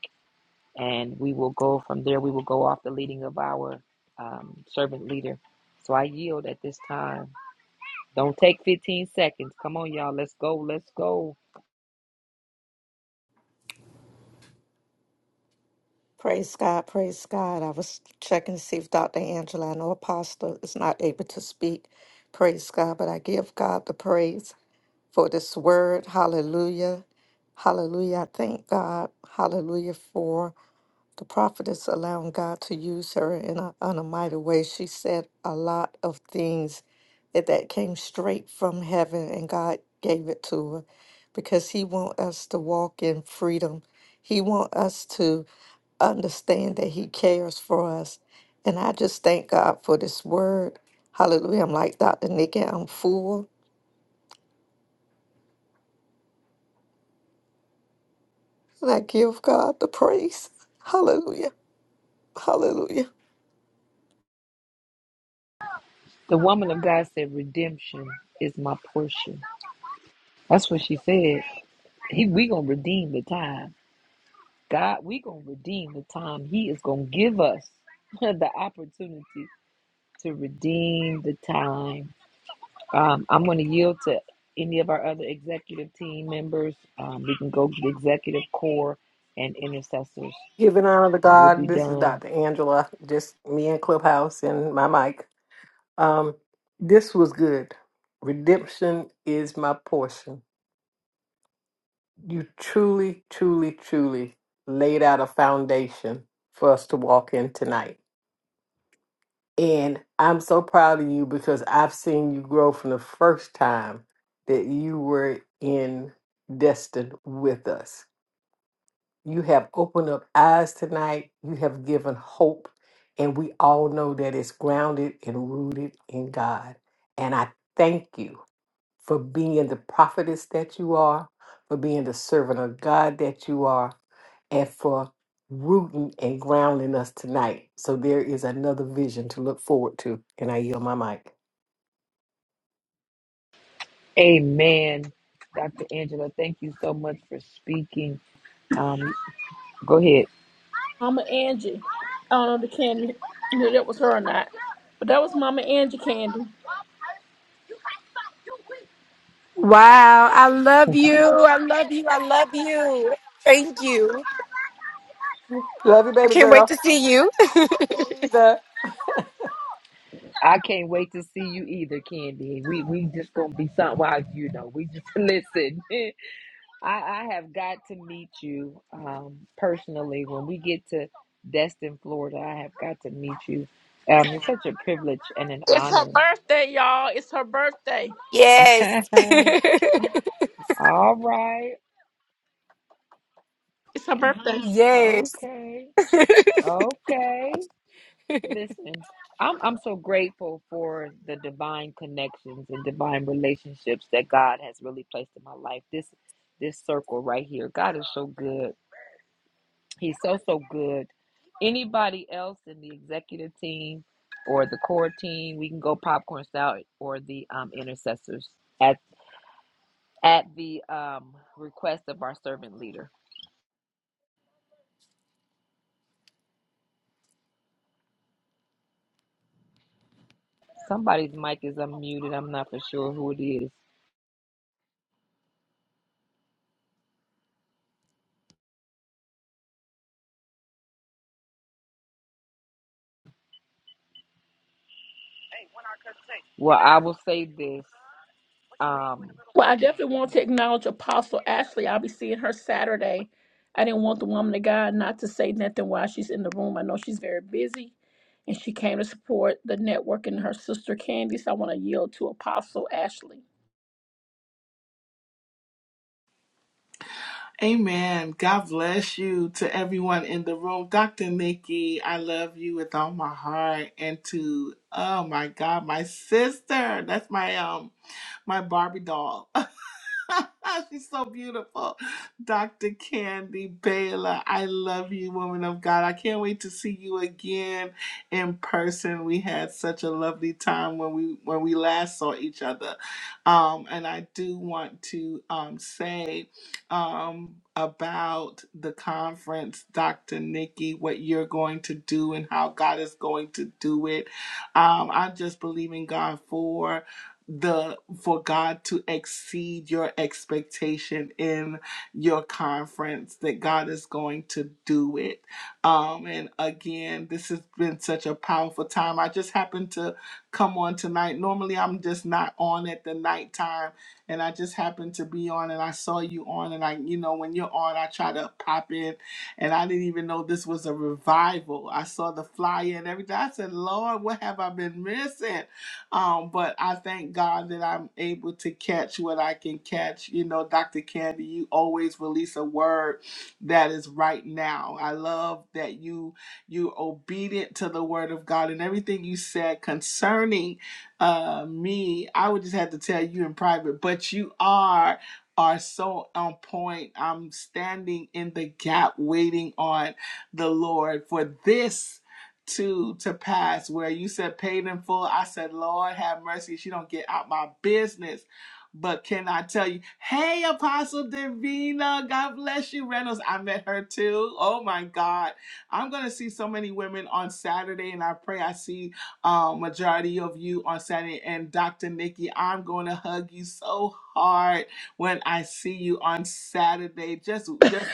and we will go from there. We will go off the leading of our um, servant leader. So I yield at this time. Don't take 15 seconds. Come on, y'all. Let's go. Let's go. Praise God, praise God. I was checking to see if Dr. Angela, I know Apostle, is not able to speak. Praise God, but I give God the praise for this word. Hallelujah. Hallelujah. I thank God. Hallelujah for the prophetess allowing God to use her in a, in a mighty way. She said a lot of things that, that came straight from heaven, and God gave it to her because He want us to walk in freedom. He want us to understand that He cares for us. And I just thank God for this word. Hallelujah. I'm like Dr. Nikki, I'm full. And I give God the praise. Hallelujah. Hallelujah. The woman of God said, Redemption is my portion. That's what she said. He, we going to redeem the time. God, we going to redeem the time. He is going to give us (laughs) the opportunity to redeem the time. Um, I'm going to yield to any of our other executive team members. Um, we can go to the executive core and intercessors, Giving honor to and we'll be God, this is done. Dr. Angela, just me and Clubhouse and my mic. Um, this was good. Redemption is my portion. You truly, truly, truly laid out a foundation for us to walk in tonight. And I'm so proud of you because I've seen you grow from the first time that you were in Destin with us. You have opened up eyes tonight, you have given hope, and we all know that it's grounded and rooted in God. And I thank you for being the prophetess that you are, for being the servant of God that you are, and for rooting and grounding us tonight. So there is another vision to look forward to. And I yield my mic. Amen. Dr. Angela, thank you so much for speaking. Um, go ahead. Mama Angie. I don't know if the candy knew that was her or not. But that was Mama Angie Candy. Wow, I love you. I love you. I love you. Thank you. Love you, I baby can't wait girl. to see you. Me either. I can't wait to see you either, Candy. We we just gonna be something. Well, you know, we just (laughs) listen. (laughs) I, I have got to meet you um, personally when we get to Destin, Florida. I have got to meet you. Um, it's such a privilege and an It's her honor. birthday, y'all. It's her birthday. Yes. (laughs) (laughs) All right, It's her birthday. yes. okay, okay. Listen, I'm I'm so grateful for the divine connections and divine relationships that God has really placed in my life. This this circle right here, God is so good He's so, so good. Anybody else in the executive team or the core team, we can go popcorn style or the um, intercessors at at the um, request of our servant leader. Somebody's mic is unmuted. I'm not for sure who it is. Well, I will say this. Um, Well, I definitely want to acknowledge Apostle Ashley. I'll be seeing her Saturday. I didn't want the woman of God not to say nothing while she's in the room. I know she's very busy and she came to support the network and her sister Candice. I want to yield to Apostle Ashley. Amen. God bless you to everyone in the room. Dr. Nikki, I love you with all my heart. And to oh my God, my sister. That's my um my Barbie doll. (laughs) (laughs) She's so beautiful. Dr. Candy Baylor, I love you, woman of God. I can't wait to see you again in person. We had such a lovely time when we when we last saw each other. Um, and I do want to um, say um, about the conference, Dr. Nikki, what you're going to do and how God is going to do it. Um, I just believe in God for the for God to exceed your expectation in your conference that God is going to do it. Um, and again, this has been such a powerful time. I just happened to come on tonight. Normally, I'm just not on at the nighttime, and I just happened to be on, and I saw you on, and I, you know, when you're on, I try to pop in, and I didn't even know this was a revival. I saw the flyer and everything. I said, Lord, what have I been missing? Um, but I thank God that I'm able to catch what I can catch. You know, Dr. Candy, you always release a word that is right now. I love that you you're obedient to the word of God and everything you said concerning uh me. I would just have to tell you in private, but you are are so on point. I'm standing in the gap waiting on the Lord for this to to pass where you said paid in full. I said, Lord have mercy, she don't get out my business. But can I tell you, hey Apostle Davina, God bless you, Reynolds. I met her too. Oh my God. I'm gonna see so many women on Saturday, and I pray I see um majority of you on Saturday. And Dr. Nikki, I'm gonna hug you so hard when I see you on Saturday. Just Come just.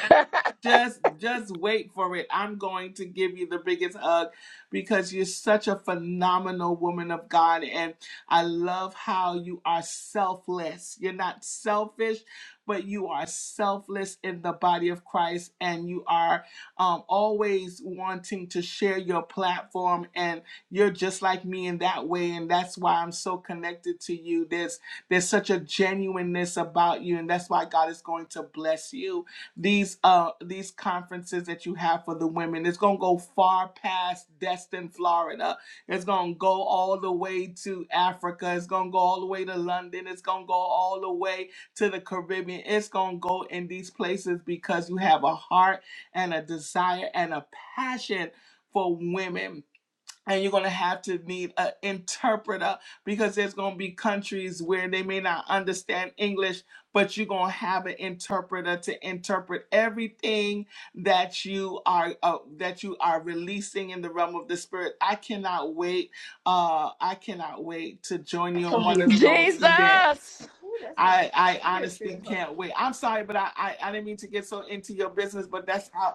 Just just wait for it. I'm going to give you the biggest hug because you're such a phenomenal woman of God and I love how you are selfless. You're not selfish, but you are selfless in the body of Christ and you are um, always wanting to share your platform and you're just like me in that way and that's why I'm so connected to you. There's there's such a genuineness about you and that's why God is going to bless you these uh these conferences that you have for the women. It's gonna go far past Destin, Florida. It's gonna go all the way to Africa. It's gonna go all the way to London. It's gonna go all the way to the Caribbean. It's gonna go in these places because you have a heart and a desire and a passion for women and you're going to have to need an interpreter because there's going to be countries where they may not understand English, but you're going to have an interpreter to interpret everything that you are uh, that you are releasing in the realm of the spirit. I cannot wait. Uh, I cannot wait to join you on one here. (laughs) of those events. Jesus! I, I honestly can't wait. I'm sorry, but I, I, I didn't mean to get so into your business, but that's how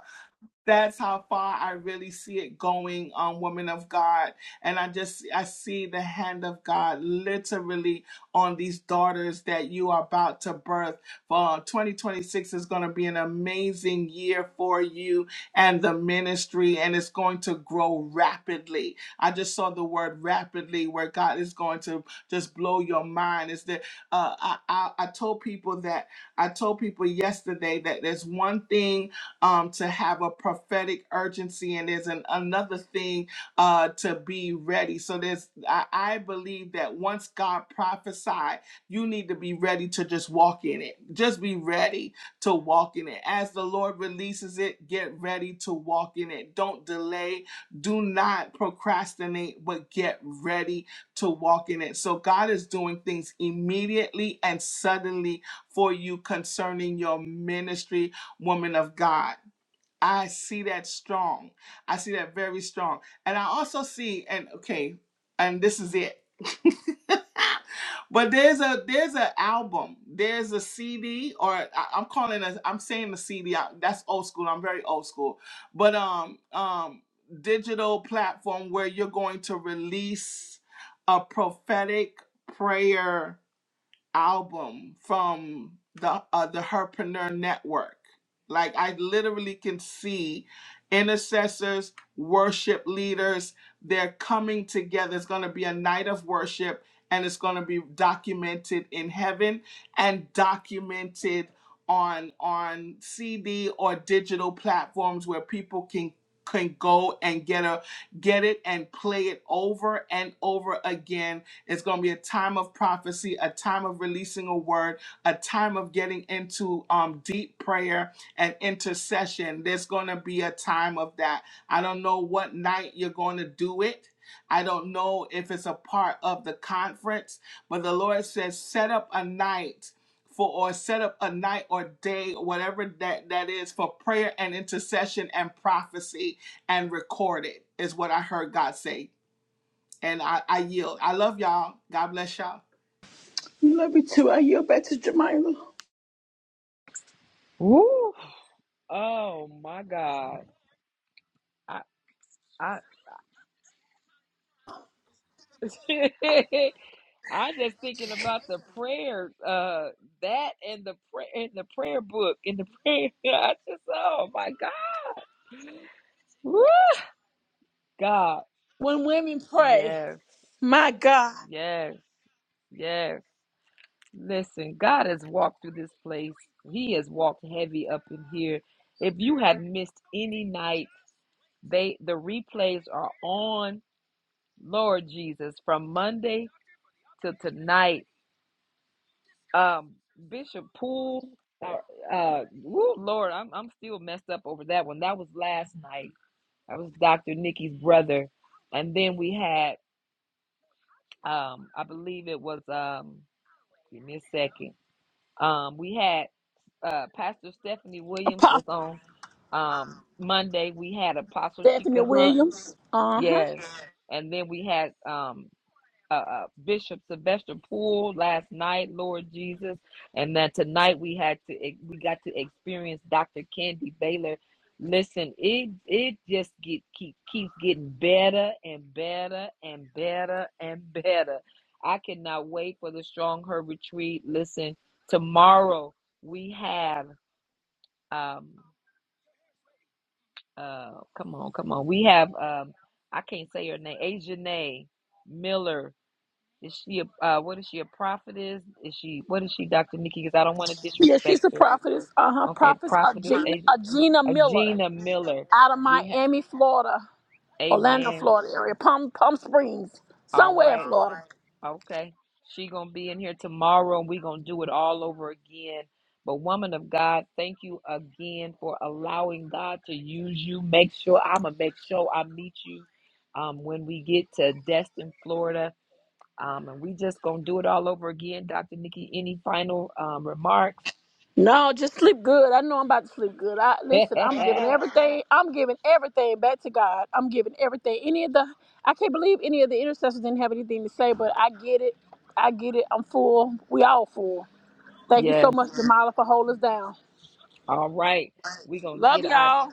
that's how far I really see it going, um, women of God. And I just I see the hand of God literally on these daughters that you are about to birth. For 2026 is going to be an amazing year for you and the ministry, and it's going to grow rapidly. I just saw the word rapidly, where God is going to just blow your mind. Is that uh, I, I I told people that I told people yesterday that there's one thing um, to have a prophetic urgency, and there's an, another thing uh, to be ready. So there's, I, I believe that once God prophesied, you need to be ready to just walk in it. Just be ready to walk in it. As the Lord releases it, get ready to walk in it. Don't delay. Do not procrastinate, but get ready to walk in it. So God is doing things immediately and suddenly for you concerning your ministry woman of God. I see that strong. I see that very strong. And I also see, and okay, and this is it. (laughs) but there's a there's an album, there's a CD, or I, am calling a I'm saying the CD. that's old school. I'm very old school. But um um digital platform where you're going to release a prophetic prayer album from the uh, the Herpreneur Network. Like I literally can see intercessors, worship leaders. They're coming together. It's going to be a night of worship, and it's going to be documented in heaven and documented on on CD or digital platforms where people can can go and get a get it and play it over and over again it's going to be a time of prophecy, a time of releasing a word, a time of getting into um, deep prayer and intercession. There's going to be a time of that. I don't know what night you're going to do it. I don't know if it's a part of the conference, but the Lord says, set up a night for or set up a night or day, whatever that, that is, for prayer and intercession and prophecy and record it, is what I heard God say. And I, I yield. I love y'all. God bless y'all. You love me too. I yield back to Jemima. woo, oh my God. I, I, (laughs) I am just thinking about the prayer, uh, that and the prayer and the prayer book and the prayer. (laughs) I just, oh my God, Woo! God, When women pray, yes, my God, yes, yes. Listen, God has walked through this place. He has walked heavy up in here. If you have missed any night, they the replays are on. Lord Jesus, from Monday to tonight. Um, Bishop Poole, uh, uh, woo, Lord, I'm I'm still messed up over that one. That was last night. That was Dr. Nikki's brother, and then we had, um, I believe it was, um, give me a second. Um, we had uh, Pastor Stephanie Williams was Apostle on um Monday. We had Apostle Stephanie Sheikah Hunt, Williams. Uh huh. yes, and then we had um uh, uh, Bishop Sylvester Poole last night, Lord Jesus, and that tonight we had to e, we got to experience Dr. Candy Baylor. Listen, it it just get keep keeps getting better and better and better and better. I cannot wait for the Strong Her retreat. Listen, tomorrow we have um uh come on come on we have um I can't say her name Ajanay Miller is she a uh, what is she a prophetess? Is she what is she, Dr. Nikki? Because I don't want to Yeah, disrespect she's a her. prophetess. Uh huh. Okay, Prophetess prophetess Agena, a, Agena Miller Agena Miller. out of We have Miami, Florida, Orlando, Amen. Florida area, Palm Palm Springs, All somewhere in right. Florida. Okay. She gonna be in here tomorrow, and we gonna do it all over again. But woman of God, thank you again for allowing God to use you. Make sure I'ma make sure I meet you um, when we get to Destin, Florida. Um, and we just gonna do it all over again, Dr. Nikki. Any final um, remarks? No, just sleep good. I know I'm about to sleep good. I listen. I'm giving (laughs) everything. I'm giving everything back to God. I'm giving everything. Any of the, I can't believe any of the intercessors didn't have anything to say, but I get it. I get it. I'm full. We all full. Thank you so yes. much, Jamala, for holding us down. All right. We're going to Love get our y'all.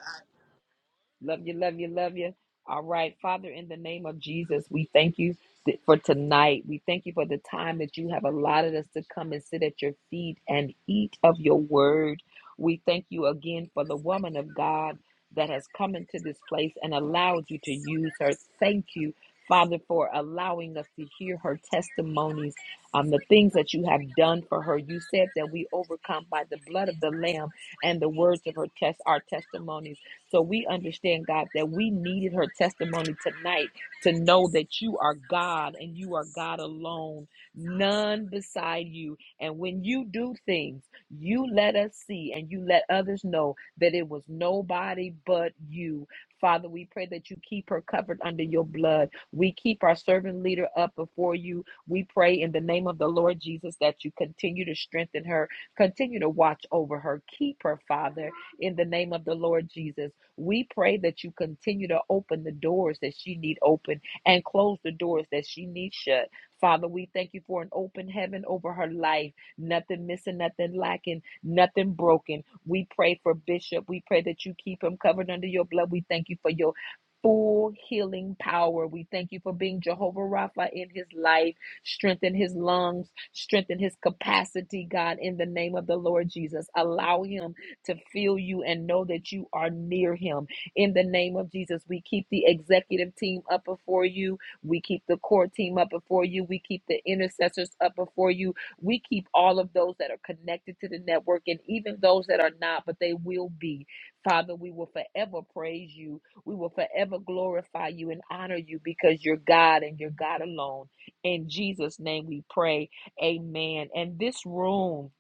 Love you, love you, love you. All right, Father, in the name of Jesus, we thank you th- for tonight. We thank you for the time that you have allotted us to come and sit at your feet and eat of your word. We thank you again for the woman of God that has come into this place and allowed you to use her. Thank you, Father, for allowing us to hear her testimonies, um, the things that you have done for her. You said that we overcome by the blood of the Lamb and the words of her test, our testimonies. So we understand, God, that we needed her testimony tonight to know that you are God and you are God alone, none beside you. And when you do things, you let us see and you let others know that it was nobody but you. Father, we pray that you keep her covered under your blood. We keep our servant leader up before you. We pray in the name of the Lord Jesus that you continue to strengthen her, continue to watch over her, keep her, Father, in the name of the Lord Jesus. We pray that you continue to open the doors that she need open and close the doors that she needs shut. Father, we thank you for an open heaven over her life. Nothing missing, nothing lacking, nothing broken. We pray for Bishop. We pray that you keep him covered under your blood. We thank you for your full healing power. We thank you for being Jehovah Rapha in his life. Strengthen his lungs, strengthen his capacity, God, in the name of the Lord Jesus. Allow him to feel you and know that you are near him. In the name of Jesus, we keep the executive team up before you. We keep the core team up before you. We keep the intercessors up before you. We keep all of those that are connected to the network and even those that are not, but they will be. Father, we will forever praise you. We will forever glorify you and honor you because you're God and you're God alone. In Jesus' name we pray. Amen. And this room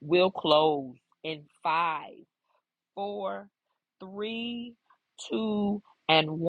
will close in five four, three, two, and 1.